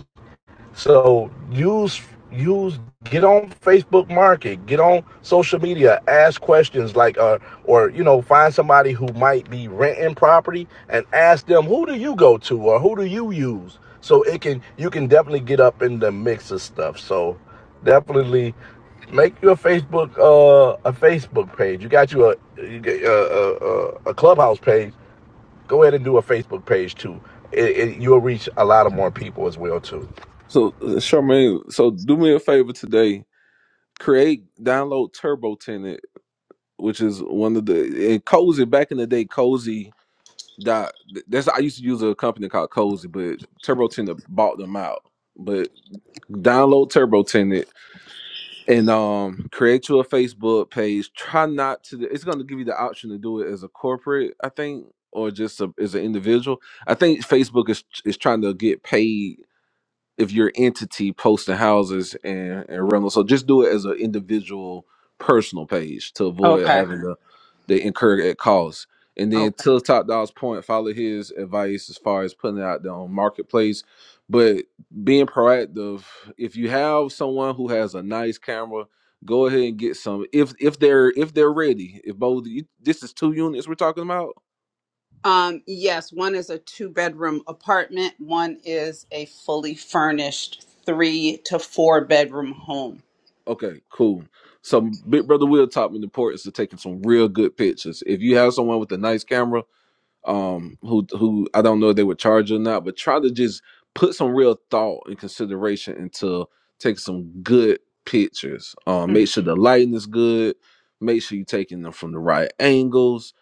So use use get on Facebook Market, get on social media, ask questions like uh or you know find somebody who might be renting property and ask them who do you go to or who do you use so it can you can definitely get up in the mix of stuff. So definitely make your Facebook uh a Facebook page. You got you a you get, uh, uh, uh, a clubhouse page. Go ahead and do a Facebook page too. It, it, you'll reach a lot of more people as well too. So uh, Charmaine, so do me a favor today. Create, download Turbo Tenant, which is one of the and Cozy. Back in the day, Cozy dot. That's I used to use a company called Cozy, but Turbo Tenant bought them out. But download Turbo Tenant and um create you a Facebook page. Try not to. It's going to give you the option to do it as a corporate, I think, or just a, as an individual. I think Facebook is is trying to get paid if your entity posting houses and and rental. So just do it as an individual personal page to avoid Okay. having the the incur at cost. And then Okay. to Top Dog's point, follow his advice as far as putting it out there on marketplace. But being proactive, if you have someone who has a nice camera, go ahead and get some. If if they're if they're ready, if both you, this is two units we're talking about Um, yes, one is a two bedroom apartment, one is a fully furnished three to four bedroom home. Okay, cool. So Big Brother Will taught me the importance of taking some real good pictures. If you have someone with a nice camera, um who who I don't know if they would charge or not, but try to just put some real thought and consideration into taking some good pictures. Um make sure the lighting is good, make sure you're taking them from the right angles.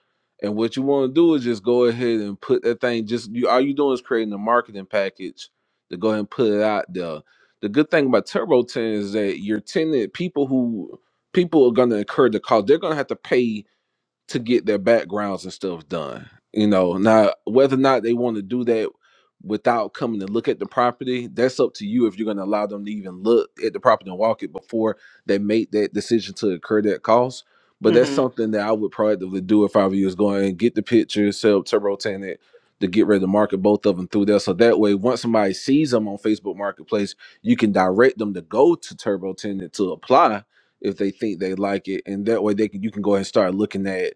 And what you want to do is just go ahead and put that thing just you all you doing is creating a marketing package to go ahead and put it out there. The good thing about Turbo 10 is that your tenant people who people are gonna incur the cost, they're gonna have to pay to get their backgrounds and stuff done. You know, now whether or not they want to do that without coming to look at the property, that's up to you if you're going to allow them to even look at the property and walk it before they make that decision to incur that cost. But that's Mm-hmm. something that I would proactively do if I were you is going and get the pictures, set up turbo tenant to get ready to market both of them through there. So that way, once somebody sees them on Facebook Marketplace, you can direct them to go to turbo tenant to apply if they think they like it. And that way they can you can go ahead and start looking at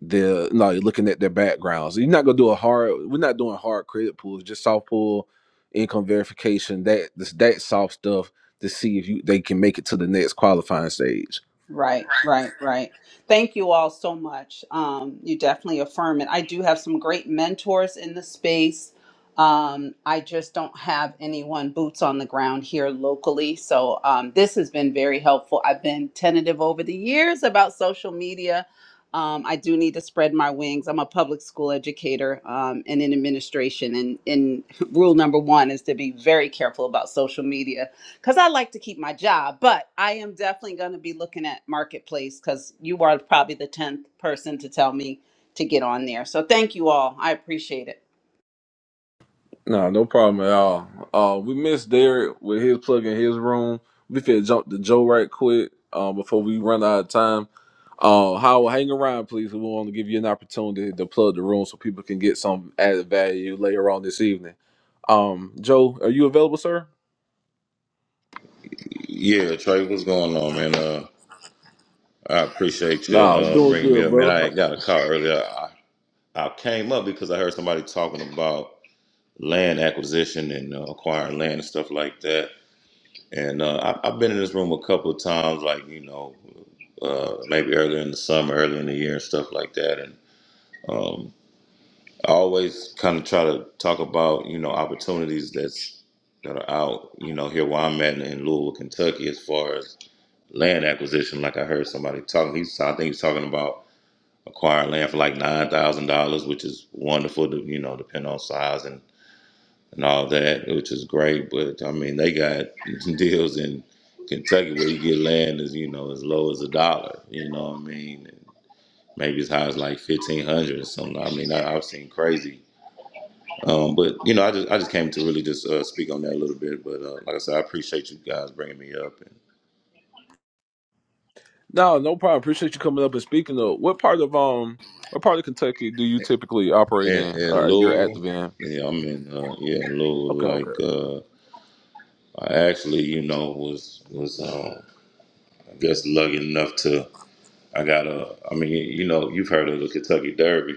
the no, you're looking at their backgrounds. You're not gonna do a hard. We're not doing hard credit pulls. Just soft pull, income verification. That this that soft stuff to see if you they can make it to the next qualifying stage. Right, right, right. Thank you all so much. Um, you definitely affirm it. I do have some great mentors in the space. Um, I just don't have anyone boots on the ground here locally. So um, this has been very helpful. I've been tentative over the years about social media. Um, I do need to spread my wings. I'm a public school educator um, and in administration. And, and [LAUGHS] rule number one is to be very careful about social media because I like to keep my job, but I am definitely going to be looking at Marketplace because you are probably the 10th person to tell me to get on there. So thank you all. I appreciate it. No, no problem at all. Uh, we missed Derek with his plug in his room. We could jump to Joe right quick uh, before we run out of time. Uh, Howard, hang around, please. We want to give you an opportunity to plug the room so people can get some added value later on this evening. Um, Joe, are you available, sir? Yeah, Trey, what's going on, man? Uh, I appreciate you No, uh, doing bringing me good, up, man. brother. I got a call earlier. I, I came up because I heard somebody talking about land acquisition and uh, acquiring land and stuff like that. And uh, I, I've been in this room a couple of times, like you know, uh, maybe earlier in the summer, earlier in the year, and stuff like that. And um, I always kind of try to talk about you know opportunities that's that are out, you know, here where I'm at in Louisville, Kentucky, as far as land acquisition. Like I heard somebody talking, he's I think he's talking about acquiring land for like nine thousand dollars, which is wonderful. To, you know, depending on size and and all that, which is great. But I mean, they got [LAUGHS] deals in Kentucky where you get land as you know as low as a dollar. You know what I mean? And maybe as high as like fifteen hundred or something. I mean, I, I've seen crazy. Um, but you know, I just I just came to really just uh, speak on that a little bit. But uh, like I said, I appreciate you guys bringing me up. No, no problem. Appreciate you coming up and speaking. Though, what part of um, what part of Kentucky do you typically operate And in, and or you're active Lowell, in? yeah, i mean, uh, yeah Lowell. Okay, okay, Like uh, I actually, you know, was was um, I guess lucky enough to I got a. I mean, you know, you've heard of the Kentucky Derby.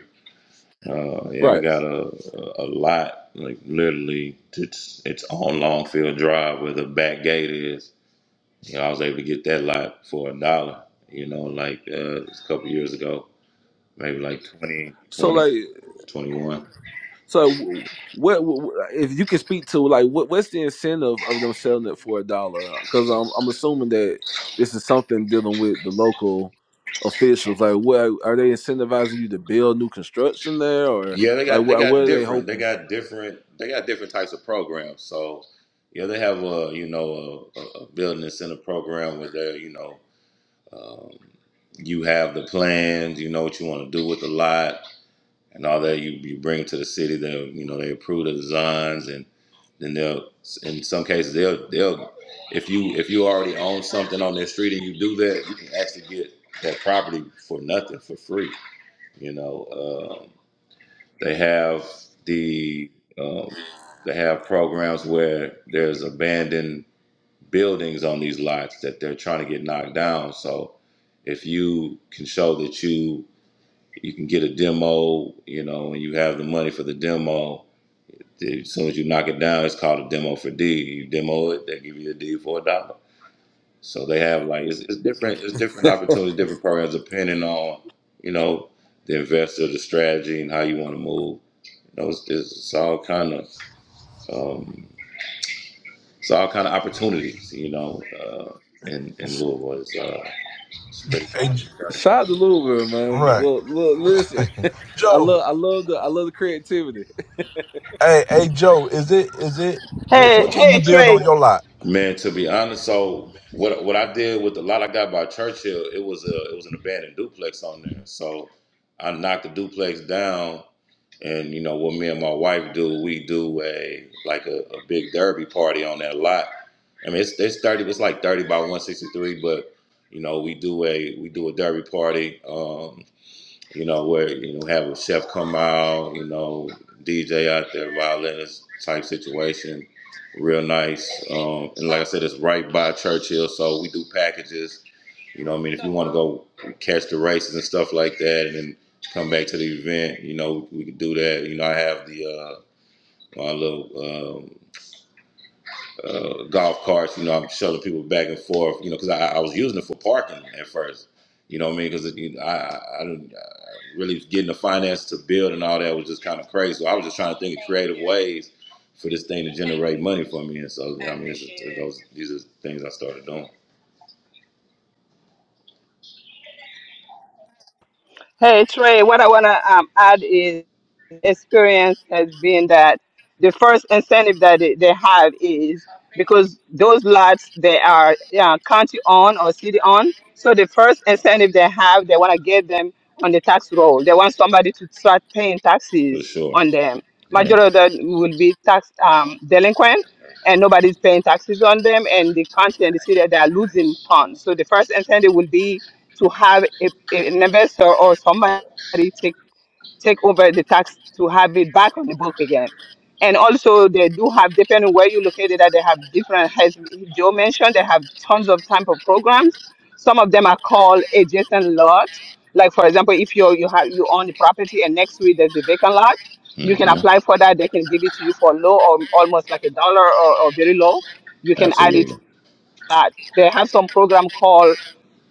Uh, yeah, I right. got a a lot like literally it's it's on Longfield Drive where the back gate is. You know, I was able to get that lot for a dollar. You know, like uh, it was a couple years ago, maybe like 20, So, 20, like, twenty-one. so what, what wh- if you can speak to like what what's the incentive of them selling it for a dollar? Because I'm I'm assuming that this is something dealing with the local officials. Like, what are they incentivizing you to build new construction there, or Yeah, they like got they what what got are they different. They hoping? got different. They got different types of programs. So yeah, they have a you know a, a a building and center program where they you know um, you have the plans. You know what you want to do with the lot and all that. You you bring it to the city. They you know they approve the designs and then they'll in some cases they'll they'll if you if you already own something on their street and you do that you can actually get that property for nothing for free. You know. um, they have the um, they have programs where there's abandoned buildings on these lots that they're trying to get knocked down. So if you can show that you you can get a demo, you know, and you have the money for the demo, as soon as you knock it down, it's called a demo for D. You demo it, they give you a D for a dollar. So they have like it's, it's different it's different opportunities, different programs depending on you know the investor, the strategy, and how you want to move. You know, it's, it's all kind of um, it's all kind of opportunities. You know, uh, in in Louisville, it's, uh, it's pretty, And pretty crowded. Shout out to Louisville, man. Right. Look, look, listen. [LAUGHS] I love, Joe. I love the, I love the creativity. Hey, hey, Joe. Is it? Is it? wh- Hey, What can you build hey, on your lot? Man, to be honest, so what what I did with the lot I got by Churchill, it was a it was an abandoned duplex on there. So I knocked the duplex down, and you know what me and my wife do, we do a like a, a big derby party on that lot. I mean, it's it's thirty, it's like thirty by one sixty three, but you know we do a we do a derby party. Um, you know, where you know have a chef come out, you know, DJ out there, violinist type situation, real nice. Um, and like I said, it's right by Churchill, so we do packages. You know, what I mean, if you want to go catch the races and stuff like that, and then come back to the event, you know, we can do that. You know, I have the uh, my little um, uh, golf carts. You know, I'm shuttling people back and forth. You know, because I, I was using it for parking at first. You know what I mean? Because I, I, I, really getting the finance to build and all that was just kind of crazy. So I was just trying to think of creative ways for this thing to generate money for me. And so I mean, it's just, it goes, these are things I started doing Hey Trey, what I wanna um, add is experience has been that the first incentive that they, they have is because those lots they are yeah, county on or city on. So the first incentive they have, they want to get them on the tax roll. They want somebody to start paying for taxes sure. on them. Yeah. Majority of them will be tax um, delinquent, and nobody's paying taxes on them. And the county and the city they are losing funds. So the first incentive will be to have a, an investor or somebody take take over the tax to have it back on the book again. And also, they do have, depending where you located at, they have different, as Joe mentioned, they have tons of type of programs. Some of them are called adjacent lot. Like, for example, if you you have you own the property and next to it there's a vacant lot, you can hmm apply for that. They can give it to you for low or almost like a dollar or, or very low. You can add it to Absolutely. that. They have some program called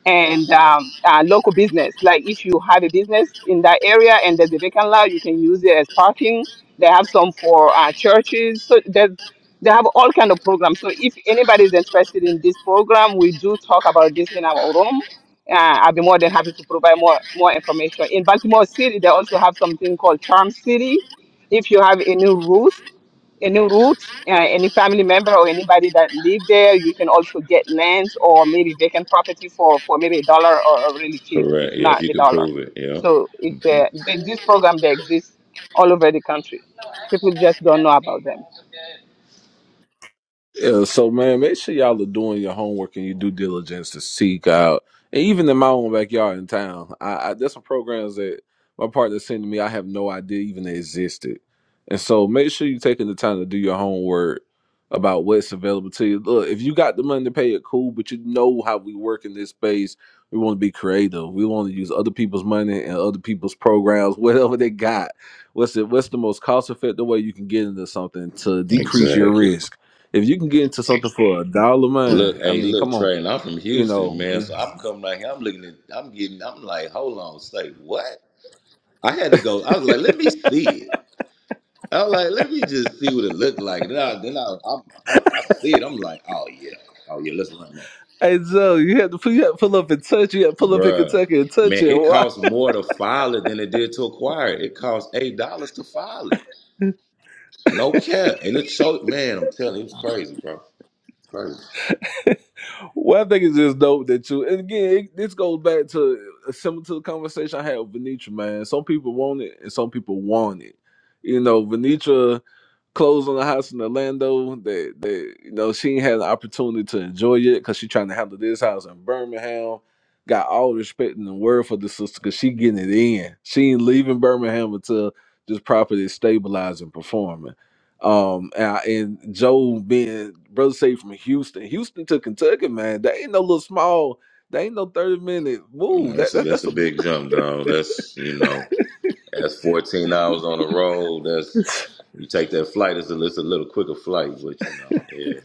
and um, uh, local business. Like if you have a business in that area and there's a vacant lot, you can use it as parking. They have some for uh, churches. So there's they have all kind of programs. So if anybody is interested in this program, we do talk about this in our room. Uh, I'll be more than happy to provide more more information. In Baltimore City, they also have something called Charm City. If you have any rules any roots, uh, any family member or anybody that live there, you can also get lands or maybe vacant property for, for maybe a dollar or, or really cheap, if Correct. Yeah. If not you a could dollar. prove it. Yeah. So it, hmm uh, th- this program they exist all over the country. People just don't know about them. Yeah, so man, make sure y'all are doing your homework and your due diligence to seek out. And even in my own backyard in town, I, I there's some programs that my partner sent to me. I have no idea even they existed. And so make sure you're taking the time to do your homework about what's available to you. Look, if you got the money to pay it, cool. But you know how we work in this space. We want to be creative. We want to use other people's money and other people's programs, [LAUGHS] whatever they got. What's the what's the most cost effective way you can get into something to decrease your Exactly. risk? If you can get into something for a dollar, Look, man, I hey, mean, look, come on, Trey, and I'm from you Houston, know. man. So I'm coming out here. I'm looking at. I'm getting. I'm like, hold on, say what? I had to go. I was like, let me see it. I was like, let me just see what it looked like. Then I then I I, I, I see it. I'm like, oh yeah, oh yeah, let's run that, Hey, Joe, you had to pull, you had to pull up and touch. You had to pull up in bruh. Kentucky and touch Man, it. it Why? costs more to file it than it did to acquire it. It cost eight dollars to file it. No cap, and it showed. Man, I'm telling you, it was crazy, bro. crazy. Well, I think it's just dope that you. And again, it, this goes back to uh, similar to the conversation I had with Venetra, man. Some people want it, and some people want it. You know, Venetra. clothes on the house in Orlando. That that you know she ain't had an opportunity to enjoy it because she trying to handle this house in Birmingham. Got all the respect in the world for the sister because she getting it in. She ain't leaving Birmingham until this property is stabilized and performing. Um and, I, and Joe being brother say from Houston, Houston to Kentucky, man. That ain't no little small. That ain't no thirty minute You know, move. that's That, a that that's that's a a mo- big jump, dog. That's you know, that's 14 hours on the road. [LAUGHS] That's you take that flight. It's a, it's a little quicker flight, but you know, yeah, it,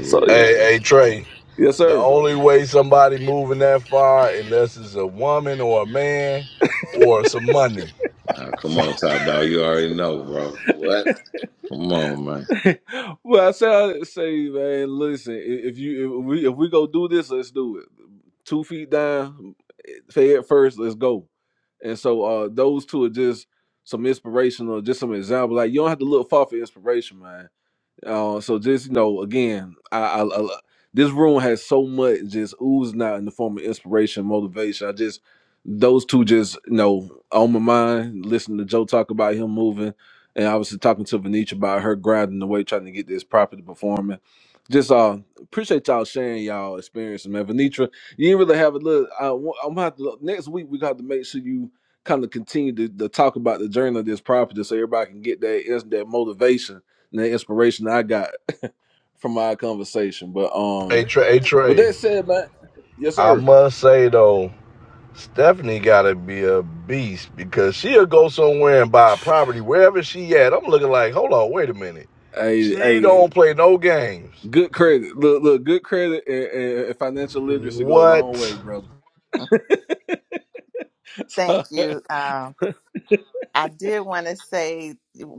so Hey, it's hey, yeah. Trey. yes The sir. only way somebody moving that far, unless it's a woman or a man, or some money. Nah, come on, top dog. You already know, bro. What? Come on, man. [LAUGHS] well, I say, I say, man, listen. i- If you if we if we go do this, let's do it. Two feet down, head first. Let's go. And so uh those two are just some inspirational, just some example. Like you don't have to look far for inspiration, man. Uh, so just you know, again, I, I, I this room has so much just oozing out in the form of inspiration, motivation. I just those two just you know on my mind. Listening to Joe talk about him moving, and obviously talking to Venetia about her grinding away trying to get this property performing. Just uh appreciate y'all sharing y'all experiences, man. Venetra, you didn't really have a little. I, wa- I'm gonna have to look. next week. We got to make sure you kind of continue to, to talk about the journey of this property, so everybody can get that that motivation and the inspiration I got [LAUGHS] from our conversation. But Hey, um, Trey. Hey, with Trey. that said, man, yes, I sir. must say though, Stephanie gotta be a beast because she'll go somewhere and buy property wherever she at. I'm looking like, hold on, wait a minute. Hey, She hey, don't play no games. good credit. Look, look, good credit and, and financial literacy go a long way, What? brother. Mhm. [LAUGHS] So, thank you um I did want to say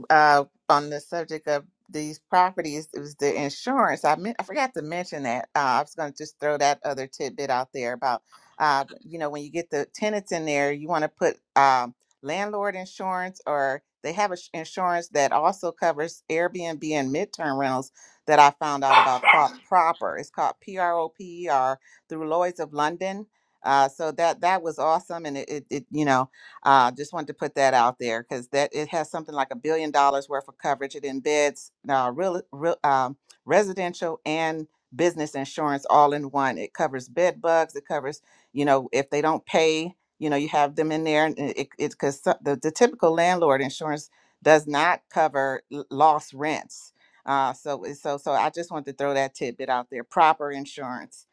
uh, on the subject of these properties, it was the insurance. I meant I forgot to mention that. Uh, I was going to just throw that other tidbit out there about, uh, you know, when you get the tenants in there, you want to put um, landlord insurance, or they have a sh- insurance that also covers Airbnb and midterm rentals that I found out about called Proper. It's called P R O P E R through Lloyd's of London. Uh, so that that was awesome, and it, it, it you know uh, just wanted to put that out there because that it has something like a billion dollars worth of coverage. It embeds uh, real, real um, residential and business insurance all in one. It covers bed bugs. It covers, you know, if they don't pay, you know, you have them in there, and it because the, the typical landlord insurance does not cover l- lost rents. Uh, so so so I just wanted to throw that tidbit out there. Proper insurance.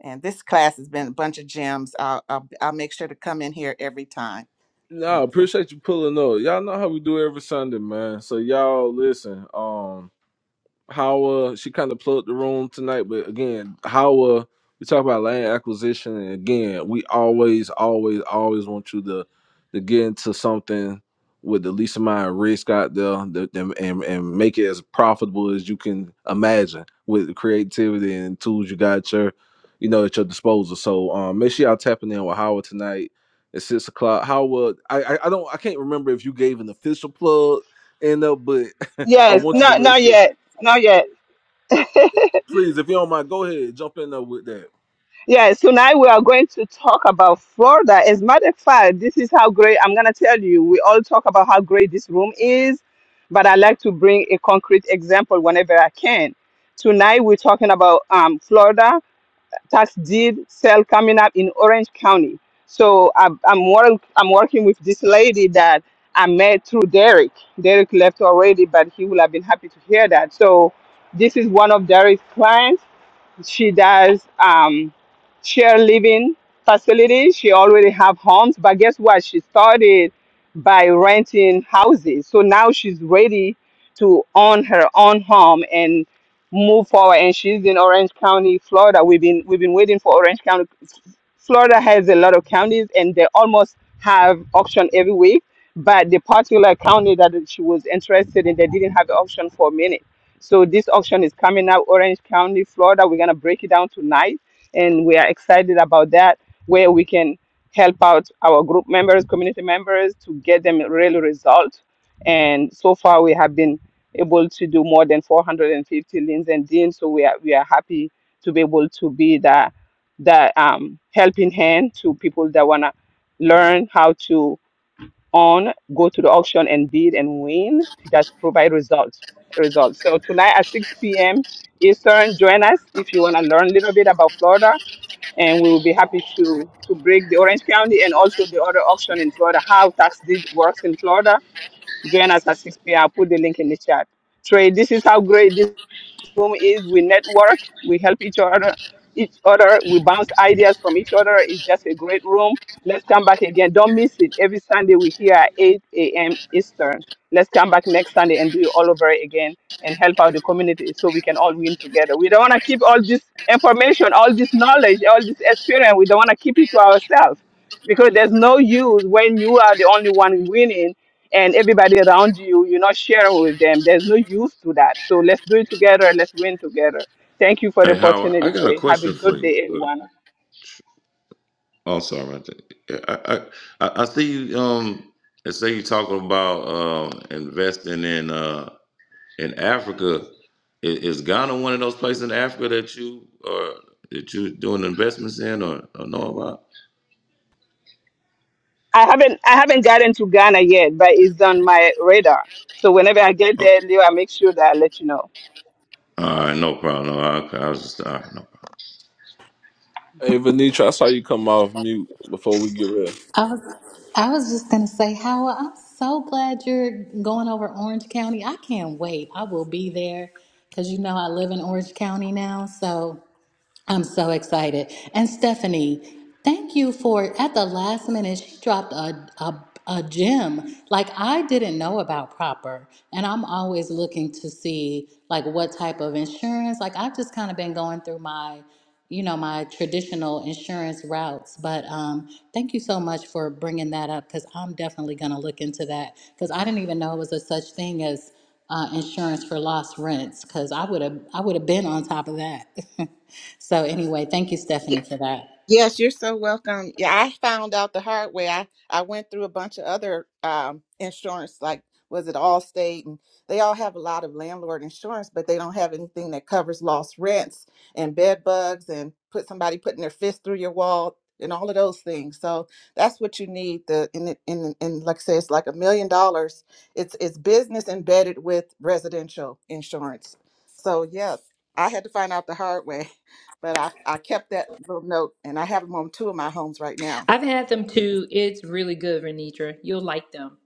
And this class has been a bunch of gems. I'll, I'll, I'll make sure to come in here every time. no, I Thank you. appreciate you pulling up. Y'all know how we do every Sunday, man. So y'all listen. um. how uh she kind of plugged the room tonight, but again, how uh we talk about land acquisition, and again, we always, always, always want you to to get into something with the least amount of risk out there, the, and, and and make it as profitable as you can imagine with the creativity and tools you got at your, you know, at your disposal. So um, make sure y'all tapping in with Howard tonight at six o'clock. Howard, I, I I don't I can't remember if you gave an official plug end up, but [LAUGHS] I Yes, want you to not make not sure. yet, not yet. [LAUGHS] Please, if you don't mind, go ahead. Jump in there with that. Yeah, so now we are going to talk about Florida. As a matter of fact, this is how great I'm going to tell you. We all talk about how great this room is, but I like to bring a concrete example whenever I can. Tonight, we're talking about um, Florida tax deed sale coming up in Orange County. So I'm, I'm, work, I'm working with this lady that I met through Derek. Derek left already, but he will have been happy to hear that. So this is one of Derek's clients she does um, share living facilities. She already have homes, but guess what? She started by renting houses. So now she's ready to own her own home and move forward. And she's in Orange County, Florida. We've been we've been waiting for Orange County. Florida has a lot of counties, and they almost have auction every week. But the particular county that she was interested in, they didn't have the auction for a minute so this auction is coming up Orange County, Florida. We're gonna break it down tonight, and we are excited about that, where we can help out our group members, community members, to get them real results. And so far, we have been able to do more than 450 liens and deans. So we are we are happy to be able to be the the um, helping hand to people that wanna learn how to on, go to the auction and bid and win. Just provide results. Results. So tonight at 6 p.m. Eastern, join us if you want to learn a little bit about Florida, and we will be happy to to break the Orange County and also the other auction in Florida, how tax deed works in Florida. Join us at 6 p.m. I'll put the link in the chat. Trey, this is how great this room is we network, we help each other, each other, we bounce ideas from each other. It's just a great room. Let's come back again. Don't miss it. Every Sunday we here at 8 a.m. Eastern. Let's come back next Sunday and do it all over again and help out the community so we can all win together. We don't want to keep all this information, all this knowledge, all this experience. We don't want to keep it to ourselves because there's no use when you are the only one winning and everybody around you you're not sharing with them there's no use to that so let's do it together let's win together thank you for the Hey, Howard, I opportunity got a trey have a question for good you. day Uh, everyone oh, sorry, I, think- I I I I see you. Um, and say you talking about um investing in uh in Africa. Is, is Ghana one of those places in Africa that you are that you doing investments in or, or know about? i haven't i haven't gotten to ghana yet but it's on my radar so whenever i get Oh, there leo i make sure that i let you know all right, no problem. No, I, I was just all right, no. problem. Hey, Venetra, I saw you come off mute before we get real. I was I was just gonna say, Howard, I'm so glad you're going over Orange County. I can't wait. I will be there because you know I live in Orange County now. So I'm so excited. And Stephanie, thank you for at the last minute she dropped a a a gem like I didn't know about proper. And I'm always looking to see like what type of insurance. Like I've just kind of been going through my you know my traditional insurance routes but um, thank you so much for bringing that up because i'm definitely going to look into that because i didn't even know it was a such thing as uh, insurance for lost rents because I would have I would have been on top of that. [LAUGHS] so anyway, thank you, Stephanie, Y- for that. Yes, you're so welcome. Yeah, I found out the hard way. I, I went through a bunch of other um, insurance, like was it Allstate, and they all have a lot of landlord insurance, but they don't have anything that covers lost rents and bed bugs and put somebody putting their fist through your wall and all of those things. So that's what you need. The in in and and like I say, it's like a million dollars. It's it's business embedded with residential insurance. So yes, I had to find out the hard way. but I, I kept that little note and I have them on two of my homes right now. I've had them too. It's really good, Renitra. You'll like them.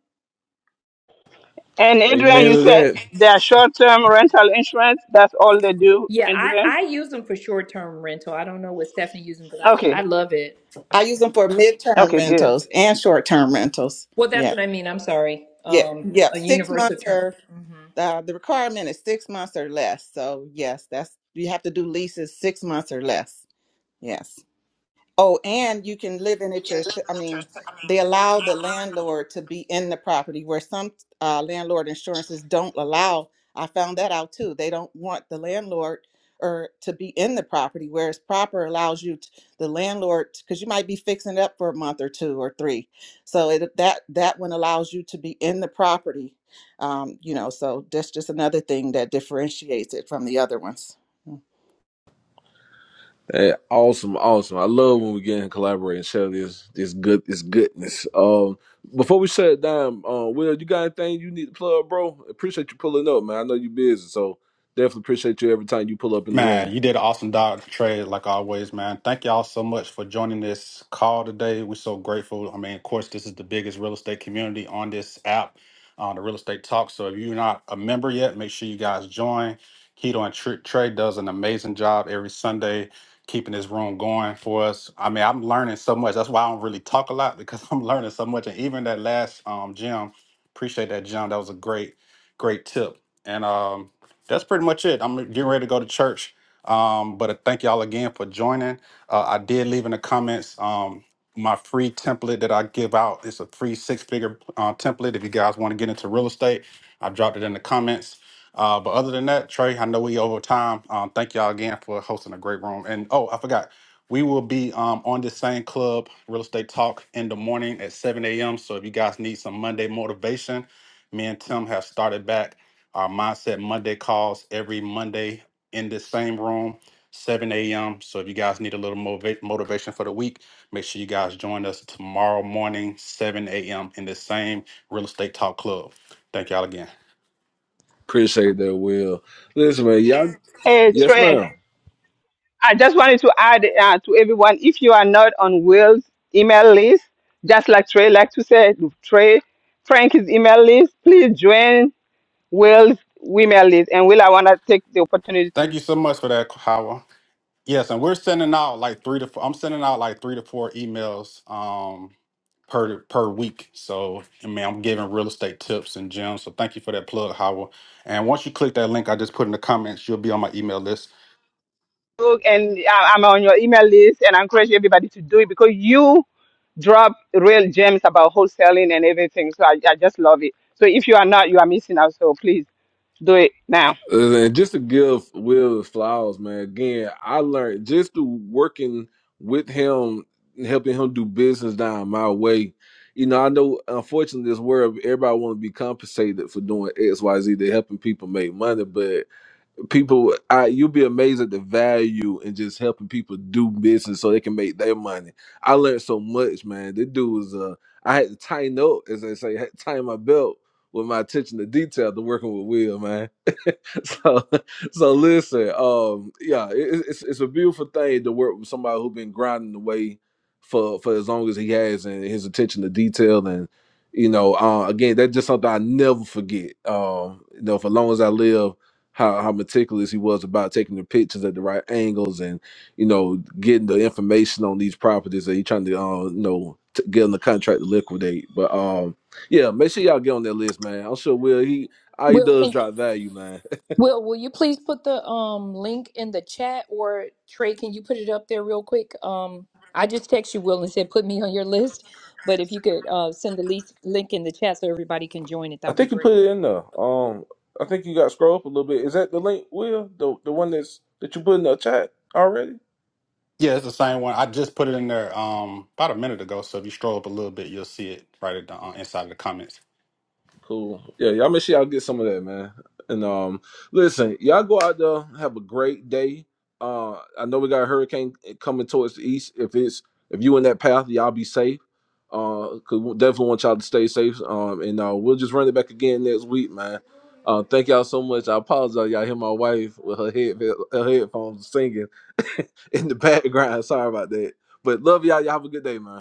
and adrian Amen you to said that. they are short-term rental insurance that's all they do Yeah, I, adrian I use them for short term rental. I don't know what Stephanie using, but I, I okay love it. I use them for midterm okay good rentals and short term rentals. Well, that's Yeah. what I mean. I'm sorry. Yep. Um, Yep. a Six universal months term. or hmm uh, the requirement is six months or less. So, yes, that's you have to do leases six months or less. Yes. Oh, and you can live in it yourself. I mean, they allow the landlord to be in the property where some uh, landlord insurances don't allow. I found that out too. They don't want the landlord or to be in the property, whereas proper allows you t the landlord because you might be fixing it up for a month or two or three. So it, that that one allows you to be in the property. Um, you know, so that's just another thing that differentiates it from the other ones. Hey, awesome, awesome. I love when we get in collaborate and share this this good this goodness. Um, before we shut it down, uh, Will, you got anything you need to plug, bro? Appreciate you pulling up, man. I know you're busy, so definitely appreciate you every time you pull up in the room. Man, you did an awesome job, Trey. like always, man. Thank y'all so much for joining this call today. We're so grateful. I mean, of course, this is the biggest real estate community on this app, uh, the Real Estate Talk. So if you're not a member yet, make sure you guys join. Keto and Tr- Trade does an amazing job every Sunday keeping this room going for us. I mean, I'm learning so much. That's why I don't really talk a lot because [LAUGHS] I'm learning so much. And even that last um, gym, appreciate that, Jim. That was a great, great tip. And um, that's pretty much it. I'm getting ready to go to church. Um, but I thank y'all again for joining. Uh, I did leave in the comments um, my free template that I give out. It's a free six figure uh, template if you guys want to get into real estate. I dropped it in the comments. Uh, but other than that, Trey, I know we over time. Um, thank y'all again for hosting a great room. And oh, I forgot, we will be um, on this same club, Real Estate Talk, in the morning at 7 a.m. So if you guys need some Monday motivation, me and Tim have started back our Mindset Monday calls every Monday in this same room, 7 a.m. So if you guys need a little motiva- motivation for the week, make sure you guys join us tomorrow morning, 7 a.m. in this same Real Estate Talk Club. Thank y'all again. Appreciate that, Will. Listen, man, y'all. hey Yes, trey ma'am. I just wanted to add uh, to everyone if you are not on Will's email list, just like Trey like to say, Trey, Frank's email list, please join Will's email list. And Will, I want to take the opportunity Thank to you so much for that, Howard. Yes, and we're sending out like three to four. I'm sending out like three to four emails um, per per week. So I mean, I'm giving real estate tips and gems. So thank you for that plug, Howard. And once you click that link I just put in the comments, you'll be on my email list. look. And I- I'm on your email list, and I encourage everybody to do it because you drop real gems about wholesaling and everything. So I, I just love it. So if you are not, you are missing out. So please do it now. Uh, And just to give Will his flowers, man. Again, I learned just through working with him, and helping him do business down my way. You know, I know unfortunately this world everybody want to be compensated for doing X, Y, Z. They're helping people make money, but people, I you'll be amazed at the value in just helping people do business so they can make their money. I learned so much, man. This dude was uh, I had to tighten up, as they say, had to tighten my belt with my attention to detail to working with Will, man [LAUGHS] so so listen um yeah it, it's it's a beautiful thing to work with somebody who's been grinding away for for as long as he has and his attention to detail and you know uh again that's just something i never forget um you know for long as i live how, how meticulous he was about taking the pictures at the right angles and you know getting the information on these properties that he's trying to uh, you know t- get on the contract to liquidate but um yeah make sure y'all get on that list man i'm sure will he all he Well, does can drop value, man. Will, will you please put the um link in the chat or Trey, can you put it up there real quick? Um, I just text you, Will, and said put me on your [LAUGHS] list. But if you could uh, send the least link in the chat so everybody can join it, that I would be think you great. put it in there. Um, I think you got to scroll up a little bit. Is that the link, Will? The the one that's that you put in the chat already? Yeah, it's the same one. I just put it in there um about a minute ago. So if you scroll up a little bit, you'll see it right at the uh, inside of the comments. Cool. Yeah, y'all make sure y'all get some of that, man. And um listen, y'all go out there, have a great day. Uh I know we got a hurricane coming towards the east. If it's if you in that path, y'all be safe. Uh, cause we definitely want y'all to stay safe. Um, and uh, we'll just run it back again next week, man. Uh, thank y'all so much. I apologize. Y'all hear my wife with her head her headphones singing [LAUGHS] in the background. Sorry about that. But love y'all. Y'all have a good day, man.